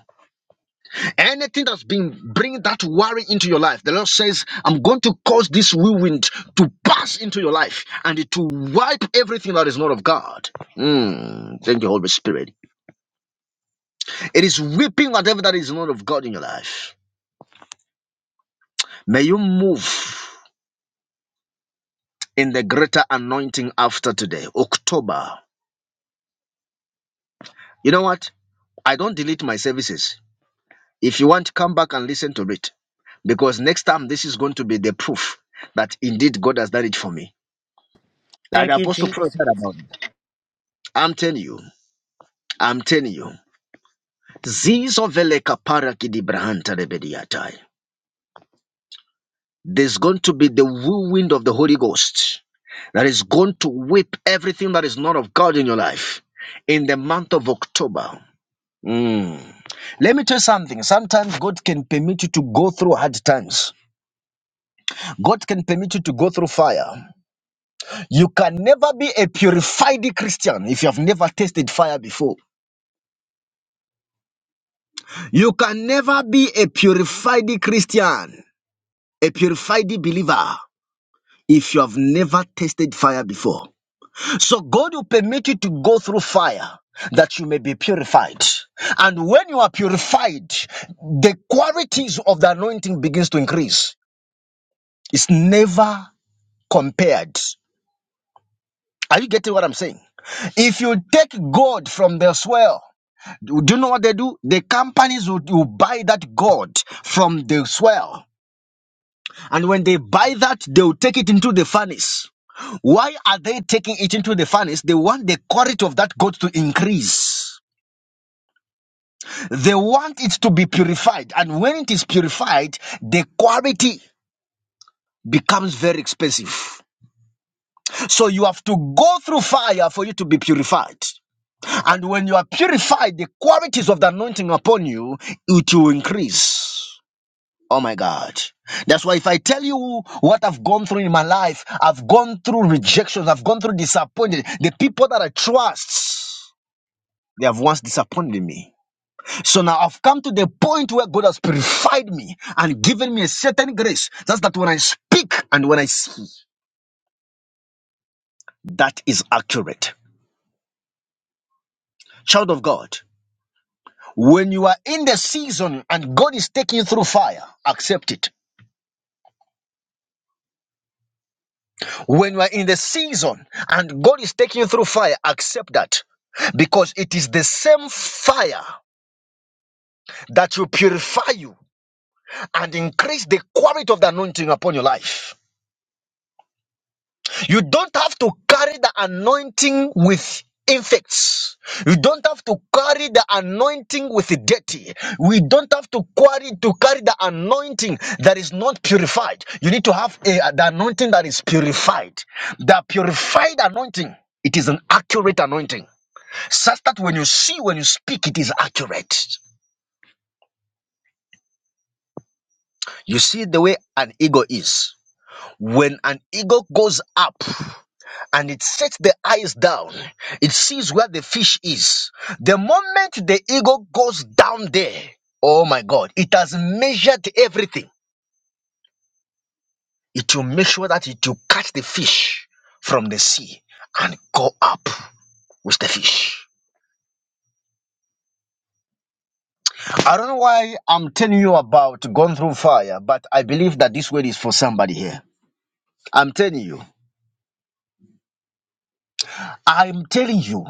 [SPEAKER 1] Anything that's been bringing that worry into your life, the Lord says, I'm going to cause this whirlwind to pass into your life and to wipe everything that is not of God. Mm, thank you, Holy Spirit. It is weeping whatever that is not of God in your life. May you move in the greater anointing after today, October. You know what? I don't delete my services. If you want, come back and listen to it because next time this is going to be the proof that indeed God has done it for me. Like
[SPEAKER 8] Thank you,
[SPEAKER 1] Apostle
[SPEAKER 8] Jesus.
[SPEAKER 1] Paul said about I'm telling you. I'm telling you. Zizo vele kapara kidibrahanta rebediatai. There's going to be the whirlwind of the Holy Ghost that is going to whip everything that is not of God in your life in the month of October. Mm. Let me tell you something. Sometimes God can permit you to go through hard times. God can permit you to go through fire. You can never be a purified Christian if you have never tasted fire before. You can never be a purified Christian a purified believer if you have never tasted fire before. So God will permit you to go through fire that you may be purified. And when you are purified, the qualities of the anointing begins to increase. It's never compared. Are you getting what I'm saying? If you take gold from the swell, do you know what they do? The companies will, will buy that gold from the swell. And when they buy that, they will take it into the furnace. Why are they taking it into the furnace? They want the quality of that goat to increase. They want it to be purified. And when it is purified, the quality becomes very expensive. So you have to go through fire for you to be purified. And when you are purified, the qualities of the anointing upon you, it will increase. Oh my God. That's why if I tell you what I've gone through in my life, I've gone through rejections, I've gone through disappointment, the people that I trust. They have once disappointed me. So now I've come to the point where God has purified me and given me a certain grace. That's that when I speak and when I see, that is accurate. Child of God, when you are in the season and God is taking you through fire, accept it. When you are in the season and God is taking you through fire, accept that. Because it is the same fire that will purify you and increase the quality of the anointing upon your life. You don't have to carry the anointing with infects. You don't have to carry the anointing with dirty. We don't have to carry to carry the anointing that is not purified. You need to have a, the anointing that is purified. The purified anointing. It is an accurate anointing. Such that when you see, when you speak, it is accurate. You see the way an eagle is. When an eagle goes up, and it sets the eyes down. It sees where the fish is. The moment the eagle goes down there, oh my God, it has measured everything. It will make sure that it will catch the fish from the sea and go up with the fish. I don't know why I'm telling you about going through fire, but I believe that this word is for somebody here. I'm telling you. I'm telling you.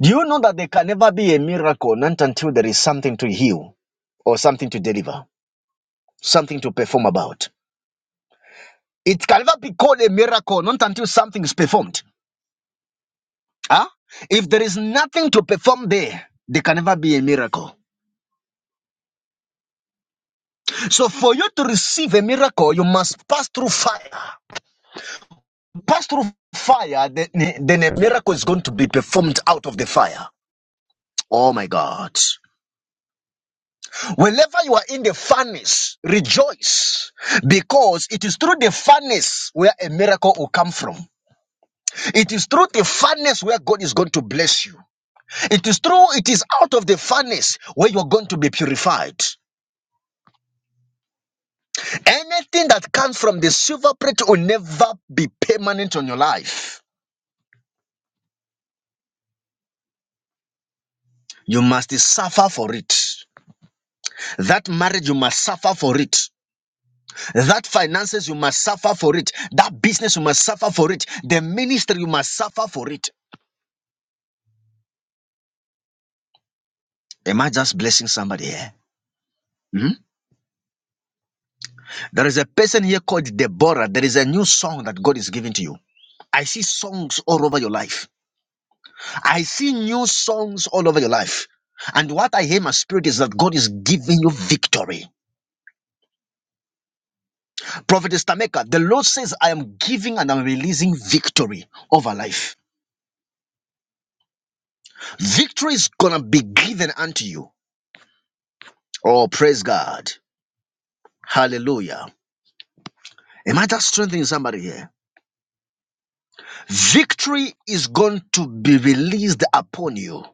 [SPEAKER 1] Do you know that there can never be a miracle not until there is something to heal or something to deliver? something to perform about. It can never be called a miracle, not until something is performed. Huh? If there is nothing to perform there, there can never be a miracle. So for you to receive a miracle, you must pass through fire. Pass through fire, then, then a miracle is going to be performed out of the fire. Oh my God. Whenever you are in the furnace, rejoice because it is through the furnace where a miracle will come from. It is through the furnace where God is going to bless you. It is true, it is out of the furnace where you're going to be purified. Anything that comes from the silver plate will never be permanent on your life. You must suffer for it. That marriage, you must suffer for it. That finances, you must suffer for it. That business, you must suffer for it. The ministry, you must suffer for it. Am I just blessing somebody here? Hmm? There is a person here called Deborah. There is a new song that God is giving to you. I see songs all over your life. I see new songs all over your life. And what I hear in my spirit is that God is giving you victory. Prophetess Tameka, the Lord says, I am giving and I'm releasing victory over life. Victory is going to be given unto you. Oh, praise God. Hallelujah. Am I just strengthening somebody here? Victory is going to be released upon you.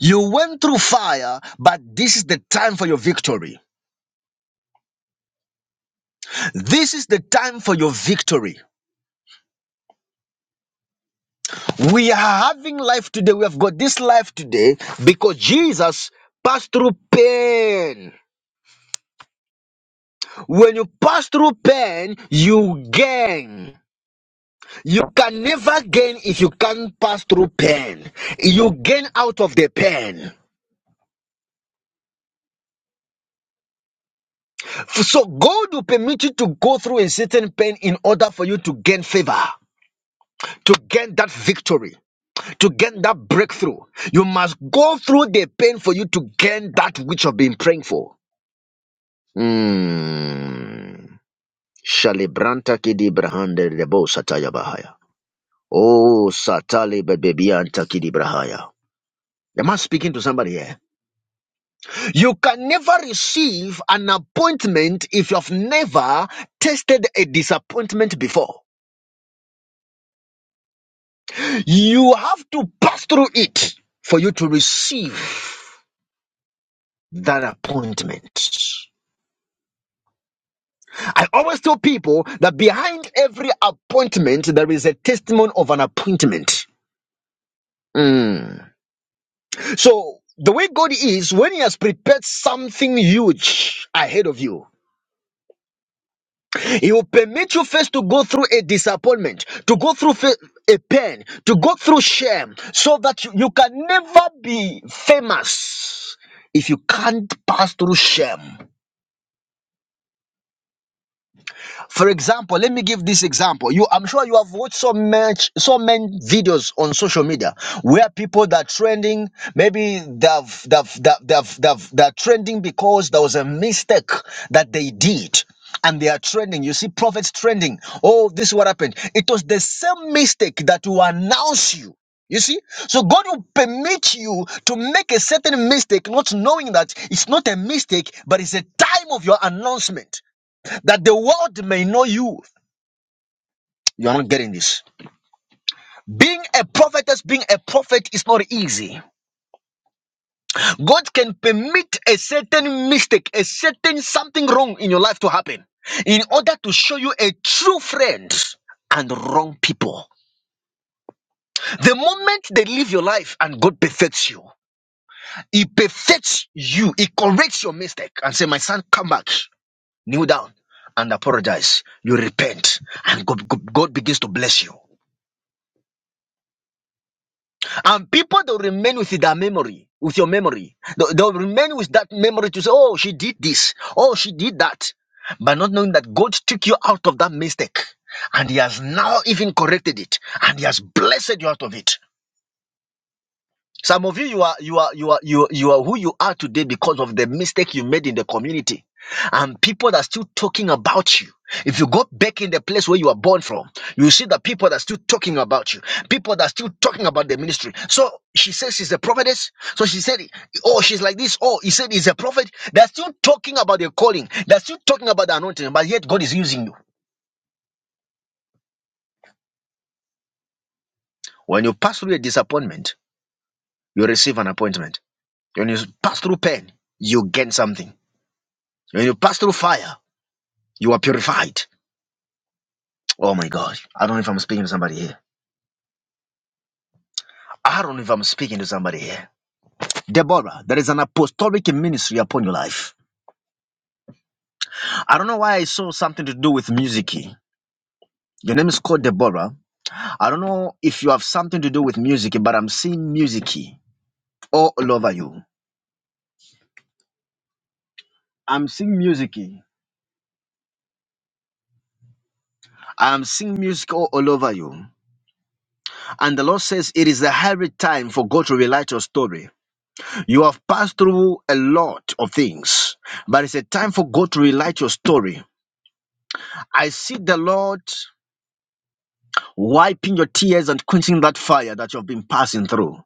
[SPEAKER 1] You went through fire, but this is the time for your victory. This is the time for your victory. We are having life today. We have got this life today because Jesus passed through pain. When you pass through pain, you gain. You can never gain if you can't pass through pain. You gain out of the pain. So God will permit you to go through a certain pain in order for you to gain favor. To gain that victory, to gain that breakthrough, you must go through the pain for you to gain that which you've been praying for. Mm. Shalibranta kidibrahande lebo sataya bahaya. Oh, satali bebebianta kidibrahaya. Am I speaking to somebody here? You can never receive an appointment if you have never tasted a disappointment before. You have to pass through it for you to receive that appointment. I always tell people that behind every appointment, there is a testimony of an appointment. Mm. So the way God is, when He has prepared something huge ahead of you, He will permit you first to go through a disappointment, to go through fa- a pain, to go through shame, so that you, you can never be famous if you can't pass through shame. For example, let me give this example. You, I'm sure you have watched so much, so many videos on social media where people that are trending, maybe they've, they've, they've, they've, they've, they're trending because there was a mistake that they did. And they are trending. You see prophets trending. Oh, this is what happened. It was the same mistake that will announce you. You see? So God will permit you to make a certain mistake, not knowing that it's not a mistake, but it's a time of your announcement that the world may know you. You're not getting this. Being a prophetess, being a prophet is not easy. God can permit a certain mistake, a certain something wrong in your life to happen in order to show you a true friend and wrong people. The moment they leave your life and God perfects you, He perfects you, He corrects your mistake and say, My son, come back, kneel down and apologize. You repent, and God, God God begins to bless you. And people they'll remain with their memory, with your memory. They'll, they'll remain with that memory to say, Oh, she did this, oh, she did that. But not knowing that God took you out of that mistake. And He has now even corrected it. And He has blessed you out of it. Some of you, you are you are you are you, you are who you are today because of the mistake you made in the community, and people are still talking about you. If you go back in the place where you are born from, you see that people are still talking about you. People that are still talking about the ministry. So she says she's a prophetess. So she said, oh, she's like this. Oh, he said he's a prophet. They're still talking about the calling. They're still talking about the anointing, but yet God is using you. When you pass through a disappointment, you receive an appointment. When you pass through pain, you gain something. When you pass through fire, you are purified. Oh my God. I don't know if I'm speaking to somebody here. I don't know if I'm speaking to somebody here. Deborah, there is an apostolic ministry upon your life. I don't know why I saw something to do with music. Your name is called Deborah. I don't know if you have something to do with music, but I'm seeing music all over you. I'm seeing music. I'm seeing music all all over you. And the Lord says it is the high time for God to relight your story. You have passed through a lot of things, but it's a time for God to relight your story. I see the Lord wiping your tears and quenching that fire that you've been passing through.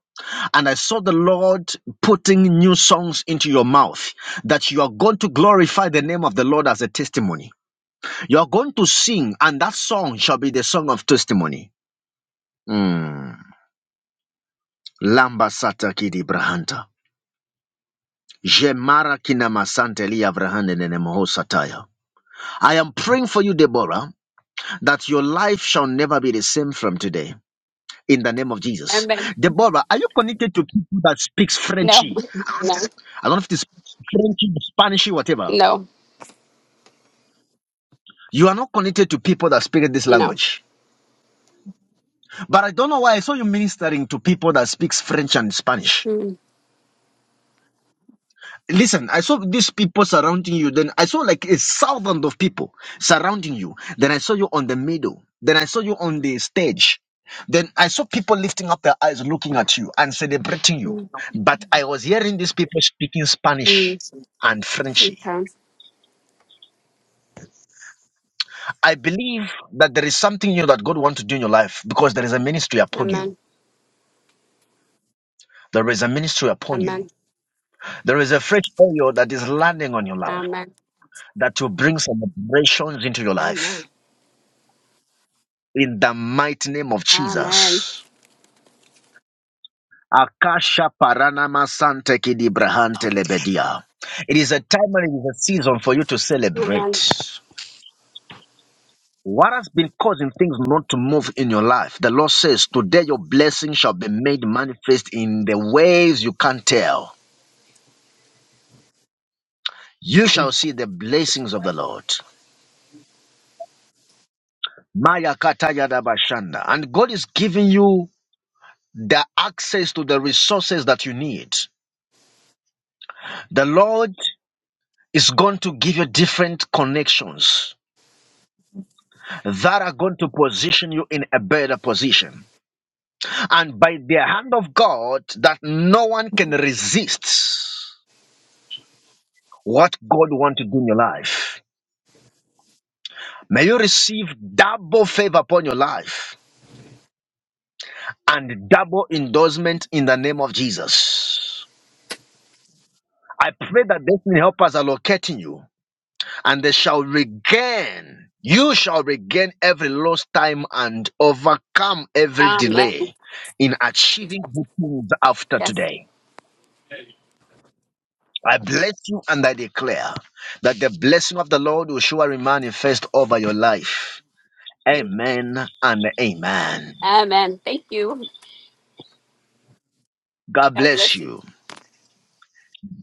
[SPEAKER 1] And I saw the Lord putting new songs into your mouth that you are going to glorify the name of the Lord as a testimony. You are going to sing, and that song shall be the song of testimony. Mm. Lamba sata kidi brahanta. Jemara kina masante li avrahande nene moho sataya. I am praying for you, Deborah, that your life shall never be the same from today. In the name of Jesus.
[SPEAKER 10] And then
[SPEAKER 1] Deborah, are you connected to people that speaks
[SPEAKER 10] no,
[SPEAKER 1] Frenchy?
[SPEAKER 10] no,
[SPEAKER 1] I don't know if it's Frenchy, Spanishy, whatever.
[SPEAKER 10] no,
[SPEAKER 1] You are not connected to people that speak this
[SPEAKER 10] no.
[SPEAKER 1] language. But I don't know why I saw you ministering to people that speaks French and Spanish.
[SPEAKER 10] Mm,
[SPEAKER 1] Listen, I saw these people surrounding you. Then I saw like a thousand of people surrounding you. Then I saw you on the middle. Then I saw you on the stage. Then I saw people lifting up their eyes, looking at you and celebrating you.
[SPEAKER 10] mm,
[SPEAKER 1] But I was hearing these people speaking Spanish
[SPEAKER 10] mm.
[SPEAKER 1] and Frenchy.
[SPEAKER 10] Okay.
[SPEAKER 1] I believe that there is something new that God wants to do in your life because there is a ministry upon you.
[SPEAKER 10] Amen.
[SPEAKER 1] There is a ministry upon you.
[SPEAKER 10] Amen.
[SPEAKER 1] There is a fresh oil that is landing on your life
[SPEAKER 10] Amen.
[SPEAKER 1] that will bring celebrations into your life.
[SPEAKER 10] Amen.
[SPEAKER 1] in the mighty name of
[SPEAKER 10] Amen.
[SPEAKER 1] Jesus. Akasha Paranama Sante Kidibrahante Lebedia. It is a time and it is a season for you to
[SPEAKER 10] Amen.
[SPEAKER 1] celebrate. What has been causing things not to move in your life? The Lord says, Today your blessing shall be made manifest in the ways you can't tell. You shall see the blessings of the Lord. Maya Kataya Dabashanda. And God is giving you the access to the resources that you need. The Lord is going to give you different connections that are going to position you in a better position. And by the hand of God, that no one can resist what God wants to do in your life. May you receive double favor upon your life and double endorsement in the name of Jesus. I pray that destiny helpers are locating you. and they shall regain. You shall regain every lost time and overcome every
[SPEAKER 10] Amen.
[SPEAKER 1] delay in
[SPEAKER 10] Jesus.
[SPEAKER 1] achieving good things after
[SPEAKER 10] Yes.
[SPEAKER 1] today. I bless you and I declare that the blessing of the Lord will surely manifest over your life. Amen and amen.
[SPEAKER 10] Amen. Thank you.
[SPEAKER 1] God
[SPEAKER 10] God
[SPEAKER 1] bless
[SPEAKER 10] bless you.
[SPEAKER 1] you.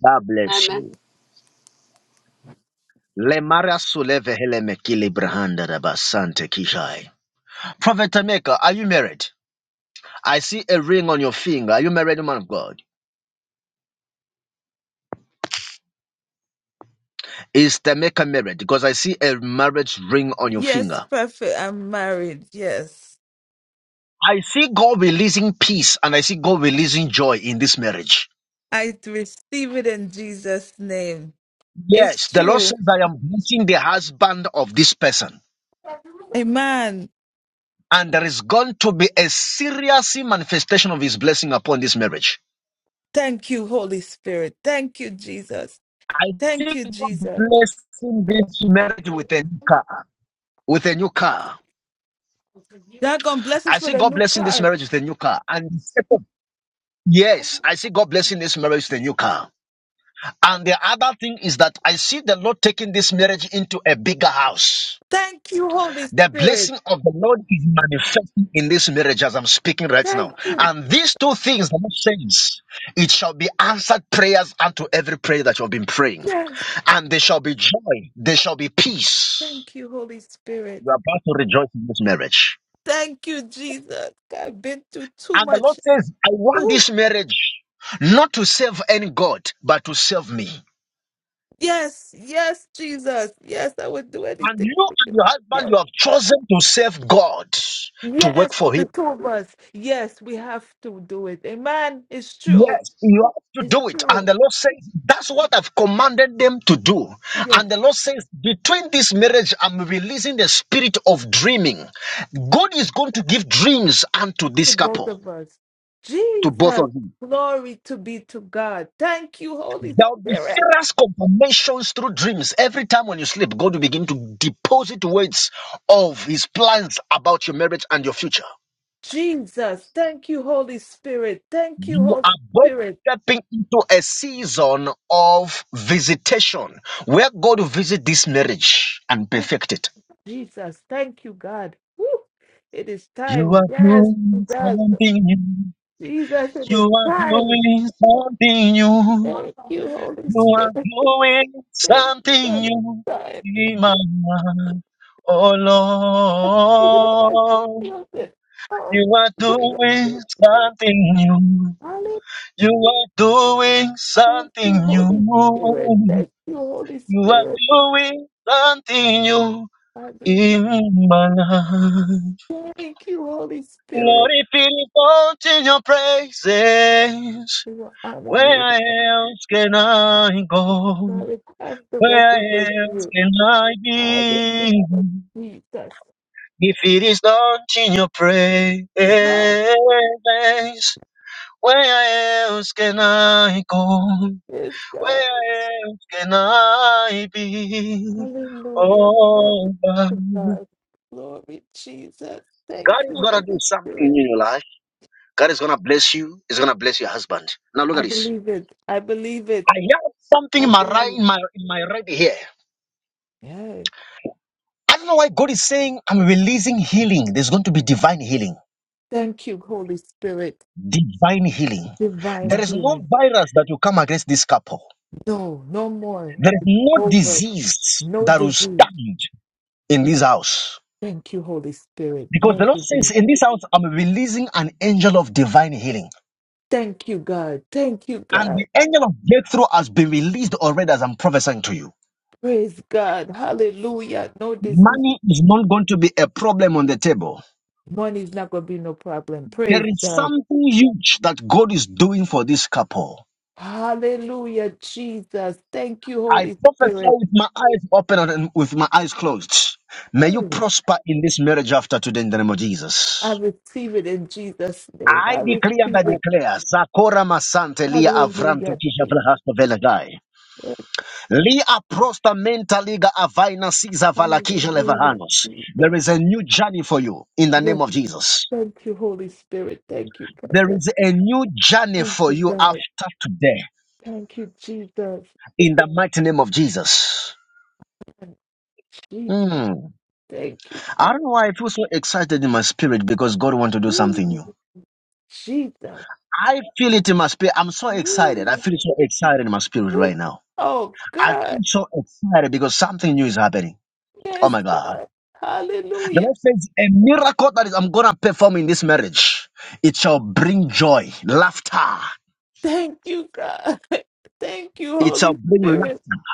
[SPEAKER 1] God bless
[SPEAKER 10] Amen.
[SPEAKER 1] you. Lemara suleve hele mekili brahanda raba sante kishai. Prophet Tameka, are you married? I see a ring on your finger. Are you married, man of God? Is the maker marriage because I see a marriage ring on your
[SPEAKER 11] Yes,
[SPEAKER 1] finger.
[SPEAKER 11] perfect. I'm married. Yes.
[SPEAKER 1] I see God releasing peace and I see God releasing joy in this marriage.
[SPEAKER 11] I receive it in Jesus' name. It's
[SPEAKER 1] Yes, the Lord
[SPEAKER 11] true.
[SPEAKER 1] says, I am blessing the husband of this person.
[SPEAKER 11] Amen.
[SPEAKER 1] And there is going to be a serious manifestation of his blessing upon this marriage.
[SPEAKER 11] Thank you, Holy Spirit. Thank you, Jesus.
[SPEAKER 1] I see
[SPEAKER 11] Thank you,
[SPEAKER 1] God
[SPEAKER 11] Jesus.
[SPEAKER 1] blessing this marriage with a new car. With a new car.
[SPEAKER 11] God, God bless
[SPEAKER 1] I
[SPEAKER 11] us
[SPEAKER 1] see
[SPEAKER 11] with a
[SPEAKER 1] God
[SPEAKER 11] new
[SPEAKER 1] blessing this
[SPEAKER 11] car.
[SPEAKER 1] marriage with a new car. And yes, I see God blessing this marriage with a new car. And the other thing is that I see the Lord taking this marriage into a bigger house.
[SPEAKER 11] Thank you, Holy
[SPEAKER 1] The
[SPEAKER 11] Spirit.
[SPEAKER 1] blessing of the Lord is manifesting in this marriage as I'm speaking right
[SPEAKER 11] Thank
[SPEAKER 1] now.
[SPEAKER 11] you.
[SPEAKER 1] And these two things, the Lord says, it shall be answered prayers unto every prayer that you have been praying.
[SPEAKER 11] Yes.
[SPEAKER 1] And there shall be joy, there shall be peace.
[SPEAKER 11] Thank you, Holy Spirit.
[SPEAKER 1] You are about to rejoice in this marriage.
[SPEAKER 11] Thank you, Jesus. I've been through too
[SPEAKER 1] And the Lord
[SPEAKER 11] much.
[SPEAKER 1] says, I want
[SPEAKER 11] Ooh.
[SPEAKER 1] this marriage not to serve any God, but to serve me.
[SPEAKER 11] Yes. Yes, Jesus. Yes, I would do
[SPEAKER 1] And
[SPEAKER 11] anything
[SPEAKER 1] you
[SPEAKER 11] for
[SPEAKER 1] and
[SPEAKER 11] you.
[SPEAKER 1] your
[SPEAKER 11] Yes.
[SPEAKER 1] husband, you have chosen to serve God, to work
[SPEAKER 11] Yes,
[SPEAKER 1] for
[SPEAKER 11] the
[SPEAKER 1] Him.
[SPEAKER 11] two of us. Yes, we have to do it. Amen. It's true.
[SPEAKER 1] Yes, you have to
[SPEAKER 11] It's
[SPEAKER 1] do it. And
[SPEAKER 11] true.
[SPEAKER 1] the Lord says, That's what I've commanded them to do.
[SPEAKER 11] Yes,
[SPEAKER 1] And the Lord says, Between this marriage, I'm releasing the spirit of dreaming. God is going to give dreams unto
[SPEAKER 11] to
[SPEAKER 1] this
[SPEAKER 11] both
[SPEAKER 1] couple.
[SPEAKER 11] of us.
[SPEAKER 1] To both
[SPEAKER 11] Jesus,
[SPEAKER 1] of you,
[SPEAKER 11] glory to be to God. Thank you, Holy
[SPEAKER 1] there will be
[SPEAKER 11] Spirit.
[SPEAKER 1] serious confirmations through dreams. Every time when you sleep, God will begin to deposit words of His plans about your marriage and your future.
[SPEAKER 11] Jesus, thank you, Holy Spirit. Thank you,
[SPEAKER 1] You
[SPEAKER 11] Holy
[SPEAKER 1] are both
[SPEAKER 11] Spirit.
[SPEAKER 1] stepping into a season of visitation where God will visit this marriage and
[SPEAKER 11] Thank
[SPEAKER 1] perfect it.
[SPEAKER 11] you, Jesus. Thank you, God. Woo. It is
[SPEAKER 1] You
[SPEAKER 11] time.
[SPEAKER 1] are
[SPEAKER 11] Yes,
[SPEAKER 1] doing
[SPEAKER 11] yes.
[SPEAKER 1] something new.
[SPEAKER 11] Jesus, it
[SPEAKER 1] You
[SPEAKER 11] is
[SPEAKER 1] are
[SPEAKER 11] time.
[SPEAKER 1] doing something new.
[SPEAKER 11] Thank you, Holy
[SPEAKER 1] You are
[SPEAKER 11] Spirit.
[SPEAKER 1] doing
[SPEAKER 11] Thank you,
[SPEAKER 1] something
[SPEAKER 11] God. It is
[SPEAKER 1] new
[SPEAKER 11] time.
[SPEAKER 1] in my life. Oh
[SPEAKER 11] Thank you,
[SPEAKER 1] Lord, you are doing something new. You are doing something
[SPEAKER 11] Holy Spirit.
[SPEAKER 1] new
[SPEAKER 11] Thank you, Holy
[SPEAKER 1] You are
[SPEAKER 11] Spirit.
[SPEAKER 1] doing something new
[SPEAKER 11] Hallelujah.
[SPEAKER 1] in my life.
[SPEAKER 11] Thank you, Holy Spirit.
[SPEAKER 1] Lord, if it is not in your praises,
[SPEAKER 11] We will honor you.
[SPEAKER 1] where else can I go?
[SPEAKER 11] Now we have to
[SPEAKER 1] Where
[SPEAKER 11] represent
[SPEAKER 1] else
[SPEAKER 11] you.
[SPEAKER 1] can I
[SPEAKER 11] Hallelujah,
[SPEAKER 1] be?
[SPEAKER 11] Jesus.
[SPEAKER 1] If it is not in your praises,
[SPEAKER 11] Amen.
[SPEAKER 1] where else can I go?
[SPEAKER 11] Yes, God.
[SPEAKER 1] Where else can I be?
[SPEAKER 11] Hallelujah. Glory
[SPEAKER 1] Oh,
[SPEAKER 11] to
[SPEAKER 1] God.
[SPEAKER 11] God. Glory, Jesus.
[SPEAKER 1] God
[SPEAKER 11] Thank
[SPEAKER 1] is
[SPEAKER 11] you,
[SPEAKER 1] gonna do
[SPEAKER 11] Holy
[SPEAKER 1] something
[SPEAKER 11] Spirit.
[SPEAKER 1] in your life. God is gonna bless you. He's gonna bless your husband. Now look
[SPEAKER 11] I
[SPEAKER 1] at this.
[SPEAKER 11] believe it. I believe it.
[SPEAKER 1] I have something
[SPEAKER 11] I
[SPEAKER 1] in my right
[SPEAKER 11] believe.
[SPEAKER 1] in my in my right here.
[SPEAKER 11] Yeah.
[SPEAKER 1] I don't know why God is saying I'm releasing healing. There's going to be divine healing.
[SPEAKER 11] Thank you, Holy Spirit.
[SPEAKER 1] Divine healing. There
[SPEAKER 11] Divine
[SPEAKER 1] is no
[SPEAKER 11] healing.
[SPEAKER 1] virus that will come against this couple.
[SPEAKER 11] No, no more.
[SPEAKER 1] There is
[SPEAKER 11] It's
[SPEAKER 1] no
[SPEAKER 11] over.
[SPEAKER 1] disease
[SPEAKER 11] No
[SPEAKER 1] that will
[SPEAKER 11] disease.
[SPEAKER 1] stand in this house.
[SPEAKER 11] Thank you, Holy Spirit.
[SPEAKER 1] Because the
[SPEAKER 11] No
[SPEAKER 1] Lord
[SPEAKER 11] disease.
[SPEAKER 1] says, In this house, I'm releasing an angel of divine healing.
[SPEAKER 11] Thank you, God. Thank you,
[SPEAKER 1] And
[SPEAKER 11] God.
[SPEAKER 1] the angel of breakthrough has been released already as I'm prophesying to you.
[SPEAKER 11] Praise God. Hallelujah. No disease.
[SPEAKER 1] Money is not going to be a problem on the table.
[SPEAKER 11] Money is not going to be no problem.
[SPEAKER 1] There
[SPEAKER 11] Praise
[SPEAKER 1] is
[SPEAKER 11] God.
[SPEAKER 1] something huge that God is doing for this couple.
[SPEAKER 11] Hallelujah, Jesus. Thank you,
[SPEAKER 1] I
[SPEAKER 11] Holy
[SPEAKER 1] prophesy
[SPEAKER 11] Spirit.
[SPEAKER 1] with my eyes open and with my eyes closed. May
[SPEAKER 11] Hey,
[SPEAKER 1] you prosper in this marriage after today in the name of
[SPEAKER 11] I
[SPEAKER 1] Jesus.
[SPEAKER 11] receive it in Jesus' name.
[SPEAKER 1] I
[SPEAKER 11] I receive
[SPEAKER 1] declare and I
[SPEAKER 11] it.
[SPEAKER 1] declare, Zakora Masante Lia Avrante
[SPEAKER 11] Hallelujah,
[SPEAKER 1] Kisha Vlahasta Velagai.
[SPEAKER 11] Jesus.
[SPEAKER 1] Lia Prosta Menta Liga Avaina Siza Valakisha
[SPEAKER 11] Hallelujah.
[SPEAKER 1] Levahanos.
[SPEAKER 11] Jesus.
[SPEAKER 1] There is a new journey for you in the
[SPEAKER 11] Yes,
[SPEAKER 1] name of Jesus.
[SPEAKER 11] thank you, Holy Spirit. Thank you,
[SPEAKER 1] There
[SPEAKER 11] Prophet.
[SPEAKER 1] is a new journey
[SPEAKER 11] Thank
[SPEAKER 1] for
[SPEAKER 11] you,
[SPEAKER 1] you
[SPEAKER 11] God.
[SPEAKER 1] after today
[SPEAKER 11] Thank you, Jesus.
[SPEAKER 1] in the mighty name of Jesus.
[SPEAKER 11] Jesus.
[SPEAKER 1] Mm.
[SPEAKER 11] Thank you,
[SPEAKER 1] I
[SPEAKER 11] God.
[SPEAKER 1] don't know why I feel so excited in my spirit because God wants to do something
[SPEAKER 11] Ooh,
[SPEAKER 1] new.
[SPEAKER 11] Jesus.
[SPEAKER 1] I feel it in my spirit. I'm so excited. I
[SPEAKER 11] Ooh,
[SPEAKER 1] feel so excited in my spirit right
[SPEAKER 11] ooh.
[SPEAKER 1] now.
[SPEAKER 11] Oh,
[SPEAKER 1] I feel
[SPEAKER 11] God.
[SPEAKER 1] so excited because something new is happening. Oh
[SPEAKER 11] Yes,
[SPEAKER 1] my God.
[SPEAKER 11] God.
[SPEAKER 1] The
[SPEAKER 11] Hallelujah.
[SPEAKER 1] Lord says, a miracle that is, I'm going to perform in this marriage. It shall bring joy, laughter.
[SPEAKER 11] Thank you, God. Thank you,
[SPEAKER 1] It shall
[SPEAKER 11] Holy
[SPEAKER 1] bring
[SPEAKER 11] Spirit.
[SPEAKER 1] laughter.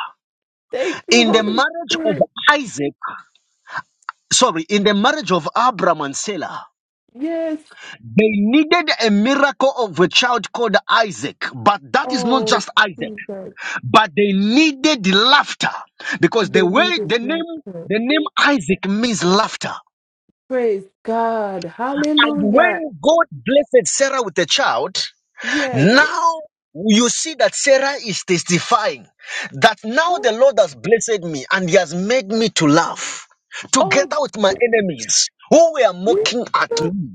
[SPEAKER 11] Thank you,
[SPEAKER 1] In the
[SPEAKER 11] Holy
[SPEAKER 1] marriage of
[SPEAKER 11] Spirit.
[SPEAKER 1] Isaac, sorry, in the marriage of Abraham and Sarah,
[SPEAKER 11] Yes.
[SPEAKER 1] they needed a miracle of a child called Isaac. But that is not
[SPEAKER 11] Oh,
[SPEAKER 1] just Isaac,
[SPEAKER 11] Jesus.
[SPEAKER 1] but they needed laughter because the
[SPEAKER 11] They need
[SPEAKER 1] way
[SPEAKER 11] his
[SPEAKER 1] the name
[SPEAKER 11] laughter.
[SPEAKER 1] the name Isaac means laughter.
[SPEAKER 11] Praise God.
[SPEAKER 1] And
[SPEAKER 11] Hallelujah.
[SPEAKER 1] when God blessed Sarah with a child,
[SPEAKER 11] Yes.
[SPEAKER 1] now you see that Sarah is testifying that now the Lord has blessed me and he has made me to laugh
[SPEAKER 11] Oh,
[SPEAKER 1] together with my enemies who were
[SPEAKER 11] Jesus.
[SPEAKER 1] mocking at
[SPEAKER 11] Uh
[SPEAKER 1] me.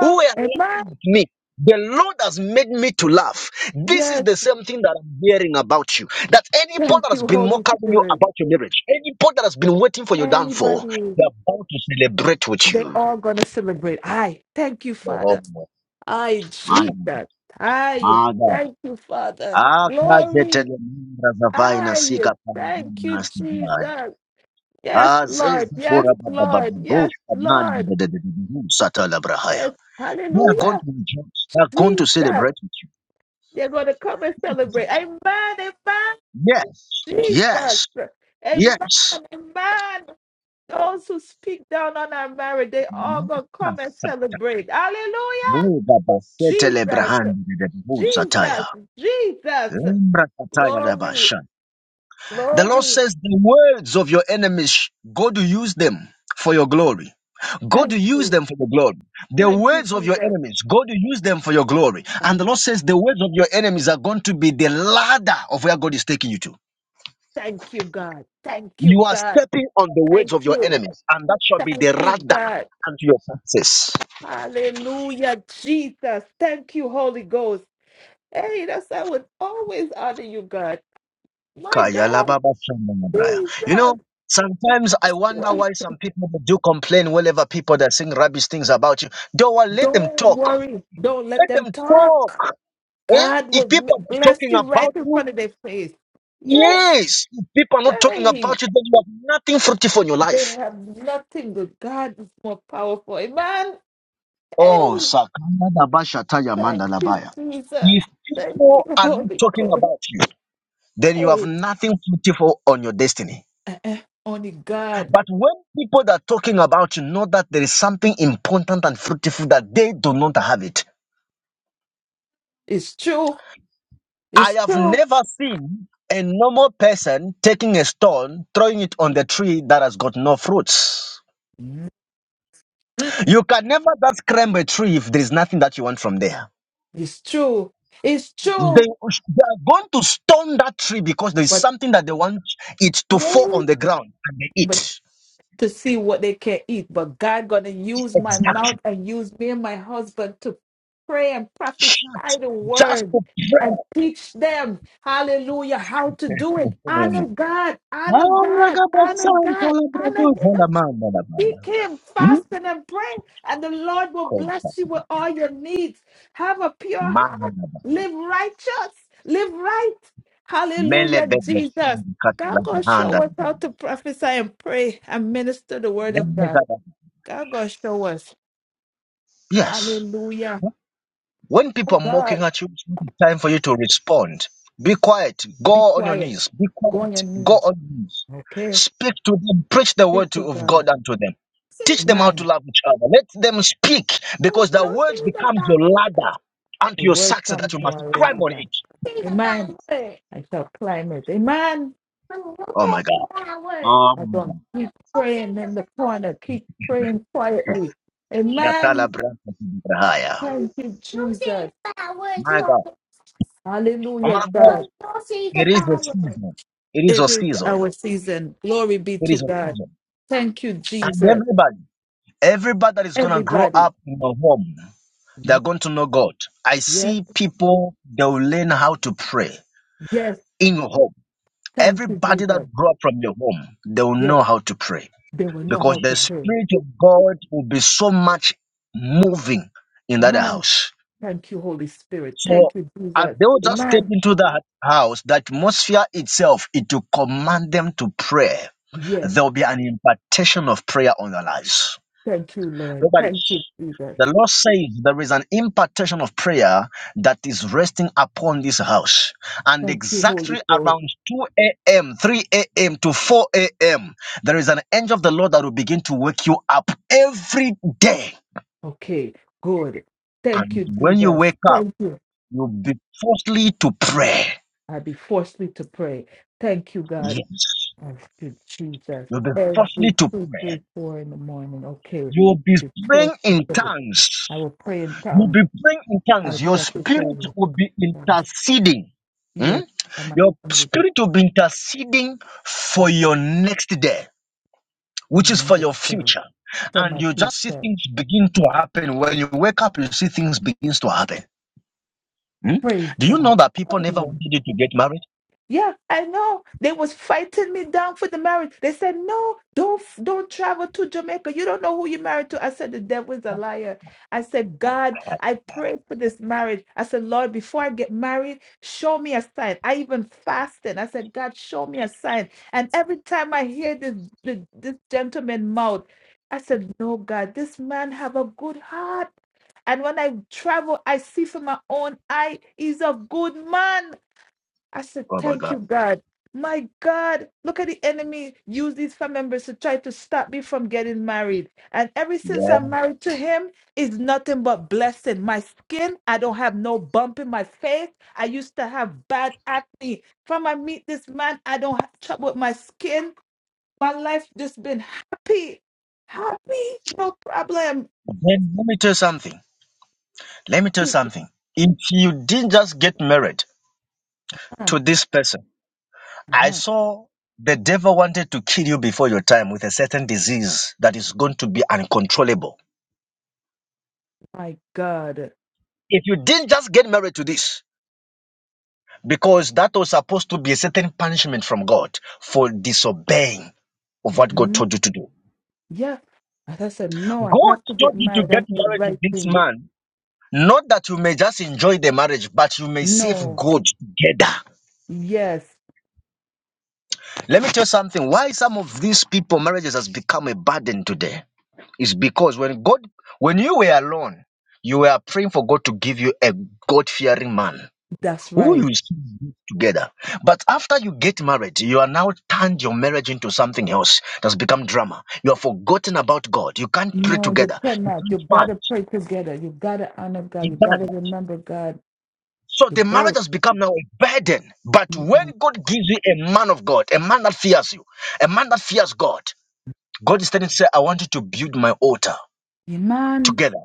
[SPEAKER 1] Who are
[SPEAKER 11] And my
[SPEAKER 1] laughing at me? The Lord has made me to laugh. This is
[SPEAKER 11] yes,
[SPEAKER 1] the same thing that I'm hearing about you. That anybody
[SPEAKER 11] thank
[SPEAKER 1] that has
[SPEAKER 11] you,
[SPEAKER 1] been
[SPEAKER 11] Holy
[SPEAKER 1] mocking you
[SPEAKER 11] Spirit.
[SPEAKER 1] about your marriage, anybody that has been waiting for your downfall,
[SPEAKER 11] Anybody,
[SPEAKER 1] they are about to celebrate with
[SPEAKER 11] they
[SPEAKER 1] you.
[SPEAKER 11] all gonna celebrate. I thank you,
[SPEAKER 1] We
[SPEAKER 11] Father. I Jesus. I thank you, Father. Glory. I thank you, Jesus. Yes, Lord. Yes, Lord. Yes, Lord. Yes.
[SPEAKER 1] are going
[SPEAKER 11] Hallelujah.
[SPEAKER 1] to
[SPEAKER 11] Jesus.
[SPEAKER 1] celebrate with you.
[SPEAKER 11] They're gonna come and celebrate. Amen. Amen.
[SPEAKER 1] Yes, yes.
[SPEAKER 11] Jesus. Amen.
[SPEAKER 1] Yes.
[SPEAKER 11] Amen. Those who speak down on our marriage, they all gonna come and celebrate. Hallelujah!
[SPEAKER 1] Muba bafetele
[SPEAKER 11] Jesus,
[SPEAKER 1] brahandi de busataya.
[SPEAKER 11] Jesus, Jesus.
[SPEAKER 1] Lembra kataya de
[SPEAKER 11] Glory,
[SPEAKER 1] bashan. The Lord
[SPEAKER 11] glory.
[SPEAKER 1] says, The words of your enemies, God will use them for your glory. God
[SPEAKER 11] Thank
[SPEAKER 1] will use
[SPEAKER 11] you.
[SPEAKER 1] them for your glory. The
[SPEAKER 11] Thank you,
[SPEAKER 1] words of your
[SPEAKER 11] Jesus.
[SPEAKER 1] enemies, God will use them for your glory. And the
[SPEAKER 11] Uh-huh.
[SPEAKER 1] Lord says, The words of your enemies are going to be the ladder of where God is taking you to.
[SPEAKER 11] Thank you, God. Thank
[SPEAKER 1] You
[SPEAKER 11] you,
[SPEAKER 1] are
[SPEAKER 11] God.
[SPEAKER 1] stepping on the words
[SPEAKER 11] Thank
[SPEAKER 1] of your
[SPEAKER 11] you.
[SPEAKER 1] enemies, and that shall be
[SPEAKER 11] Thank
[SPEAKER 1] the
[SPEAKER 11] you,
[SPEAKER 1] ladder
[SPEAKER 11] God.
[SPEAKER 1] unto your success.
[SPEAKER 11] Hallelujah, Jesus. Thank you, Holy Ghost. Hey, that's I would always honor you, God. My
[SPEAKER 1] Kaya
[SPEAKER 11] God,
[SPEAKER 1] You know,
[SPEAKER 11] Jesus.
[SPEAKER 1] sometimes I wonder why some people that do complain whenever people that sing rubbish things about you. Don't want- let them
[SPEAKER 11] Don't
[SPEAKER 1] talk.
[SPEAKER 11] worry. Don't let
[SPEAKER 1] Let
[SPEAKER 11] them
[SPEAKER 1] them
[SPEAKER 11] talk.
[SPEAKER 1] talk. Eh?
[SPEAKER 11] God will
[SPEAKER 1] If
[SPEAKER 11] m-
[SPEAKER 1] people are not
[SPEAKER 11] bless
[SPEAKER 1] talking
[SPEAKER 11] you right
[SPEAKER 1] about
[SPEAKER 11] in
[SPEAKER 1] you,
[SPEAKER 11] front of their face. Yes.
[SPEAKER 1] yes. If people are not talking
[SPEAKER 11] Hey,
[SPEAKER 1] about you, then you have nothing fruitful in your
[SPEAKER 11] they
[SPEAKER 1] life.
[SPEAKER 11] have nothing good. God is more powerful. Amen.
[SPEAKER 1] Oh,
[SPEAKER 11] Hey,
[SPEAKER 1] Sakanda Basha Taya Manda
[SPEAKER 11] thank you,
[SPEAKER 1] Labaya. If
[SPEAKER 11] Jesus. Thank
[SPEAKER 1] people
[SPEAKER 11] you,
[SPEAKER 1] are not
[SPEAKER 11] Holy
[SPEAKER 1] talking
[SPEAKER 11] Ghost.
[SPEAKER 1] about you, then you have
[SPEAKER 11] Hey,
[SPEAKER 1] nothing fruitful on your destiny.
[SPEAKER 11] uh-uh. only God.
[SPEAKER 1] But when people that are talking about you know that there is something important and fruitful that they do not have it.
[SPEAKER 11] It's true.
[SPEAKER 1] I
[SPEAKER 11] It's
[SPEAKER 1] have
[SPEAKER 11] true.
[SPEAKER 1] never seen a normal person taking a stone, throwing it on the tree that has got no fruits.
[SPEAKER 11] Mm,
[SPEAKER 1] You can never just climb a tree if there is nothing that you want from there.
[SPEAKER 11] It's true. It's
[SPEAKER 1] They, they
[SPEAKER 11] true.
[SPEAKER 1] are going to stone that tree because there is
[SPEAKER 11] But
[SPEAKER 1] something that they want it to fall on
[SPEAKER 11] wait.
[SPEAKER 1] the ground and they
[SPEAKER 11] But
[SPEAKER 1] eat.
[SPEAKER 11] to see what they can eat. But God gonna use my
[SPEAKER 1] Exactly.
[SPEAKER 11] mouth and use me and my husband to pray and prophesy
[SPEAKER 1] Shut.
[SPEAKER 11] the
[SPEAKER 1] just
[SPEAKER 11] word
[SPEAKER 1] to
[SPEAKER 11] and teach them, hallelujah, how to do it.
[SPEAKER 1] pray.
[SPEAKER 11] Honor God, honor God, honor
[SPEAKER 1] Alagabasanta
[SPEAKER 11] God, honor
[SPEAKER 1] labradoza
[SPEAKER 11] Him.
[SPEAKER 1] lamanda
[SPEAKER 11] He
[SPEAKER 1] labanda.
[SPEAKER 11] came fasting and praying, and the Lord will
[SPEAKER 1] Mkosa.
[SPEAKER 11] bless you with all your needs. Have a pure
[SPEAKER 1] Manda
[SPEAKER 11] heart.
[SPEAKER 1] laba.
[SPEAKER 11] Live righteous. Live right.
[SPEAKER 1] Mele
[SPEAKER 11] Hallelujah,
[SPEAKER 1] bebe
[SPEAKER 11] Jesus.
[SPEAKER 1] shandi kata
[SPEAKER 11] God gonna
[SPEAKER 1] labrahanda
[SPEAKER 11] show us how
[SPEAKER 1] labanda.
[SPEAKER 11] to prophesy and pray and minister the word of
[SPEAKER 1] Mele
[SPEAKER 11] God.
[SPEAKER 1] gada.
[SPEAKER 11] God gonna show us.
[SPEAKER 1] Yes.
[SPEAKER 11] Hallelujah.
[SPEAKER 1] When
[SPEAKER 11] Oh
[SPEAKER 1] people are mocking
[SPEAKER 11] God,
[SPEAKER 1] at you, it's time for you to respond. Be quiet.
[SPEAKER 11] be
[SPEAKER 1] Go on your
[SPEAKER 11] quiet.
[SPEAKER 1] knees. Be
[SPEAKER 11] Go on
[SPEAKER 1] quiet.
[SPEAKER 11] your
[SPEAKER 1] Go
[SPEAKER 11] knees.
[SPEAKER 1] on your knees.
[SPEAKER 11] Okay.
[SPEAKER 1] Speak to them. Preach the
[SPEAKER 11] Speak
[SPEAKER 1] word
[SPEAKER 11] to
[SPEAKER 1] to- of God
[SPEAKER 11] God.
[SPEAKER 1] unto them. Teach them how to
[SPEAKER 11] Man.
[SPEAKER 1] love each other. Let them speak because the word becomes your ladder unto your success that
[SPEAKER 11] Welcome
[SPEAKER 1] you
[SPEAKER 11] to
[SPEAKER 1] must
[SPEAKER 11] our
[SPEAKER 1] climb on
[SPEAKER 11] ladder.
[SPEAKER 1] it.
[SPEAKER 11] Amen. I shall climb it. Amen.
[SPEAKER 1] Oh my God.
[SPEAKER 11] I don't keep praying in the corner. Keep praying quietly.
[SPEAKER 1] Yatala
[SPEAKER 11] Amen.
[SPEAKER 1] Branta Kibrahaya.
[SPEAKER 11] Thank you, Jesus.
[SPEAKER 1] My God. Oh,
[SPEAKER 11] Hallelujah,
[SPEAKER 1] my God,
[SPEAKER 11] God.
[SPEAKER 1] it is a season. It is a
[SPEAKER 11] It is
[SPEAKER 1] season.
[SPEAKER 11] our season. Glory be
[SPEAKER 1] It
[SPEAKER 11] to
[SPEAKER 1] is a
[SPEAKER 11] God.
[SPEAKER 1] season.
[SPEAKER 11] Thank you,
[SPEAKER 1] And
[SPEAKER 11] Jesus.
[SPEAKER 1] everybody, everybody that is going to grow
[SPEAKER 11] Everybody.
[SPEAKER 1] up in a home, they're going to know God. I
[SPEAKER 11] Yes,
[SPEAKER 1] see people, they will learn how to pray
[SPEAKER 11] yes.
[SPEAKER 1] in your home.
[SPEAKER 11] Thank you,
[SPEAKER 1] Everybody that
[SPEAKER 11] Jesus.
[SPEAKER 1] grew up from your home, they will
[SPEAKER 11] Yes,
[SPEAKER 1] know how to pray
[SPEAKER 11] they will know
[SPEAKER 1] because
[SPEAKER 11] how
[SPEAKER 1] the
[SPEAKER 11] to pray.
[SPEAKER 1] Spirit of God will be so much moving in that
[SPEAKER 11] Amen.
[SPEAKER 1] house
[SPEAKER 11] Thank you, Holy Spirit.
[SPEAKER 1] So
[SPEAKER 11] Thank you,
[SPEAKER 1] as
[SPEAKER 11] Jesus.
[SPEAKER 1] they will just step
[SPEAKER 11] Amen.
[SPEAKER 1] into that house, the atmosphere itself, it will command them to pray.
[SPEAKER 11] Yes.
[SPEAKER 1] There will be an impartation of prayer on their lives.
[SPEAKER 11] Thank you, Lord.
[SPEAKER 1] Nobody.
[SPEAKER 11] Thank you, Jesus.
[SPEAKER 1] The Lord says there is an impartation of prayer that is resting upon this house. And
[SPEAKER 11] Thank you,
[SPEAKER 1] exactly
[SPEAKER 11] Holy Ghost.
[SPEAKER 1] around 2 a.m., 3 a.m. to 4 a.m., there is an angel of the Lord that will begin to wake you up every day.
[SPEAKER 11] Okay. Good. Thank you,
[SPEAKER 1] And when you
[SPEAKER 11] Jesus.
[SPEAKER 1] wake up,
[SPEAKER 11] Thank you.
[SPEAKER 1] you'll be forcefully to pray.
[SPEAKER 11] I'll be forcefully to pray. Thank you, God.
[SPEAKER 1] Yes.
[SPEAKER 11] Thank you, Jesus.
[SPEAKER 1] You'll be
[SPEAKER 11] Every
[SPEAKER 1] fortunate to
[SPEAKER 11] two,
[SPEAKER 1] pray.
[SPEAKER 11] three, four in the morning. Okay.
[SPEAKER 1] You'll be
[SPEAKER 11] Be
[SPEAKER 1] praying
[SPEAKER 11] forced to
[SPEAKER 1] in
[SPEAKER 11] pray.
[SPEAKER 1] tongues.
[SPEAKER 11] I will pray in
[SPEAKER 1] You'll
[SPEAKER 11] tongues.
[SPEAKER 1] be praying in
[SPEAKER 11] I
[SPEAKER 1] tongues.
[SPEAKER 11] will
[SPEAKER 1] Your
[SPEAKER 11] pray
[SPEAKER 1] spirit
[SPEAKER 11] in
[SPEAKER 1] will be
[SPEAKER 11] tongues.
[SPEAKER 1] interceding. Hmm?
[SPEAKER 11] Yes. I'm a-
[SPEAKER 1] Your
[SPEAKER 11] I'm a-
[SPEAKER 1] spirit will be interceding for your next day,
[SPEAKER 11] From
[SPEAKER 1] which is for
[SPEAKER 11] my
[SPEAKER 1] your
[SPEAKER 11] mother,
[SPEAKER 1] future.
[SPEAKER 11] from
[SPEAKER 1] And
[SPEAKER 11] my
[SPEAKER 1] you just see
[SPEAKER 11] sister.
[SPEAKER 1] things begin to happen. When you wake up, you see things begins to happen. Hmm?
[SPEAKER 11] Praise
[SPEAKER 1] Do you know
[SPEAKER 11] God.
[SPEAKER 1] that people never
[SPEAKER 11] Mm.
[SPEAKER 1] wanted you to get married?
[SPEAKER 11] Yeah, I know. They was fighting me down for the marriage. They said, "No, don't don't travel to Jamaica. You don't know who you're married to." I said, "The devil is a liar." I said, "God, I pray for this marriage." I said, "Lord, before I get married, show me a sign." I even fasted. I said, "God, show me a sign." And every time I hear this this, this gentleman mouth, I said, "No, God, this man have a good heart." And when I travel, I see for my own eye, he's a good man. I said,
[SPEAKER 1] Oh my
[SPEAKER 11] Thank
[SPEAKER 1] God.
[SPEAKER 11] you, God. My God, look at the enemy use these family members to try to stop me from getting married. And ever
[SPEAKER 1] Yeah.
[SPEAKER 11] since I'm married to him, it's nothing but blessing. My skin, I don't have no bump in my face. I used to have bad acne. From I meet this man, I don't have trouble with my skin. My life just been happy. Happy, no problem.
[SPEAKER 1] Then let me tell you something. Let me tell you something. If you didn't just get married
[SPEAKER 11] Uh,
[SPEAKER 1] to this person, I
[SPEAKER 11] uh-huh.
[SPEAKER 1] saw the devil wanted to kill you before your time with a certain disease that is going to be uncontrollable.
[SPEAKER 11] My God.
[SPEAKER 1] If you didn't just get married to this, because that was supposed to be a certain punishment from God for disobeying of what God
[SPEAKER 11] Mhm.
[SPEAKER 1] told you to do.
[SPEAKER 11] Yeah. And I said, no, I
[SPEAKER 1] God
[SPEAKER 11] have to
[SPEAKER 1] told
[SPEAKER 11] get
[SPEAKER 1] you to
[SPEAKER 11] married.
[SPEAKER 1] get
[SPEAKER 11] That's the
[SPEAKER 1] married.
[SPEAKER 11] right thing.
[SPEAKER 1] Not that you may just enjoy the marriage, but you may save
[SPEAKER 11] No,
[SPEAKER 1] God together.
[SPEAKER 11] yes,
[SPEAKER 1] Let me tell you something. Why some of these people marriages has become a burden today? It's because when God, when you were alone, you were praying for God to give you a God fearing man
[SPEAKER 11] that's
[SPEAKER 1] who
[SPEAKER 11] right.
[SPEAKER 1] you should be together. But after you get married, you are now turned your marriage into something else that's become drama. You have forgotten about God. You can't pray
[SPEAKER 11] No, you
[SPEAKER 1] together. You
[SPEAKER 11] cannot. You
[SPEAKER 1] can't
[SPEAKER 11] gotta
[SPEAKER 1] fast.
[SPEAKER 11] pray together. You gotta honor God.
[SPEAKER 1] You
[SPEAKER 11] You
[SPEAKER 1] can't.
[SPEAKER 11] gotta remember God.
[SPEAKER 1] So
[SPEAKER 11] You
[SPEAKER 1] the marriage
[SPEAKER 11] both.
[SPEAKER 1] has become now a burden. But
[SPEAKER 11] No.
[SPEAKER 1] when God gives you a man of God, a man that fears you, a man that fears God, God is telling you, say, I want you to build my altar
[SPEAKER 11] Iman,
[SPEAKER 1] together.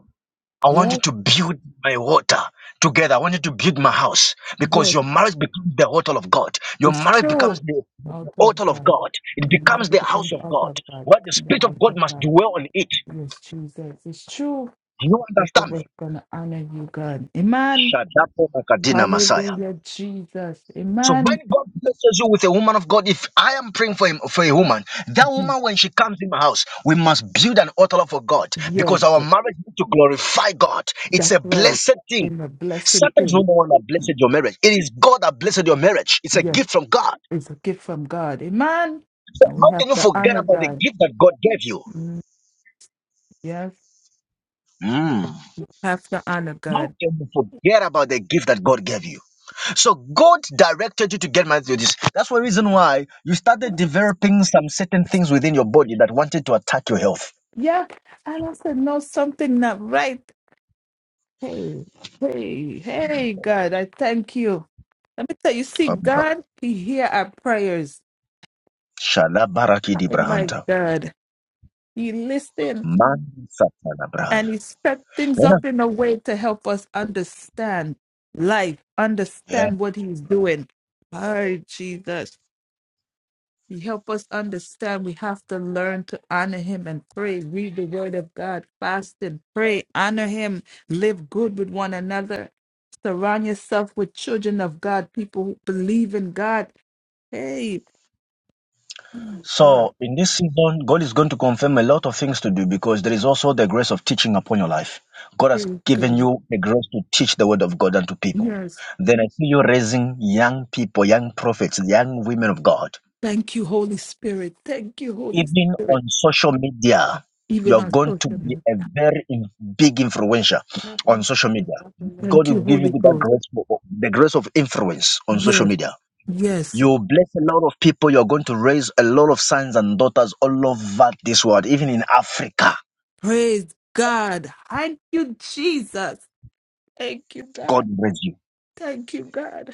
[SPEAKER 1] I want you
[SPEAKER 11] yes,
[SPEAKER 1] to build my altar together. I want you to build my house because
[SPEAKER 11] yes,
[SPEAKER 1] your marriage becomes the altar of God. Your
[SPEAKER 11] it's
[SPEAKER 1] marriage becomes
[SPEAKER 11] true.
[SPEAKER 1] the the
[SPEAKER 11] Altar of
[SPEAKER 1] altar of
[SPEAKER 11] God.
[SPEAKER 1] God. It
[SPEAKER 11] Your
[SPEAKER 1] becomes
[SPEAKER 11] mind to
[SPEAKER 1] the
[SPEAKER 11] become
[SPEAKER 1] house
[SPEAKER 11] the
[SPEAKER 1] of
[SPEAKER 11] altar
[SPEAKER 1] God
[SPEAKER 11] of God,
[SPEAKER 1] where the
[SPEAKER 11] become the
[SPEAKER 1] Spirit of
[SPEAKER 11] house
[SPEAKER 1] God
[SPEAKER 11] of
[SPEAKER 1] must
[SPEAKER 11] God.
[SPEAKER 1] dwell on it.
[SPEAKER 11] Yes, Jesus, it's true.
[SPEAKER 1] Do you
[SPEAKER 11] Both
[SPEAKER 1] understand
[SPEAKER 11] of us
[SPEAKER 1] me?
[SPEAKER 11] gonna honor you, God. Iman,
[SPEAKER 1] Shadapo Makadina Messiah.
[SPEAKER 11] hallelujah, Jesus.
[SPEAKER 1] So when
[SPEAKER 11] Iman,
[SPEAKER 1] God blesses you with a woman of God, if I am praying for him for a woman, that woman when she comes in my house, we must build an altar for God because
[SPEAKER 11] yes,
[SPEAKER 1] our marriage needs to glorify God. It's
[SPEAKER 11] that's
[SPEAKER 1] a
[SPEAKER 11] right.
[SPEAKER 1] blessed thing
[SPEAKER 11] In a blessing
[SPEAKER 1] Sometimes no
[SPEAKER 11] thing.
[SPEAKER 1] one that blessed your marriage. It is God that blessed your marriage. It's a
[SPEAKER 11] Yes.
[SPEAKER 1] gift from God.
[SPEAKER 11] is a gift from God. Amen. And we
[SPEAKER 1] How
[SPEAKER 11] have
[SPEAKER 1] can you
[SPEAKER 11] to
[SPEAKER 1] forget
[SPEAKER 11] honor
[SPEAKER 1] about the
[SPEAKER 11] God.
[SPEAKER 1] gift that God gave you?
[SPEAKER 11] Mm, Yes,
[SPEAKER 1] Mm.
[SPEAKER 11] have to honor
[SPEAKER 1] How
[SPEAKER 11] God.
[SPEAKER 1] can you forget about the gift that God gave you? So God directed you to get married to this. That's one reason why you started developing some certain things within your body that wanted to attack your health.
[SPEAKER 11] Yeah. And I said, no, something not right. Hey, hey, hey, God, I thank you. Let me tell you, see, God, He hear our prayers.
[SPEAKER 1] Shala baraki di
[SPEAKER 11] Oh my
[SPEAKER 1] brahanta.
[SPEAKER 11] God. He listen
[SPEAKER 1] Man satana brai.
[SPEAKER 11] and He set things up in a way to help us understand life,
[SPEAKER 1] Yeah.
[SPEAKER 11] understand what He's doing. Oh, Jesus. He help us understand we have to learn to honor him and pray, read the word of God, fast and pray, honor him, live good with one another. Surround yourself with children of God, people who believe in God. Hey, oh God,
[SPEAKER 1] So in this season, God is going to confirm a lot of things to do because there is also the grace of teaching upon your life. God has
[SPEAKER 11] praise
[SPEAKER 1] given
[SPEAKER 11] God.
[SPEAKER 1] you the grace to teach the word of God unto people.
[SPEAKER 11] Yes.
[SPEAKER 1] Then I see you raising young people, young prophets, young women of God.
[SPEAKER 11] Thank you, Holy Spirit. Thank you, Holy
[SPEAKER 1] Even on
[SPEAKER 11] Spirit.
[SPEAKER 1] social media,
[SPEAKER 11] Even
[SPEAKER 1] you're
[SPEAKER 11] on
[SPEAKER 1] going to
[SPEAKER 11] social
[SPEAKER 1] be
[SPEAKER 11] media.
[SPEAKER 1] a very in- big influencer on social media. God
[SPEAKER 11] Thank you,
[SPEAKER 1] will give you
[SPEAKER 11] Holy
[SPEAKER 1] that
[SPEAKER 11] Ghost.
[SPEAKER 1] grace, for- the grace of influence on social
[SPEAKER 11] Yes,
[SPEAKER 1] media.
[SPEAKER 11] yes.
[SPEAKER 1] You bless a lot of people. You're going to raise a lot of sons and daughters all over this world, even in Africa.
[SPEAKER 11] Praise God. Thank you, Jesus. Thank you,
[SPEAKER 1] God
[SPEAKER 11] God.
[SPEAKER 1] bless you.
[SPEAKER 11] Thank you, God.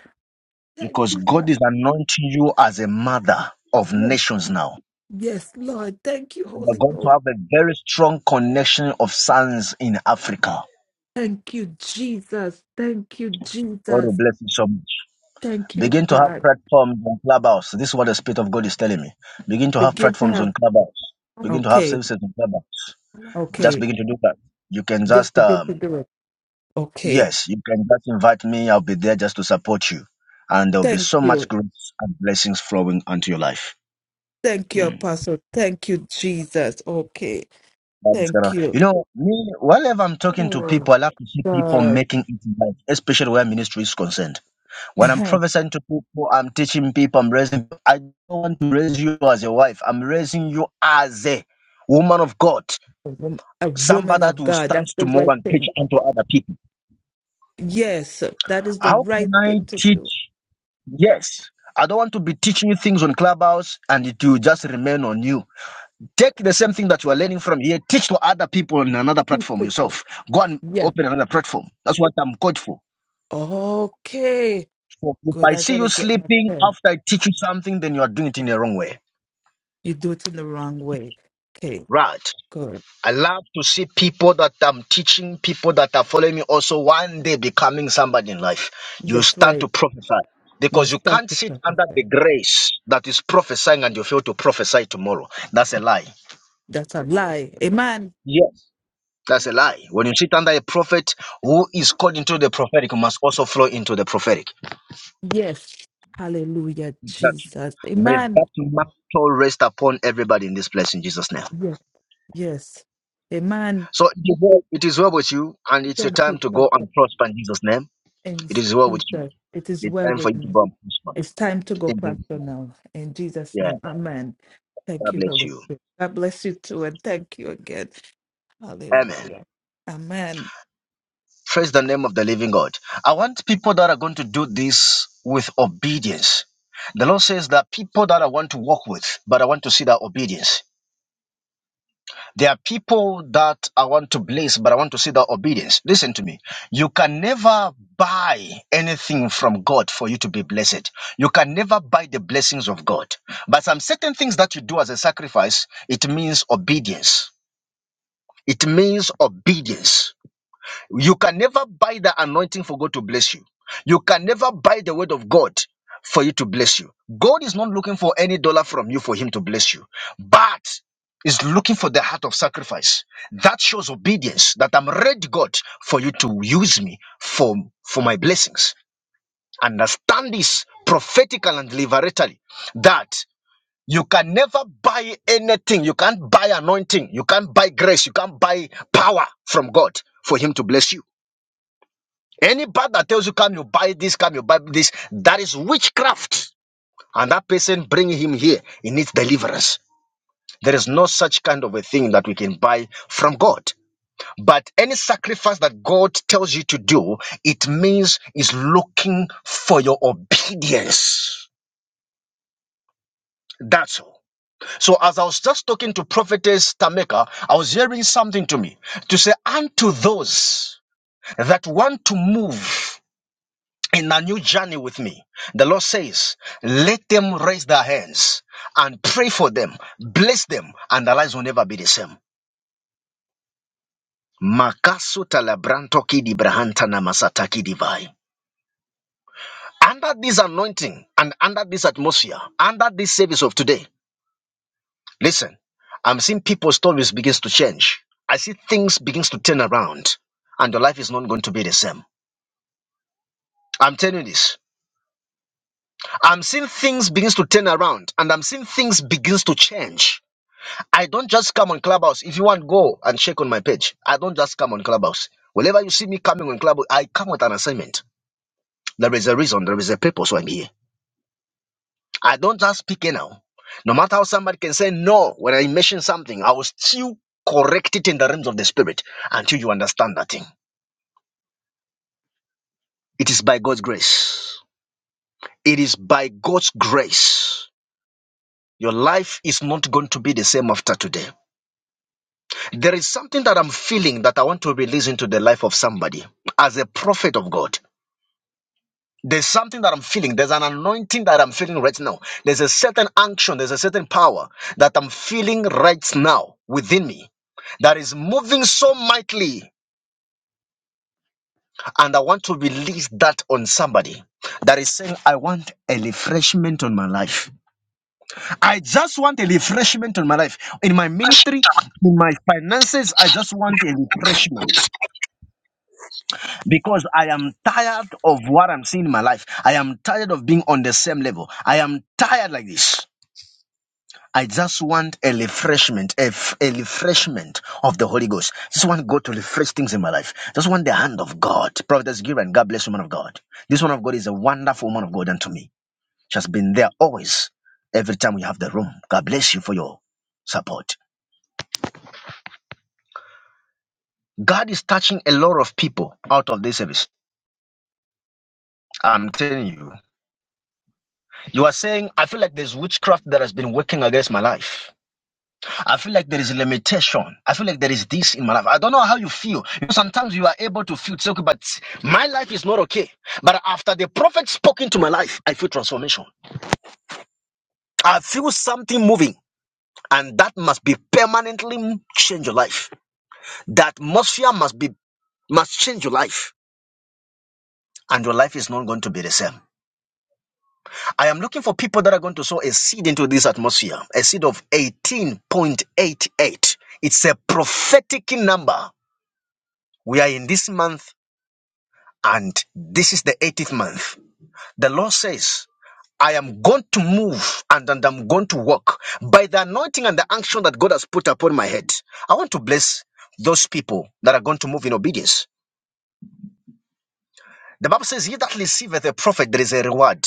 [SPEAKER 11] Thank
[SPEAKER 1] Because
[SPEAKER 11] you,
[SPEAKER 1] God
[SPEAKER 11] God.
[SPEAKER 1] is anointing you as a mother of
[SPEAKER 11] Yes,
[SPEAKER 1] nations now.
[SPEAKER 11] yes, Lord. Thank you,
[SPEAKER 1] And you're
[SPEAKER 11] Holy
[SPEAKER 1] going to
[SPEAKER 11] Ghost.
[SPEAKER 1] have a very strong connection of sons in Africa.
[SPEAKER 11] Thank you, Jesus. Thank you,
[SPEAKER 1] God will
[SPEAKER 11] Jesus.
[SPEAKER 1] bless you so much.
[SPEAKER 11] Thank you,
[SPEAKER 1] Begin to have
[SPEAKER 11] God.
[SPEAKER 1] platforms on Clubhouse. This is what the Spirit of God is telling me. Begin to have
[SPEAKER 11] Begin to
[SPEAKER 1] platforms
[SPEAKER 11] have.
[SPEAKER 1] on Clubhouse. Begin to have
[SPEAKER 11] Okay,
[SPEAKER 1] services on Clubhouse. Just
[SPEAKER 11] okay.
[SPEAKER 1] begin to do that. You can
[SPEAKER 11] Just
[SPEAKER 1] just
[SPEAKER 11] begin
[SPEAKER 1] um,
[SPEAKER 11] to do it. Okay.
[SPEAKER 1] Yes, you can just invite me. I'll be there just to support you. And there'll be
[SPEAKER 11] Thank
[SPEAKER 1] so
[SPEAKER 11] you.
[SPEAKER 1] much grace and blessings flowing onto your life.
[SPEAKER 11] Thank you,
[SPEAKER 1] Mm.
[SPEAKER 11] Apostle. Thank you, Jesus. Okay.
[SPEAKER 1] That is
[SPEAKER 11] Thank
[SPEAKER 1] gonna-
[SPEAKER 11] you.
[SPEAKER 1] You know, me, whenever I'm talking to
[SPEAKER 11] Oh,
[SPEAKER 1] people, I love to see people
[SPEAKER 11] God.
[SPEAKER 1] making it in life, especially where ministry is concerned. When I'm prophesying to people, I'm teaching people, I'm raising, I don't want to raise you as a wife. I'm raising you as a woman of God,
[SPEAKER 11] A
[SPEAKER 1] somebody
[SPEAKER 11] woman
[SPEAKER 1] that
[SPEAKER 11] of
[SPEAKER 1] will
[SPEAKER 11] God.
[SPEAKER 1] stand
[SPEAKER 11] That's the
[SPEAKER 1] tomorrow
[SPEAKER 11] right
[SPEAKER 1] and preach
[SPEAKER 11] thing.
[SPEAKER 1] unto other people.
[SPEAKER 11] Yes, that is the
[SPEAKER 1] How
[SPEAKER 11] right
[SPEAKER 1] can I
[SPEAKER 11] thing to
[SPEAKER 1] teach?
[SPEAKER 11] do.
[SPEAKER 1] Yes. I don't want to be teaching you things on Clubhouse and it will just remain on you. Take the same thing that you are learning from here, teach to other people on another platform yourself. Go and
[SPEAKER 11] Yes.
[SPEAKER 1] open another platform. That's what I'm called for.
[SPEAKER 11] Okay.
[SPEAKER 1] So if
[SPEAKER 11] Good.
[SPEAKER 1] I
[SPEAKER 11] I
[SPEAKER 1] see you
[SPEAKER 11] gotta get my
[SPEAKER 1] sleeping
[SPEAKER 11] pen.
[SPEAKER 1] after I teach you something, then you are doing it in the wrong way.
[SPEAKER 11] You do it in the wrong way. Okay.
[SPEAKER 1] Right.
[SPEAKER 11] Good.
[SPEAKER 1] I love to see people that I'm teaching, people that are following me also one day becoming somebody in life. You
[SPEAKER 11] That's
[SPEAKER 1] stand to
[SPEAKER 11] right.
[SPEAKER 1] prophesy
[SPEAKER 11] You
[SPEAKER 1] because you
[SPEAKER 11] start
[SPEAKER 1] can't
[SPEAKER 11] to
[SPEAKER 1] sit under the
[SPEAKER 11] prophesy.
[SPEAKER 1] grace that is prophesying and you fail to prophesy tomorrow. That's a lie.
[SPEAKER 11] That's a lie. Amen.
[SPEAKER 1] Yes, that's a lie. When you sit under a prophet who is called into the prophetic, must also flow into the prophetic.
[SPEAKER 11] Yes. Hallelujah,
[SPEAKER 1] Exactly.
[SPEAKER 11] Jesus.
[SPEAKER 1] May
[SPEAKER 11] Amen.
[SPEAKER 1] that mantle rest upon everybody in this place in Jesus' name.
[SPEAKER 11] Yes. Yes. Amen.
[SPEAKER 1] So it is well it is well with you, and it's a
[SPEAKER 11] Thank
[SPEAKER 1] time
[SPEAKER 11] you,
[SPEAKER 1] to go
[SPEAKER 11] Pastor.
[SPEAKER 1] and prosper in Jesus' name.
[SPEAKER 11] And
[SPEAKER 1] It is well with you.
[SPEAKER 11] Jesus, it is
[SPEAKER 1] It's
[SPEAKER 11] well
[SPEAKER 1] time for
[SPEAKER 11] with
[SPEAKER 1] you to
[SPEAKER 11] me.
[SPEAKER 1] go and prosper.
[SPEAKER 11] It's time to go,
[SPEAKER 1] In Jesus'
[SPEAKER 11] Pastor,
[SPEAKER 1] name.
[SPEAKER 11] now. In Jesus'
[SPEAKER 1] Yeah.
[SPEAKER 11] name. Amen. Thank
[SPEAKER 1] God
[SPEAKER 11] you,
[SPEAKER 1] bless
[SPEAKER 11] Holy
[SPEAKER 1] you.
[SPEAKER 11] Spirit. God bless you too, and thank you again.
[SPEAKER 1] Amen.
[SPEAKER 11] Hallelujah. Amen.
[SPEAKER 1] Praise the name of the living God. I want people that are going to do this with obedience. The Lord says there are people that I want to walk with, but I want to see that obedience. There are people that I want to bless, but I want to see that obedience. Listen to me. You can never buy anything from God for you to be blessed. You can never buy the blessings of God. But some certain things that you do as a sacrifice, it means obedience. It means obedience. You can never buy the anointing for God to bless you. You can never buy the word of God for you to bless you. God is not looking for any dollar from you for him to bless you, but is looking for the heart of sacrifice. That shows obedience that I'm ready, God, for you to use me for, for my blessings. Understand this prophetically and liberally that you can never buy anything. You can't buy anointing. You can't buy grace. You can't buy power from God for him to bless you. Any bad that tells you, come, you buy this, come, you buy this, that is witchcraft. And that person bringing him here, he needs deliverance. There is no such kind of a thing that we can buy from God. But any sacrifice that God tells you to do, it means is looking for your obedience. That's all. So as I was just talking to prophetess Tameka, I was hearing something to me to say unto those that want to move. in a new journey with me. The Lord says, let them raise their hands and pray for them, bless them, and their lives will never be the same. Makasu talabrantoki di brahanta namasataki divai. Under this anointing and under this atmosphere, under this service of today, listen, I'm seeing people's stories begins to change. I see things begins to turn around, and your life is not going to be the same. I'm telling you this. I'm seeing things begins to turn around, and I'm seeing things begins to change I don't just come on Clubhouse. If you want, go and check on my page. I don't just come on Clubhouse. Whenever you see me coming on Clubhouse, I come with an assignment. There is a reason, there is a purpose why I'm here. I don't just speak now. No matter how somebody can say no when I mention something, I will still correct it in the realms of the spirit until you understand that thing. It is by God's grace. It is by God's grace. Your life is not going to be the same after today. There is something that I'm feeling that I want to release into the life of somebody as a prophet of God. There's something that I'm feeling. There's an anointing that I'm feeling right now. There's a certain action, there's a certain power that I'm feeling right now within me that is moving so mightily. And I want to release that on somebody that is saying, I want a refreshment on my life. I just want a refreshment on my life. In my ministry, in my finances, I just want a refreshment because I am tired of what I'm seeing in my life. I am tired of being on the same level. I am tired like this. I just want a refreshment, a, f- a refreshment of the Holy Ghost. Just want God to refresh things in my life. Just want the hand of God. Prophetess Giran, God bless woman of God. This one of God is a wonderful woman of God unto me. She has been there always, every time we have the room. God bless you for your support. God is touching a lot of people out of this service. I'm telling you. You are saying, I feel like there's witchcraft that has been working against my life. I feel like there is a limitation. I feel like there is this in my life. I don't know how you feel. You know, sometimes you are able to feel it's okay, but my life is not okay. But after the prophet spoke into my life, I feel transformation. I feel something moving, and that must be permanently change your life. The atmosphere must be must change your life, and your life is not going to be the same. I am looking for people that are going to sow a seed into this atmosphere, a seed of 18.88. It's a prophetic number. We are in this month And this is the 80th month. The Lord says, I am going to move and, and I'm going to walk by the anointing and the action that God has put upon my head. I want to bless those people that are going to move in obedience. The Bible says, He that receiveth a prophet, there is a reward.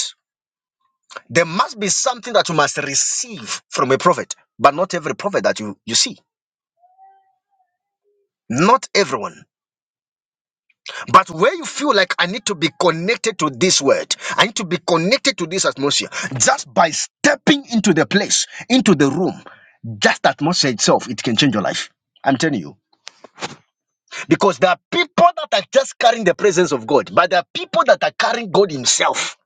[SPEAKER 1] There must be something that you must receive from a prophet, but not every prophet that you, you see. Not everyone. But where you feel like I need to be connected to this word, I need to be connected to this atmosphere, just by stepping into the place, into the room, just the atmosphere itself, it can change your life. I'm telling you. Because there are people that are just carrying the presence of God, but there are people that are carrying God Himself.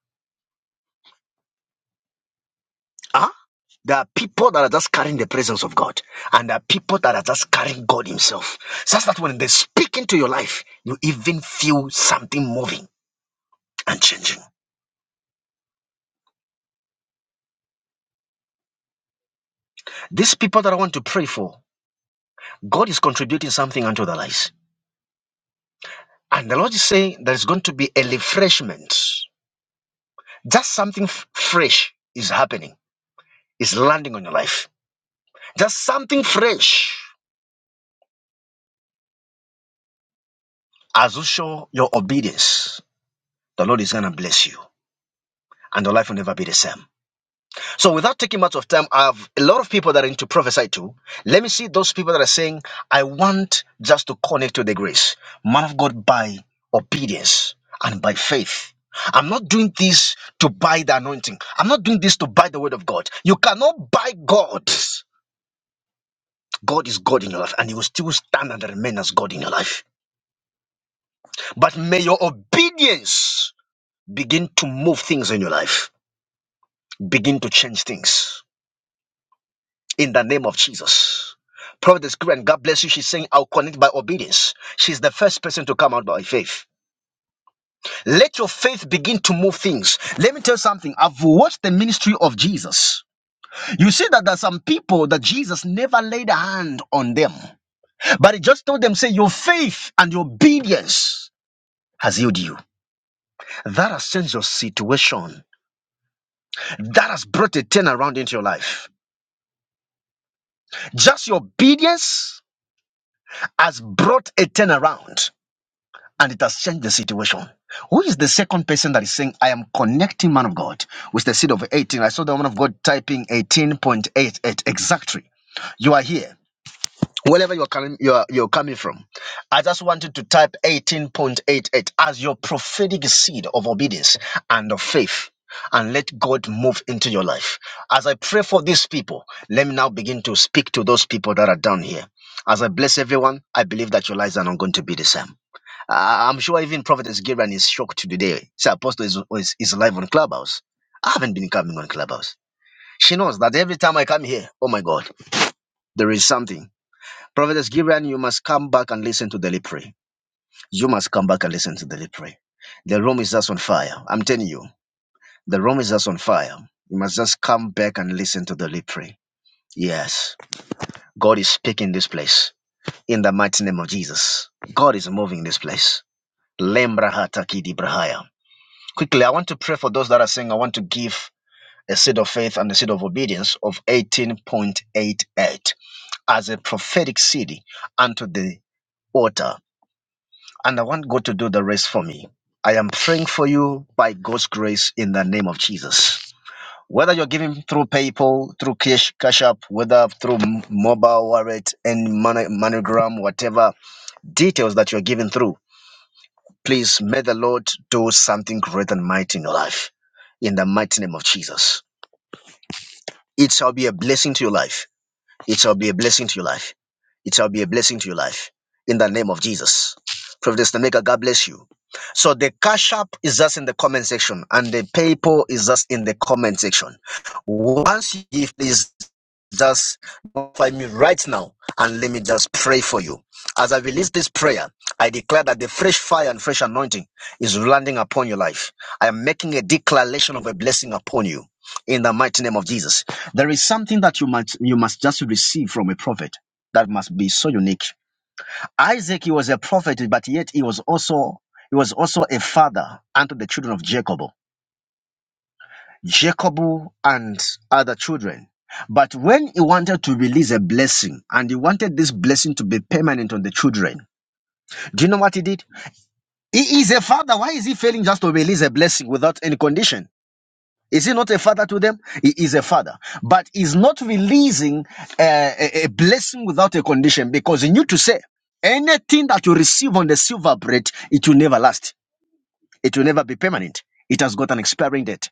[SPEAKER 1] Huh? There are people that are just carrying the presence of God, and there are people that are just carrying God Himself. Such that when they speak into your life, you even feel something moving and changing. These people that I want to pray for. God is contributing something unto their lives. And the Lord is saying there's going to be a refreshment. Just something f- fresh is happening, is landing on your life. Just something fresh. As you show your obedience, the Lord is going to bless you, and your life will never be the same. So without taking much of time, I have a lot of people that are into prophesy too. Let me see those people that are saying, I want just to connect to the grace. Man of God by obedience and by faith. I'm not doing this to buy the anointing. I'm not doing this to buy the word of God. You cannot buy God. God is God in your life and he will still stand and remain as God in your life. But may your obedience begin to move things in your life, begin to change things. in the name of Jesus. Prophetess Karen, God bless you. She's saying, I'll connect by obedience. She's the first person to come out by faith. Let your faith begin to move things. Let me tell you something. I've watched the ministry of Jesus. You see that there's some people that Jesus never laid a hand on them, but he just told them, say, your faith and your obedience has healed you. That has changed your situation. That has brought a turnaround into your life. Just your obedience has brought a turnaround. and it has changed the situation. Who is the second person that is saying, I am connecting man of God with the seed of 18? I saw the man of God typing 18.88 exactly. You are here. Wherever you're coming, you're, you're coming from, I just wanted to type 18.88 as your prophetic seed of obedience and of faith, and let God move into your life. As I pray for these people, let me now begin to speak to those people that are down here. As I bless everyone, I believe that your lives are not going to be the same. I- I'm sure even Prophet Gilran is shocked today. Say Apostle is, is, is live on Clubhouse. I haven't been coming on Clubhouse. She knows that every time I come here, oh my God, there is something. Prophet Gilran, you must come back and listen to Daily Pray. You must come back and listen to Daily Pray. The room is just on fire. I'm telling you, the room is just on fire. You must just come back and listen to Daily Pray. Yes, God is speaking this place in the mighty name of Jesus. God is moving this place. Lembra hata kidi brahaya. Quickly, I want to pray for those that are saying, I want to give a seed of faith and a seed of obedience of 18.88 as a prophetic seed unto the altar. And I want God to do the rest for me. I am praying for you by God's grace in the name of Jesus. Whether you're giving through PayPal, through Cash, Cash App, whether through m- mobile wallet and Mono- monogram, whatever details that you're giving through, please may the Lord do something great and mighty in your life. In the mighty name of Jesus. It shall be a blessing to your life. It shall be a blessing to your life. It shall be a blessing to your life. In the name of Jesus. Prophetess Nameka, God bless you. So the cash app is just in the comment section and the PayPal is just in the comment section. Once you give, please just notify me right now and let me just pray for you. As I release this prayer, I declare that the fresh fire and fresh anointing is landing upon your life. I am making a declaration of a blessing upon you in the mighty name of Jesus. There is something that you must you must just receive from a prophet that must be so unique. Isaac he was a prophet, but yet he was also he was also a father unto the children of Jacob, Jacob and other children. But when he wanted to release a blessing and he wanted this blessing to be permanent on the children, do you know what he did? He is a father. Why is he failing just to release a blessing without any condition? Is he not a father to them? He is a father, but he's not releasing uh, a, a blessing without a condition because he knew to say anything that you receive on the silver bread, it will never last. It will never be permanent. It has got an expiring date.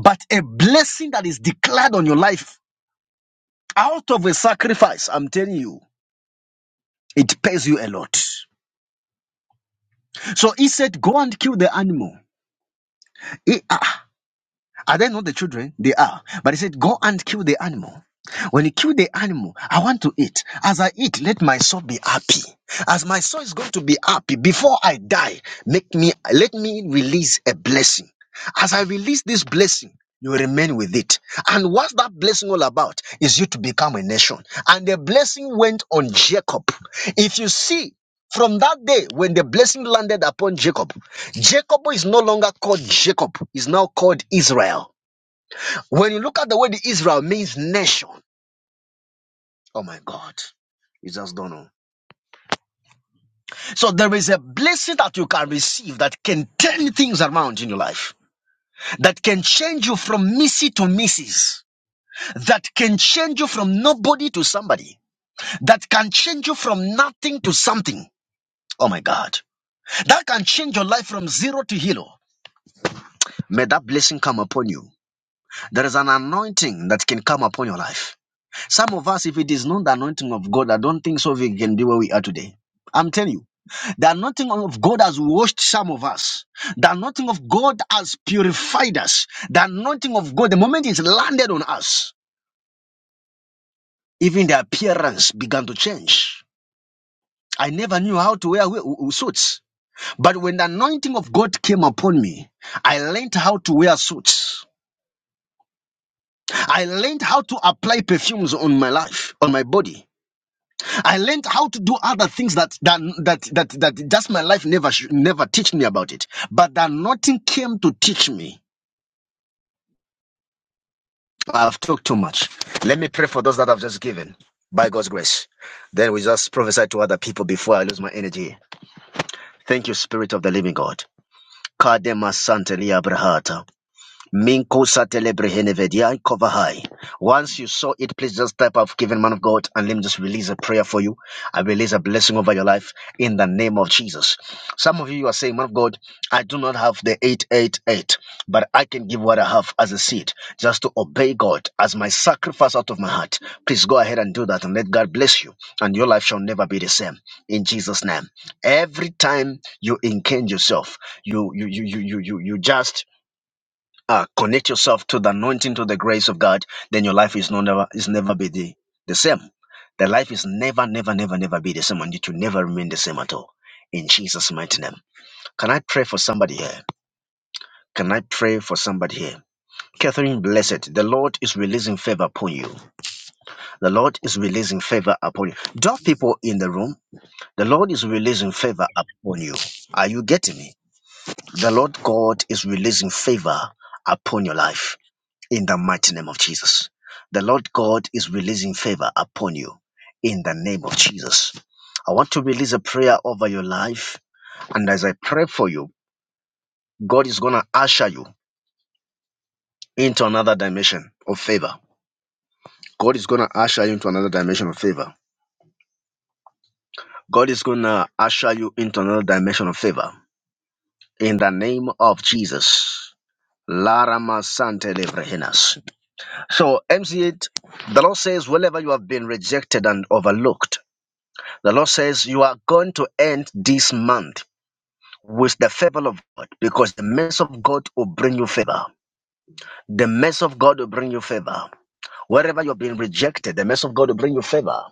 [SPEAKER 1] But a blessing that is declared on your life out of a sacrifice, I'm telling you, it pays you a lot. So he said, go and kill the animal. He- uh, Are they not the children? They are. But he said, Go and kill the animal. When you kill the animal, I want to eat. As I eat, let my soul be happy. As my soul is going to be happy before I die, make me let me release a blessing. As I release this blessing, you remain with it. And what's that blessing all about? Is you to become a nation. And the blessing went on Jacob. If you see from that day, when the blessing landed upon Jacob, Jacob is no longer called Jacob, is now called Israel. When you look at the word Israel means nation, oh my God, you just don't know. So there is a blessing that you can receive that can turn things around in your life, that can change you from missy to missus, that can change you from nobody to somebody, that can change you from nothing to something. Oh my God. That can change your life from zero to hero. May that blessing come upon you. There is an anointing that can come upon your life. Some of us, if it is not the anointing of God, I don't think so we can be where we are today. I'm telling you, the anointing of God has washed some of us. The anointing of God has purified us. The anointing of God, the moment it's landed on us, even the appearance began to change. I never knew how to wear w- w- suits. But when the anointing of God came upon me, I learned how to wear suits. I learned how to apply perfumes on my life, on my body. I learned how to do other things that that that that, that just my life never sh- never teach me about it. But that nothing came to teach me. I've talked too much. Let me pray for those that I've just given by God's grace. Then we just prophesy to other people before I lose my energy. Thank you, Spirit of the Living God. Kadema Santelia Brahata. Minko Satelebrehene Kovahai. Once you saw it, please just type I've given man of God and let me just release a prayer for you. I release a blessing over your life in the name of Jesus. Some of you are saying, Man of God, I do not have the 888, but I can give what I have as a seed just to obey God as my sacrifice out of my heart. Please go ahead and do that and let God bless you, and your life shall never be the same in Jesus' name. Every time you encange yourself, you you you you you you you just uh, connect yourself to the anointing, to the grace of God, then your life is no never is never be the, the same. The life is never, never, never, never be the same, and it will never remain the same at all. In Jesus' mighty name. Can I pray for somebody here? Can I pray for somebody here? Catherine, blessed. The Lord is releasing favor upon you. The Lord is releasing favor upon you. Those people in the room, the Lord is releasing favor upon you. Are you getting me? The Lord God is releasing favor upon your life. in the mighty name of Jesus. The Lord God is releasing favor upon you in the name of Jesus. I want to release a prayer over your life. And as I pray for you, God is going to usher you into another dimension of favor. God is going to usher you into another dimension of favor. God is going to usher you into another dimension of favor in the name of Jesus. Larama Sante Levrehinas. So, MC8, the Lord says, wherever you have been rejected and overlooked, The Lord says, You are going to end this month with the favor of God because the mercy of God will bring you favor. The mercy of God will bring you favor. Wherever you're being rejected, the mercy of God will bring you favor.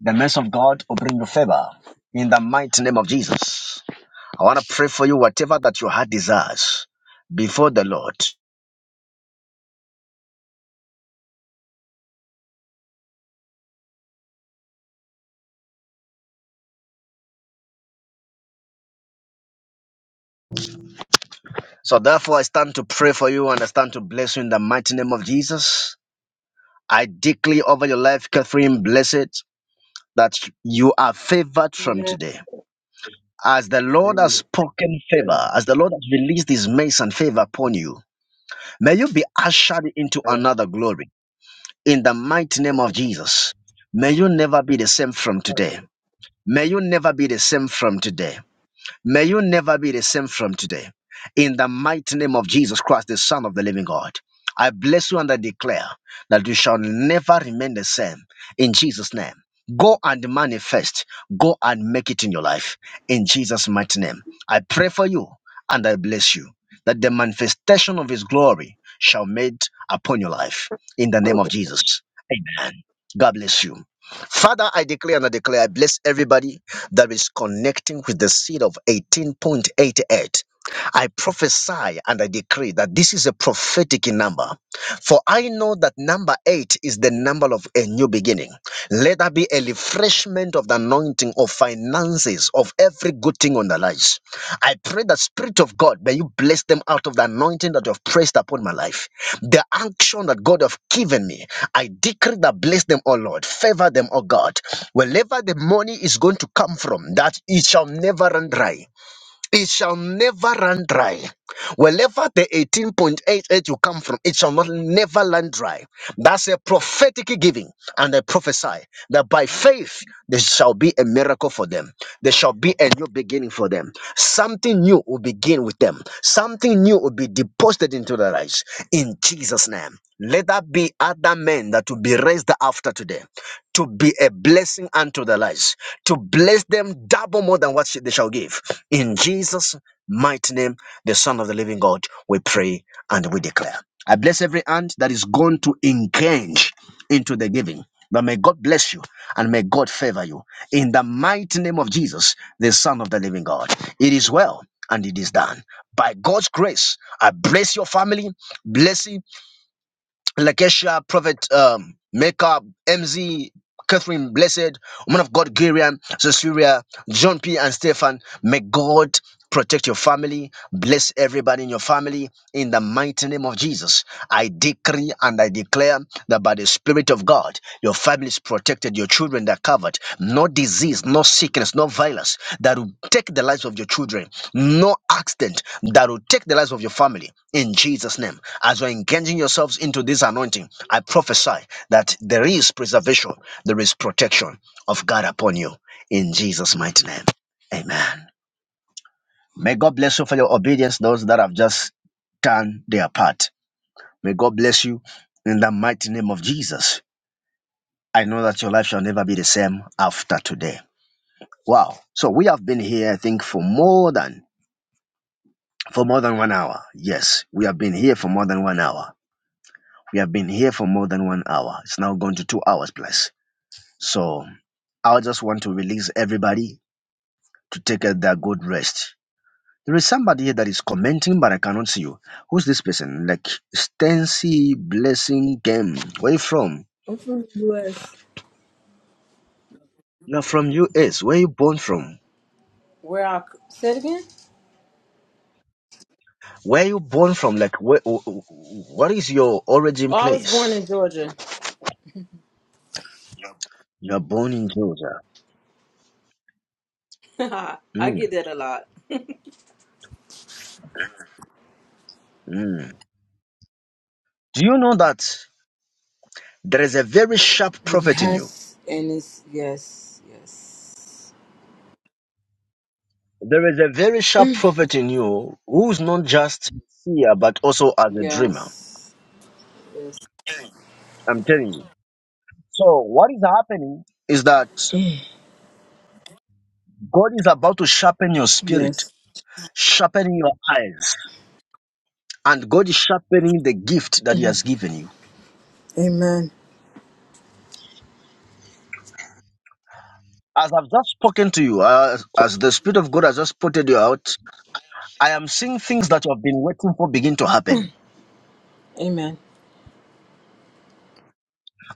[SPEAKER 1] The mercy of God will bring you favor. In the mighty name of Jesus. I want to pray for you, whatever that your heart desires before the Lord. So therefore, I stand to pray for you and I stand to bless you in the mighty name of Jesus. I declare over your life, Catherine, blessed, that you are favored from
[SPEAKER 12] Yes.
[SPEAKER 1] today as the Lord has
[SPEAKER 12] Yes.
[SPEAKER 1] spoken favor, as the Lord has released his mercy and favor upon you, may you be ushered into
[SPEAKER 12] yes.
[SPEAKER 1] another glory in the mighty name of Jesus. May you never be the same from today. May you never be the same from today. May you never be the same from today. In the mighty name of Jesus Christ, the Son of the living God, I bless you and I declare that you shall never remain the same. In Jesus' name, go and manifest, go and make it in your life. In Jesus' mighty name, I pray for you and I bless you that the manifestation of His glory shall made upon your life. In the name of Jesus, amen. God bless you. Father, I declare and I declare, I bless everybody that is connecting with the seed of 18.88. I prophesy and I decree that this is a prophetic number. For I know that number eight is the number of a new beginning. Let there be a refreshment of the anointing of finances, of every good thing on the lives. I pray the Spirit of God, may you bless them out of the anointing that you have pressed upon my life. The action that God have given me, I decree that bless them, oh Lord. Favor them, oh God. Wherever the money is going to come from, that it shall never run dry. It shall never run dry. Wherever the 18.88 you come from, it shall not never run dry. That's a prophetic giving, and I prophesy that by faith there shall be a miracle for them. There shall be a new beginning for them. Something new will begin with them. Something new will be deposited into their lives in Jesus' name. Let that be other men that will be raised after today to be a blessing unto their lives, to bless them double more than what they shall give. In Jesus' mighty name, the Son of the Living God, we pray and we declare. I bless every hand that is going to engage into the giving. But may God bless you and may God favor you. In the mighty name of Jesus, the Son of the Living God. It is well and it is done. By God's grace, I bless your family. Blessing, Lakesha, Prophet um, Makeup, MZ, Catherine Blessed. Woman of God, Gurian, Cecilia, John P. and Stefan, may God protect your family, bless everybody in your family in the mighty name of Jesus. I decree and I declare that by the Spirit of God, your family is protected, your children are covered. No disease, no sickness, no violence that will take the lives of your children, no accident that will take the lives of your family in Jesus' name. As you're engaging yourselves into this anointing, I prophesy that there is preservation, there is protection of God upon you in Jesus' mighty name. Amen. May God bless you for your obedience, those that have just done their part. May God bless you in the mighty name of Jesus. I know that your life shall never be the same after today. Wow. So we have been here, I think, for more than for more than one hour. Yes, we have been here for more than one hour. We have been here for more than one hour. It's now gone to two hours plus. So I just want to release everybody to take a- their good rest There is somebody here that is commenting, but I cannot see you. Who's this person? Like Stancy Blessing Game. Where you from?
[SPEAKER 13] I'm from the U.S.
[SPEAKER 1] You're from US. Where you born from?
[SPEAKER 13] Where I say it again?
[SPEAKER 1] Where you born from? Like where? wh- wh- What is your origin
[SPEAKER 13] Oh, I was born
[SPEAKER 1] place?
[SPEAKER 13] in Georgia.
[SPEAKER 1] You are born in Georgia.
[SPEAKER 13] I
[SPEAKER 1] Mm,
[SPEAKER 13] get that a lot.
[SPEAKER 1] mm. Do you know that there is a very sharp prophet in you?
[SPEAKER 13] Yes, and it's yes, yes,
[SPEAKER 1] There is a very sharp prophet in you who's not just seer but also as a dreamer.
[SPEAKER 13] yes, yes,
[SPEAKER 1] I'm telling you. So what is happening is that
[SPEAKER 13] Mm.
[SPEAKER 1] God is about to sharpen your spirit,
[SPEAKER 13] yes.
[SPEAKER 1] sharpening your eyes, and God is sharpening the gift that He has given you.
[SPEAKER 13] Amen.
[SPEAKER 1] As I've just spoken to you, uh, as the Spirit of God has just putted you out, I am seeing things that you have been waiting for begin to happen.
[SPEAKER 13] Amen.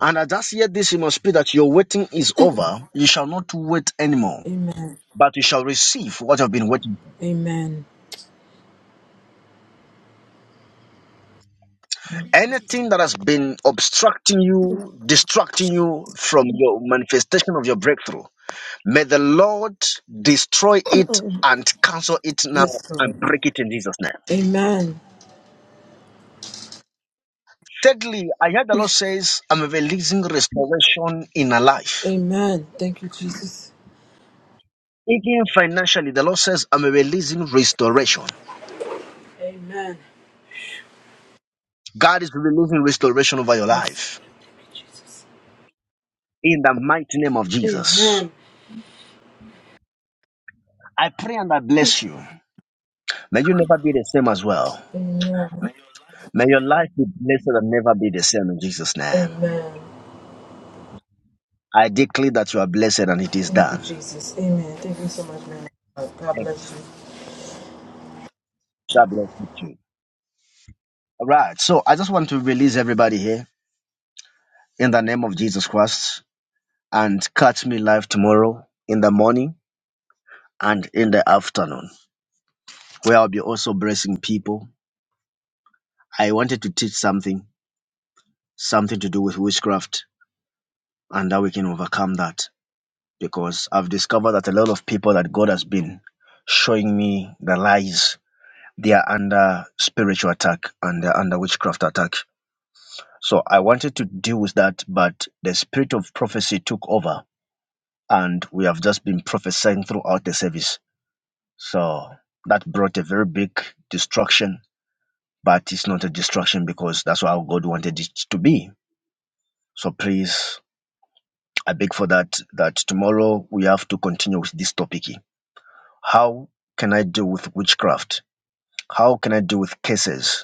[SPEAKER 1] And I just hear this in my spirit that your waiting is over. You shall not wait anymore,
[SPEAKER 13] Amen.
[SPEAKER 1] but you shall receive what you have been waiting.
[SPEAKER 13] Amen.
[SPEAKER 1] Anything that has been obstructing you, distracting you from your manifestation of your breakthrough, May the Lord destroy it and cancel it now
[SPEAKER 13] Yes, Lord.
[SPEAKER 1] and break it in Jesus' name.
[SPEAKER 13] Amen.
[SPEAKER 1] Thirdly, I heard the Lord says, I'm releasing restoration in a life.
[SPEAKER 13] Amen. Thank you, Jesus.
[SPEAKER 1] Even financially, the Lord says, I'm releasing restoration.
[SPEAKER 13] Amen.
[SPEAKER 1] God is releasing restoration over your
[SPEAKER 13] Yes.
[SPEAKER 1] life
[SPEAKER 13] Lord. Thank you, Jesus.
[SPEAKER 1] in the mighty name of Jesus.
[SPEAKER 13] Amen.
[SPEAKER 1] I pray and I bless you. May you never be the same as well.
[SPEAKER 13] Amen.
[SPEAKER 1] May your life be blessed and never be the same in Jesus' name.
[SPEAKER 13] Amen.
[SPEAKER 1] I declare that you are blessed and it is
[SPEAKER 13] Thank you,
[SPEAKER 1] done.
[SPEAKER 13] Jesus. Amen. Thank you so much, man. God
[SPEAKER 1] Amen.
[SPEAKER 13] bless you.
[SPEAKER 1] God bless you too. Right. So I just want to release everybody here in the name of Jesus Christ and catch me live tomorrow in the morning and in the afternoon, where I'll be also blessing people. I wanted to teach something, something to do with witchcraft and how we can overcome that because I've discovered that a lot of people that God has been showing me the lies, they are under spiritual attack and they're under witchcraft attack. So I wanted to deal with that, but the spirit of prophecy took over and we have just been prophesying throughout the service. So that brought a very big destruction, but it's not a destruction because that's how God wanted it to be. So please, I beg for that, that tomorrow we have to continue with this topic. How can I deal with witchcraft? How can I deal with cases?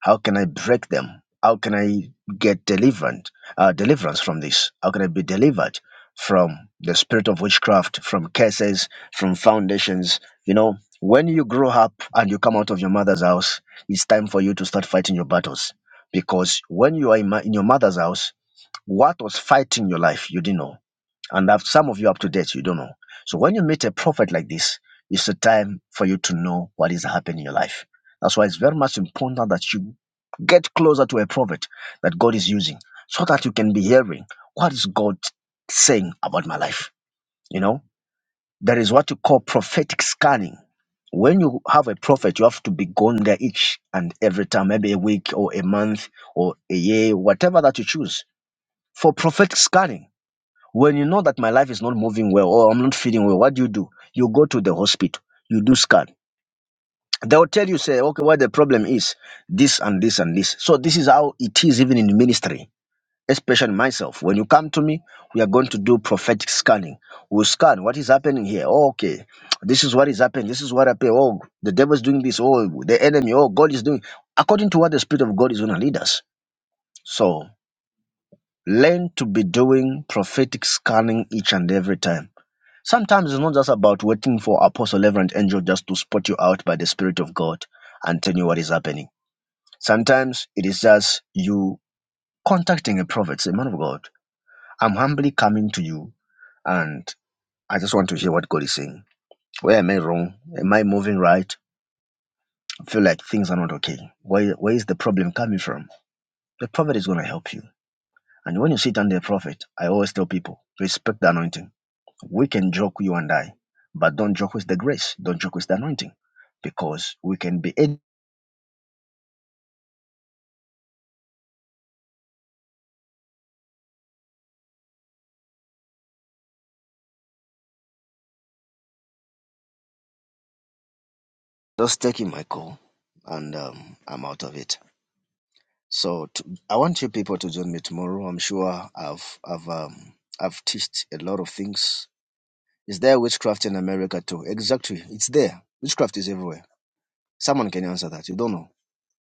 [SPEAKER 1] How can I break them? How can I get deliverance, uh, deliverance from this? How can I be delivered from the spirit of witchcraft, from curses, from foundations? You know, when you grow up and you come out of your mother's house, it's time for you to start fighting your battles. Because when you are in, ma- in your mother's house, what was fighting your life, you didn't know and have some of you up to date, you don't know. So when you meet a prophet like this, it's a time for you to know what is happening in your life. That's why it's very much important that you get closer to a prophet that God is using so that you can be hearing what is God saying about my life. You know, there is what you call prophetic scanning. When you have a prophet, you have to be going there each and every time, maybe a week or a month or a year, whatever that you choose for prophetic scanning when you know that my life is not moving well or I'm not feeling well, what do you do? You go to the hospital, you do scan. They'll tell you, say, okay, what the problem is, this and this and this. So this is how it is even in the ministry, especially myself. When you come to me, we are going to do prophetic scanning. We'll scan what is happening here. Oh, okay. This is what is happening. This is what happened. Oh, the devil is doing this. Oh, the enemy. Oh, God is doing. According to what the Spirit of God is going to lead us. So learn to be doing prophetic scanning each and every time Sometimes it's not just about waiting for apostle, reverend, angel just to spot you out by the Spirit of God and tell you what is happening. Sometimes it is just you contacting a prophet, say, man of God, I'm humbly coming to you and I just want to hear what God is saying. Where am I wrong? Am I moving right? I feel like things are not okay. Where, where is the problem coming from? The prophet is going to help you. And when you sit under a prophet, I always tell people, respect the anointing We can joke, you and I, but don't joke with the grace. Don't joke with the anointing, because we can be just taking my call, and um, I'm out of it. So to, I want you people to join me tomorrow. I'm sure I've I've um, I've teached a lot of things. Is there witchcraft in America too? Exactly, it's there. Witchcraft is everywhere. Someone can answer that. You don't know.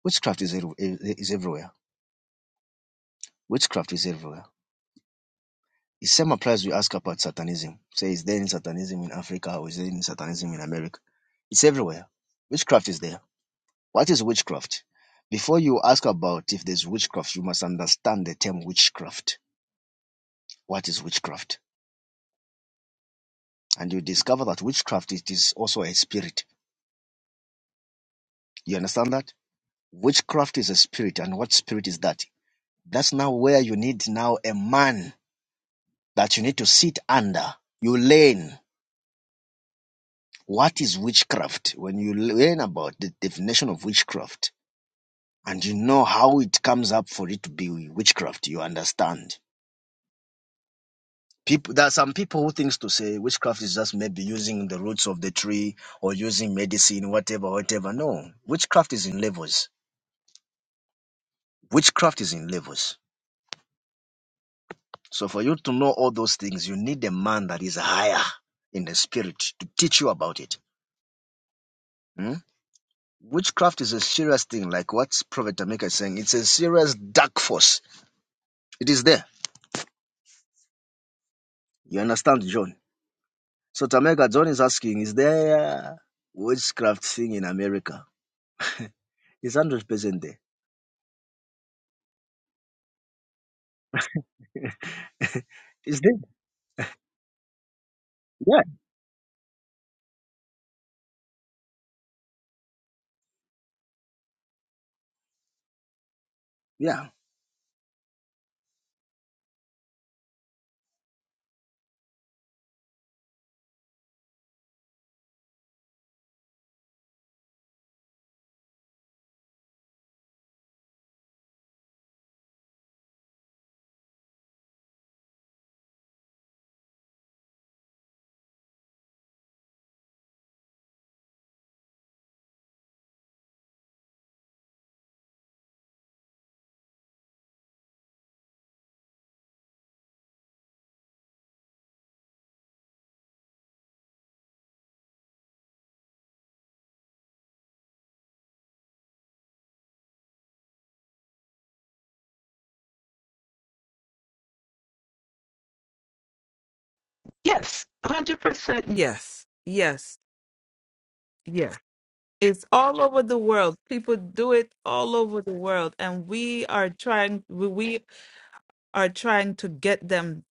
[SPEAKER 1] Witchcraft is ev- is everywhere. Witchcraft is everywhere The same applies we ask about Satanism. Say, is there any Satanism in Africa or is there any Satanism in America? It's everywhere. Witchcraft is there. What is witchcraft? Before you ask about if there's witchcraft, you must understand the term witchcraft. What is witchcraft? And you discover that witchcraft it is also a spirit. You understand that? Witchcraft is a spirit, and what spirit is that? That's now where you need now a man that you need to sit under. You learn What is witchcraft? When you learn about the definition of witchcraft and you know how it comes up for it to be witchcraft, you understand. People, there are some people who thinks to say witchcraft is just maybe using the roots of the tree or using medicine, whatever, whatever. No, witchcraft is in levels. Witchcraft is in levels. So for you to know all those things, you need a man that is higher in the spirit to teach you about it. Hmm? Witchcraft is a serious thing, like what Prophet Tamika is saying. It's a serious dark force It is there. You understand, John? So Tameka, John is asking, is there witchcraft thing in America? It's one hundred percent there. it's there. Yeah. Yeah.
[SPEAKER 11] Yes, yes, yes. It's all over the world. People do it all over the world, and we are trying. We we are trying to get them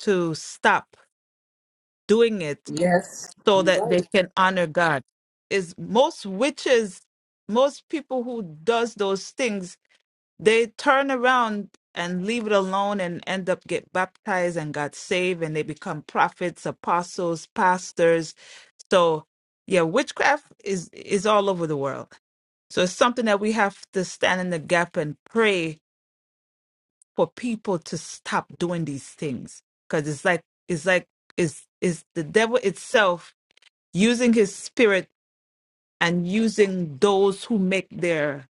[SPEAKER 11] to stop doing it
[SPEAKER 13] Yes,
[SPEAKER 11] so
[SPEAKER 13] you're
[SPEAKER 11] that
[SPEAKER 13] right.
[SPEAKER 11] they can honor God. Is most witches, most people who does those things, they turn around and leave it alone and end up get baptized and got saved and they become prophets, apostles, pastors So yeah, witchcraft is is all over the world. So it's something that we have to stand in the gap and pray for people to stop doing these things because it's like it's like is is the devil itself using his spirit and using those who make their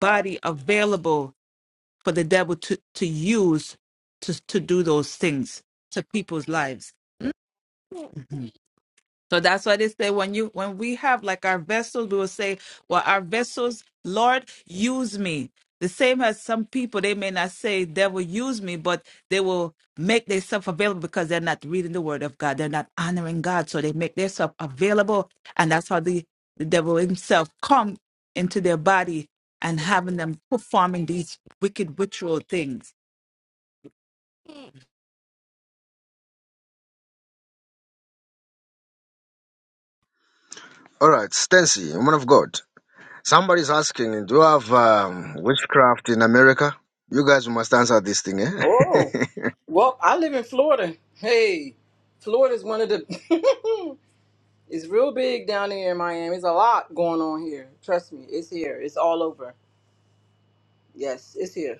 [SPEAKER 11] body available for the devil to to use to to do those things to people's lives. So that's why they say when you when we have like our vessels, we will say, Well, our vessels, Lord, use me. The same as some people, they may not say, Devil, use me, but they will make themselves available because they're not reading the word of God. They're not honoring God. So they make themselves available. And that's how the, the devil himself come into their body and having them performing these wicked ritual things.
[SPEAKER 1] All right, Stancy, woman of God. Somebody's asking, do you have um, witchcraft in America? You guys must answer this thing, eh?
[SPEAKER 13] Oh, well, I live in Florida. Hey, Florida's one of the. it's real big down here in Miami. It's a lot going on here. Trust me, it's here. It's all over. Yes, it's here.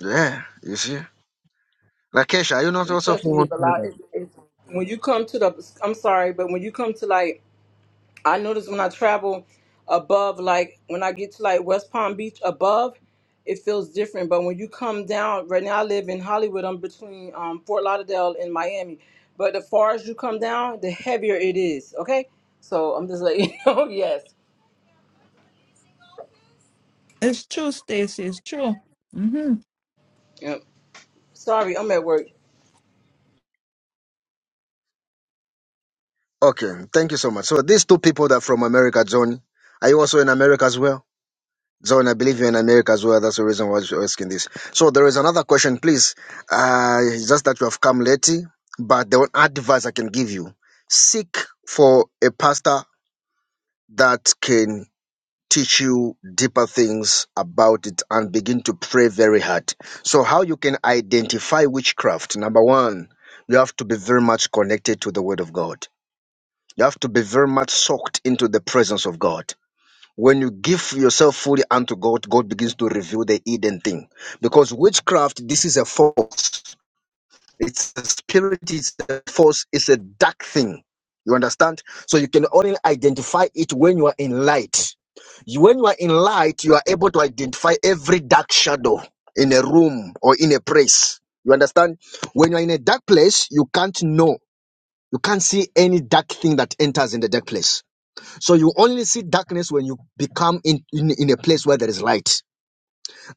[SPEAKER 1] yeah, you see. Lakesha, are you not
[SPEAKER 13] And
[SPEAKER 1] also
[SPEAKER 13] trust me,
[SPEAKER 1] from
[SPEAKER 13] it's a lot.
[SPEAKER 1] America?
[SPEAKER 13] It's, it's, when you come to the, I'm sorry, but when you come to like I notice when I travel above, like when I get to like West Palm Beach above, it feels different. But when you come down, right now I live in Hollywood. I'm between um, Fort Lauderdale and Miami. But the far as you come down, the heavier it is. Okay, so I'm just like, you know, yes.
[SPEAKER 11] It's true, Stacy. It's true. hmm
[SPEAKER 13] Yep. Sorry, I'm at work.
[SPEAKER 1] Okay, thank you so much. So these two people that are from America, John, are you also in America as well? So, and I believe you're in America as well. That's the reason why you're asking this. So there is another question, please. Uh, it's just that you have come late, but the one advice I can give you: seek for a pastor that can teach you deeper things about it and begin to pray very hard. So how you can identify witchcraft? Number one, you have to be very much connected to the Word of God. You have to be very much soaked into the presence of God when you give yourself fully unto God, God begins to reveal the hidden thing. Because witchcraft, this is a force. It's a spirit, it's a force, it's a dark thing. You understand? So you can only identify it when you are in light. You- When you are in light, you are able to identify every dark shadow in a room or in a place. You understand? When you are in a dark place, you can't know. You can't see any dark thing that enters in the dark place. So you only see darkness when you become in, in, in a place where there is light.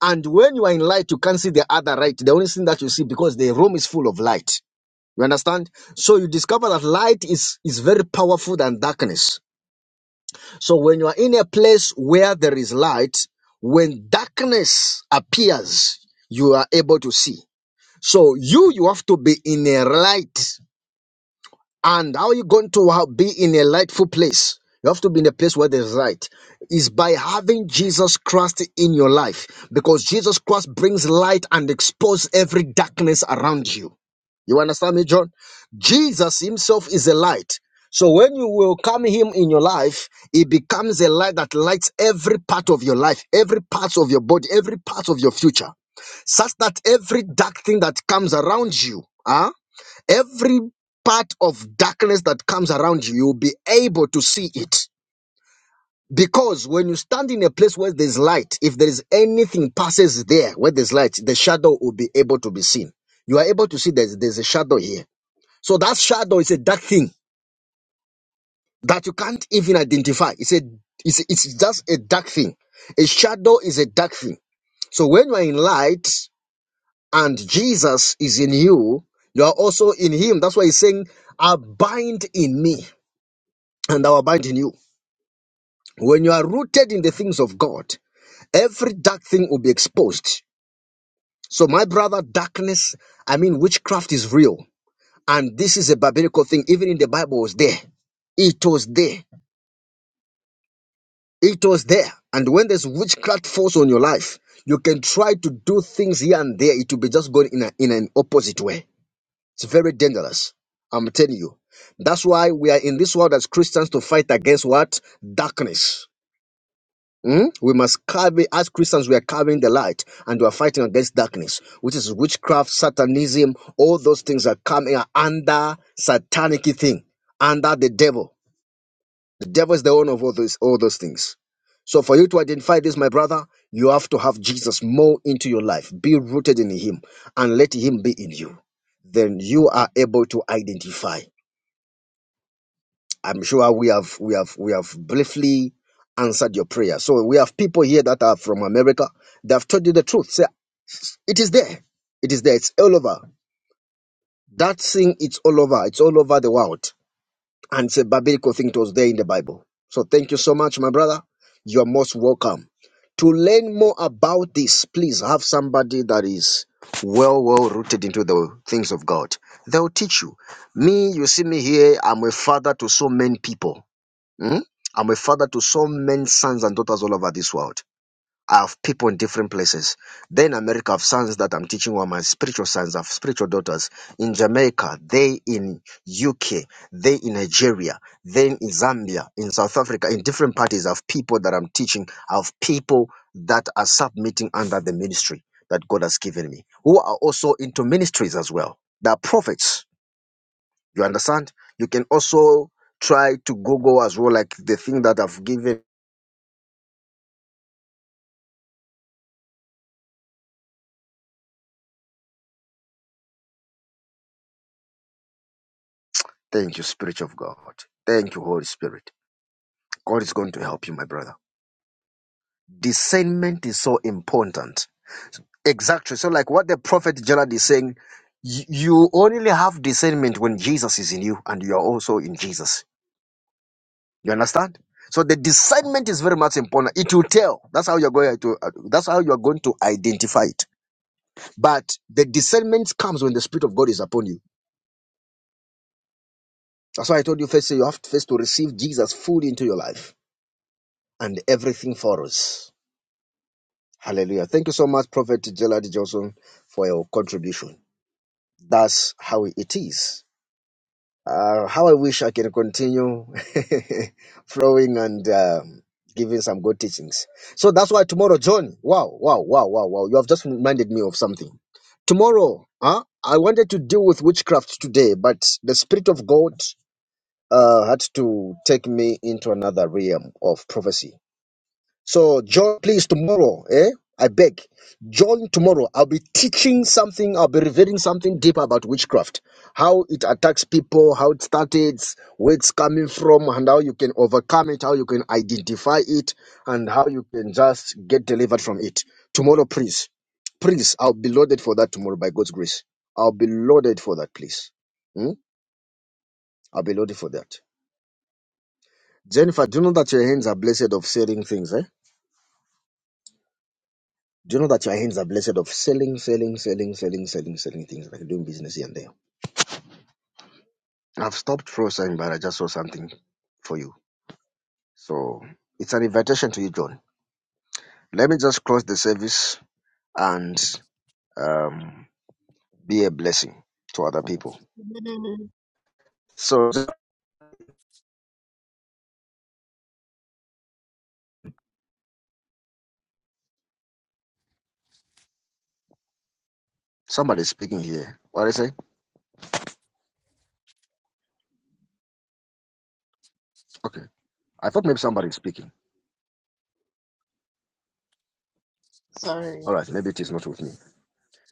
[SPEAKER 1] And when you are in light, you can't see the other light. The only thing that you see because the room is full of light. You understand? So you discover that light is, is very powerful than darkness. So when you are in a place where there is light, when darkness appears, you are able to see. So you, you have to be in a light And how are you going to ha- be in a lightful place? You have to be in a place where there's light. Is by having Jesus Christ in your life because Jesus Christ brings light and exposes every darkness around you. You understand me, John? Jesus himself is a light. So when you welcome him in your life, He becomes a light that lights every part of your life, every part of your body, every part of your future, such that every dark thing that comes around you, huh? Every part of darkness that comes around you, you'll be able to see it. Because when you stand in a place where there's light, if there is anything passes there where there's light, the shadow will be able to be seen. You are able to see there's, there's a shadow here. So that shadow is a dark thing that you can't even identify. It's a it's, it's just a dark thing. A shadow is a dark thing. So when you are in light and Jesus is in you, you are also in him. That's why he's saying, abide in me. and I will abide in you. When you are rooted in the things of God, every dark thing will be exposed. So, my brother, darkness, I mean, witchcraft is real. And this is a biblical thing. Even in the Bible, it was there. It was there. It was there. And when there's witchcraft force on your life, you can try to do things here and there. It will be just going in, a, in an opposite way. It's very dangerous. I'm telling you. That's why we are in this world as Christians to fight against what? Darkness Mm? We must carry, as Christians, we are carrying the light and we are fighting against darkness, which is witchcraft, satanism, all those things are coming are under satanic thing, under the devil. The devil is the owner of all those, all those things. So for you to identify this, my brother, you have to have Jesus more into your life. Be rooted in him and let him be in you. Then you are able to identify. I'm sure we have we have we have briefly answered your prayer. So we have people here that are from America. They have told you the truth. Say it is there. It is there. It's all over. That thing, it's all over. It's all over the world. And it's a biblical thing that was there in the Bible. So thank you so much, my brother. You are most welcome. To learn more about this, please have somebody that is well, well rooted into the things of God. They'll teach you. Me, you see me here, I'm a father to so many people. Mm? I'm a father to so many sons and daughters all over this world. I have people in different places. Then in America, I have sons that I'm teaching who are my spiritual sons, I have spiritual daughters. In Jamaica, they in UK, they in Nigeria, then in Zambia, in South Africa, in different parties, I have people that I'm teaching, I have people that are submitting under the ministry that God has given me, who are also into ministries as well. They are prophets you understand? You can also try to Google as well, like the thing that I've given. Thank you, Spirit of God. Thank you, Holy Spirit. God is going to help you, my brother. Discernment is so important. Exactly. So, like what the prophet Gerald is saying, y- you only have discernment when Jesus is in you and you are also in Jesus. You understand? So the discernment is very much important. It will tell. That's how you're going to. uh, That's how you're going to identify it. But the discernment comes when the Spirit of God is upon you That's why I told you first you have to first to receive Jesus fully into your life and everything follows. Hallelujah. Thank you so much, Prophet Gerald Johnson, for your contribution. That's how it is. Uh, how I wish I can continue flowing and um, giving some good teachings. So that's why tomorrow, John, wow, wow, wow, wow, wow, you have just reminded me of something. Tomorrow, huh? I wanted to deal with witchcraft today, but the Spirit of God uh, had to take me into another realm of prophecy. So join, please, tomorrow, eh? I beg, join tomorrow. I'll be teaching something. I'll be revealing something deeper about witchcraft, how it attacks people, how it started, where it's coming from, and how you can overcome it, how you can identify it, and how you can just get delivered from it. Tomorrow, please, please, I'll be loaded for that tomorrow by God's grace. I'll be loaded for that, please. Hmm? I'll be loaded for that. Jennifer, do you know that your hands are blessed of selling things, eh? Do you know that your hands are blessed of selling, selling, selling, selling, selling, selling things, like doing business here and there? I've stopped frozen, but I just saw something for you. So it's an invitation to you, John. Let me just close the service and um, be a blessing to other people. So somebody's speaking here. What did I say? Okay. I thought maybe somebody's speaking.
[SPEAKER 14] Sorry.
[SPEAKER 1] All right, maybe it is not with me.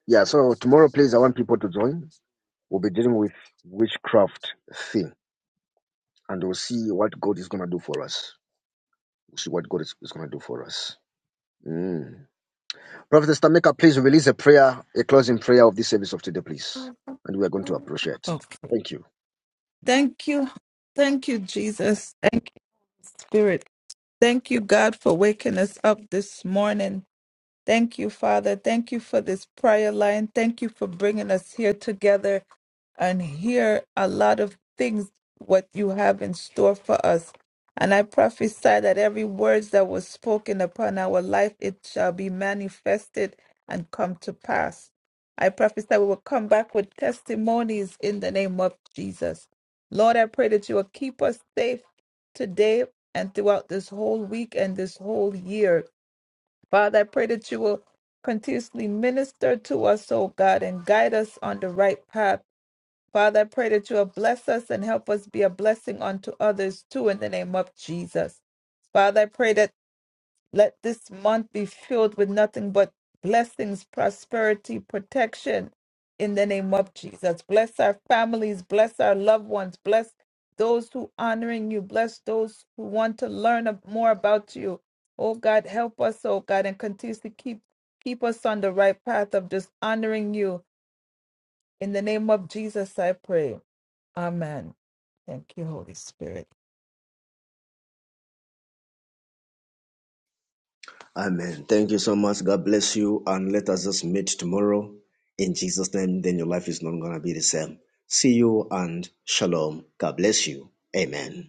[SPEAKER 1] Yeah, so tomorrow, please, I want people to join. We'll be dealing with witchcraft theme and we'll see what God is going to do for us. We'll see what God is, is going to do for us. Mm. Prophet Stameka, please release a prayer, a closing prayer of this service of today, please. And we are going to appreciate. Thank you.
[SPEAKER 11] Thank you. Thank you, Jesus. Thank you, Spirit. Thank you, God, for waking us up this morning. Thank you, Father. Thank you for this prayer line. Thank you for bringing us here together and hear a lot of things what you have in store for us. And I prophesy that every words that was spoken upon our life, it shall be manifested and come to pass. I prophesy we will come back with testimonies in the name of Jesus. Lord, I pray that you will keep us safe today and throughout this whole week and this whole year. Father, I pray that you will continuously minister to us, oh God, and guide us on the right path Father, I pray that you will bless us and help us be a blessing unto others too in the name of Jesus. Father, I pray that let this month be filled with nothing but blessings, prosperity, protection in the name of Jesus. Bless our families, bless our loved ones, bless those who honoring you, bless those who want to learn ab- more about you. Oh God, help us, oh God, and continue to keep keep us on the right path of just honoring you in the name of Jesus, I pray. Amen. Thank you, Holy Spirit.
[SPEAKER 1] Amen. Thank you so much. God bless you. And let us just meet tomorrow in Jesus' name. Then your life is not going to be the same. See you and shalom. God bless you. Amen.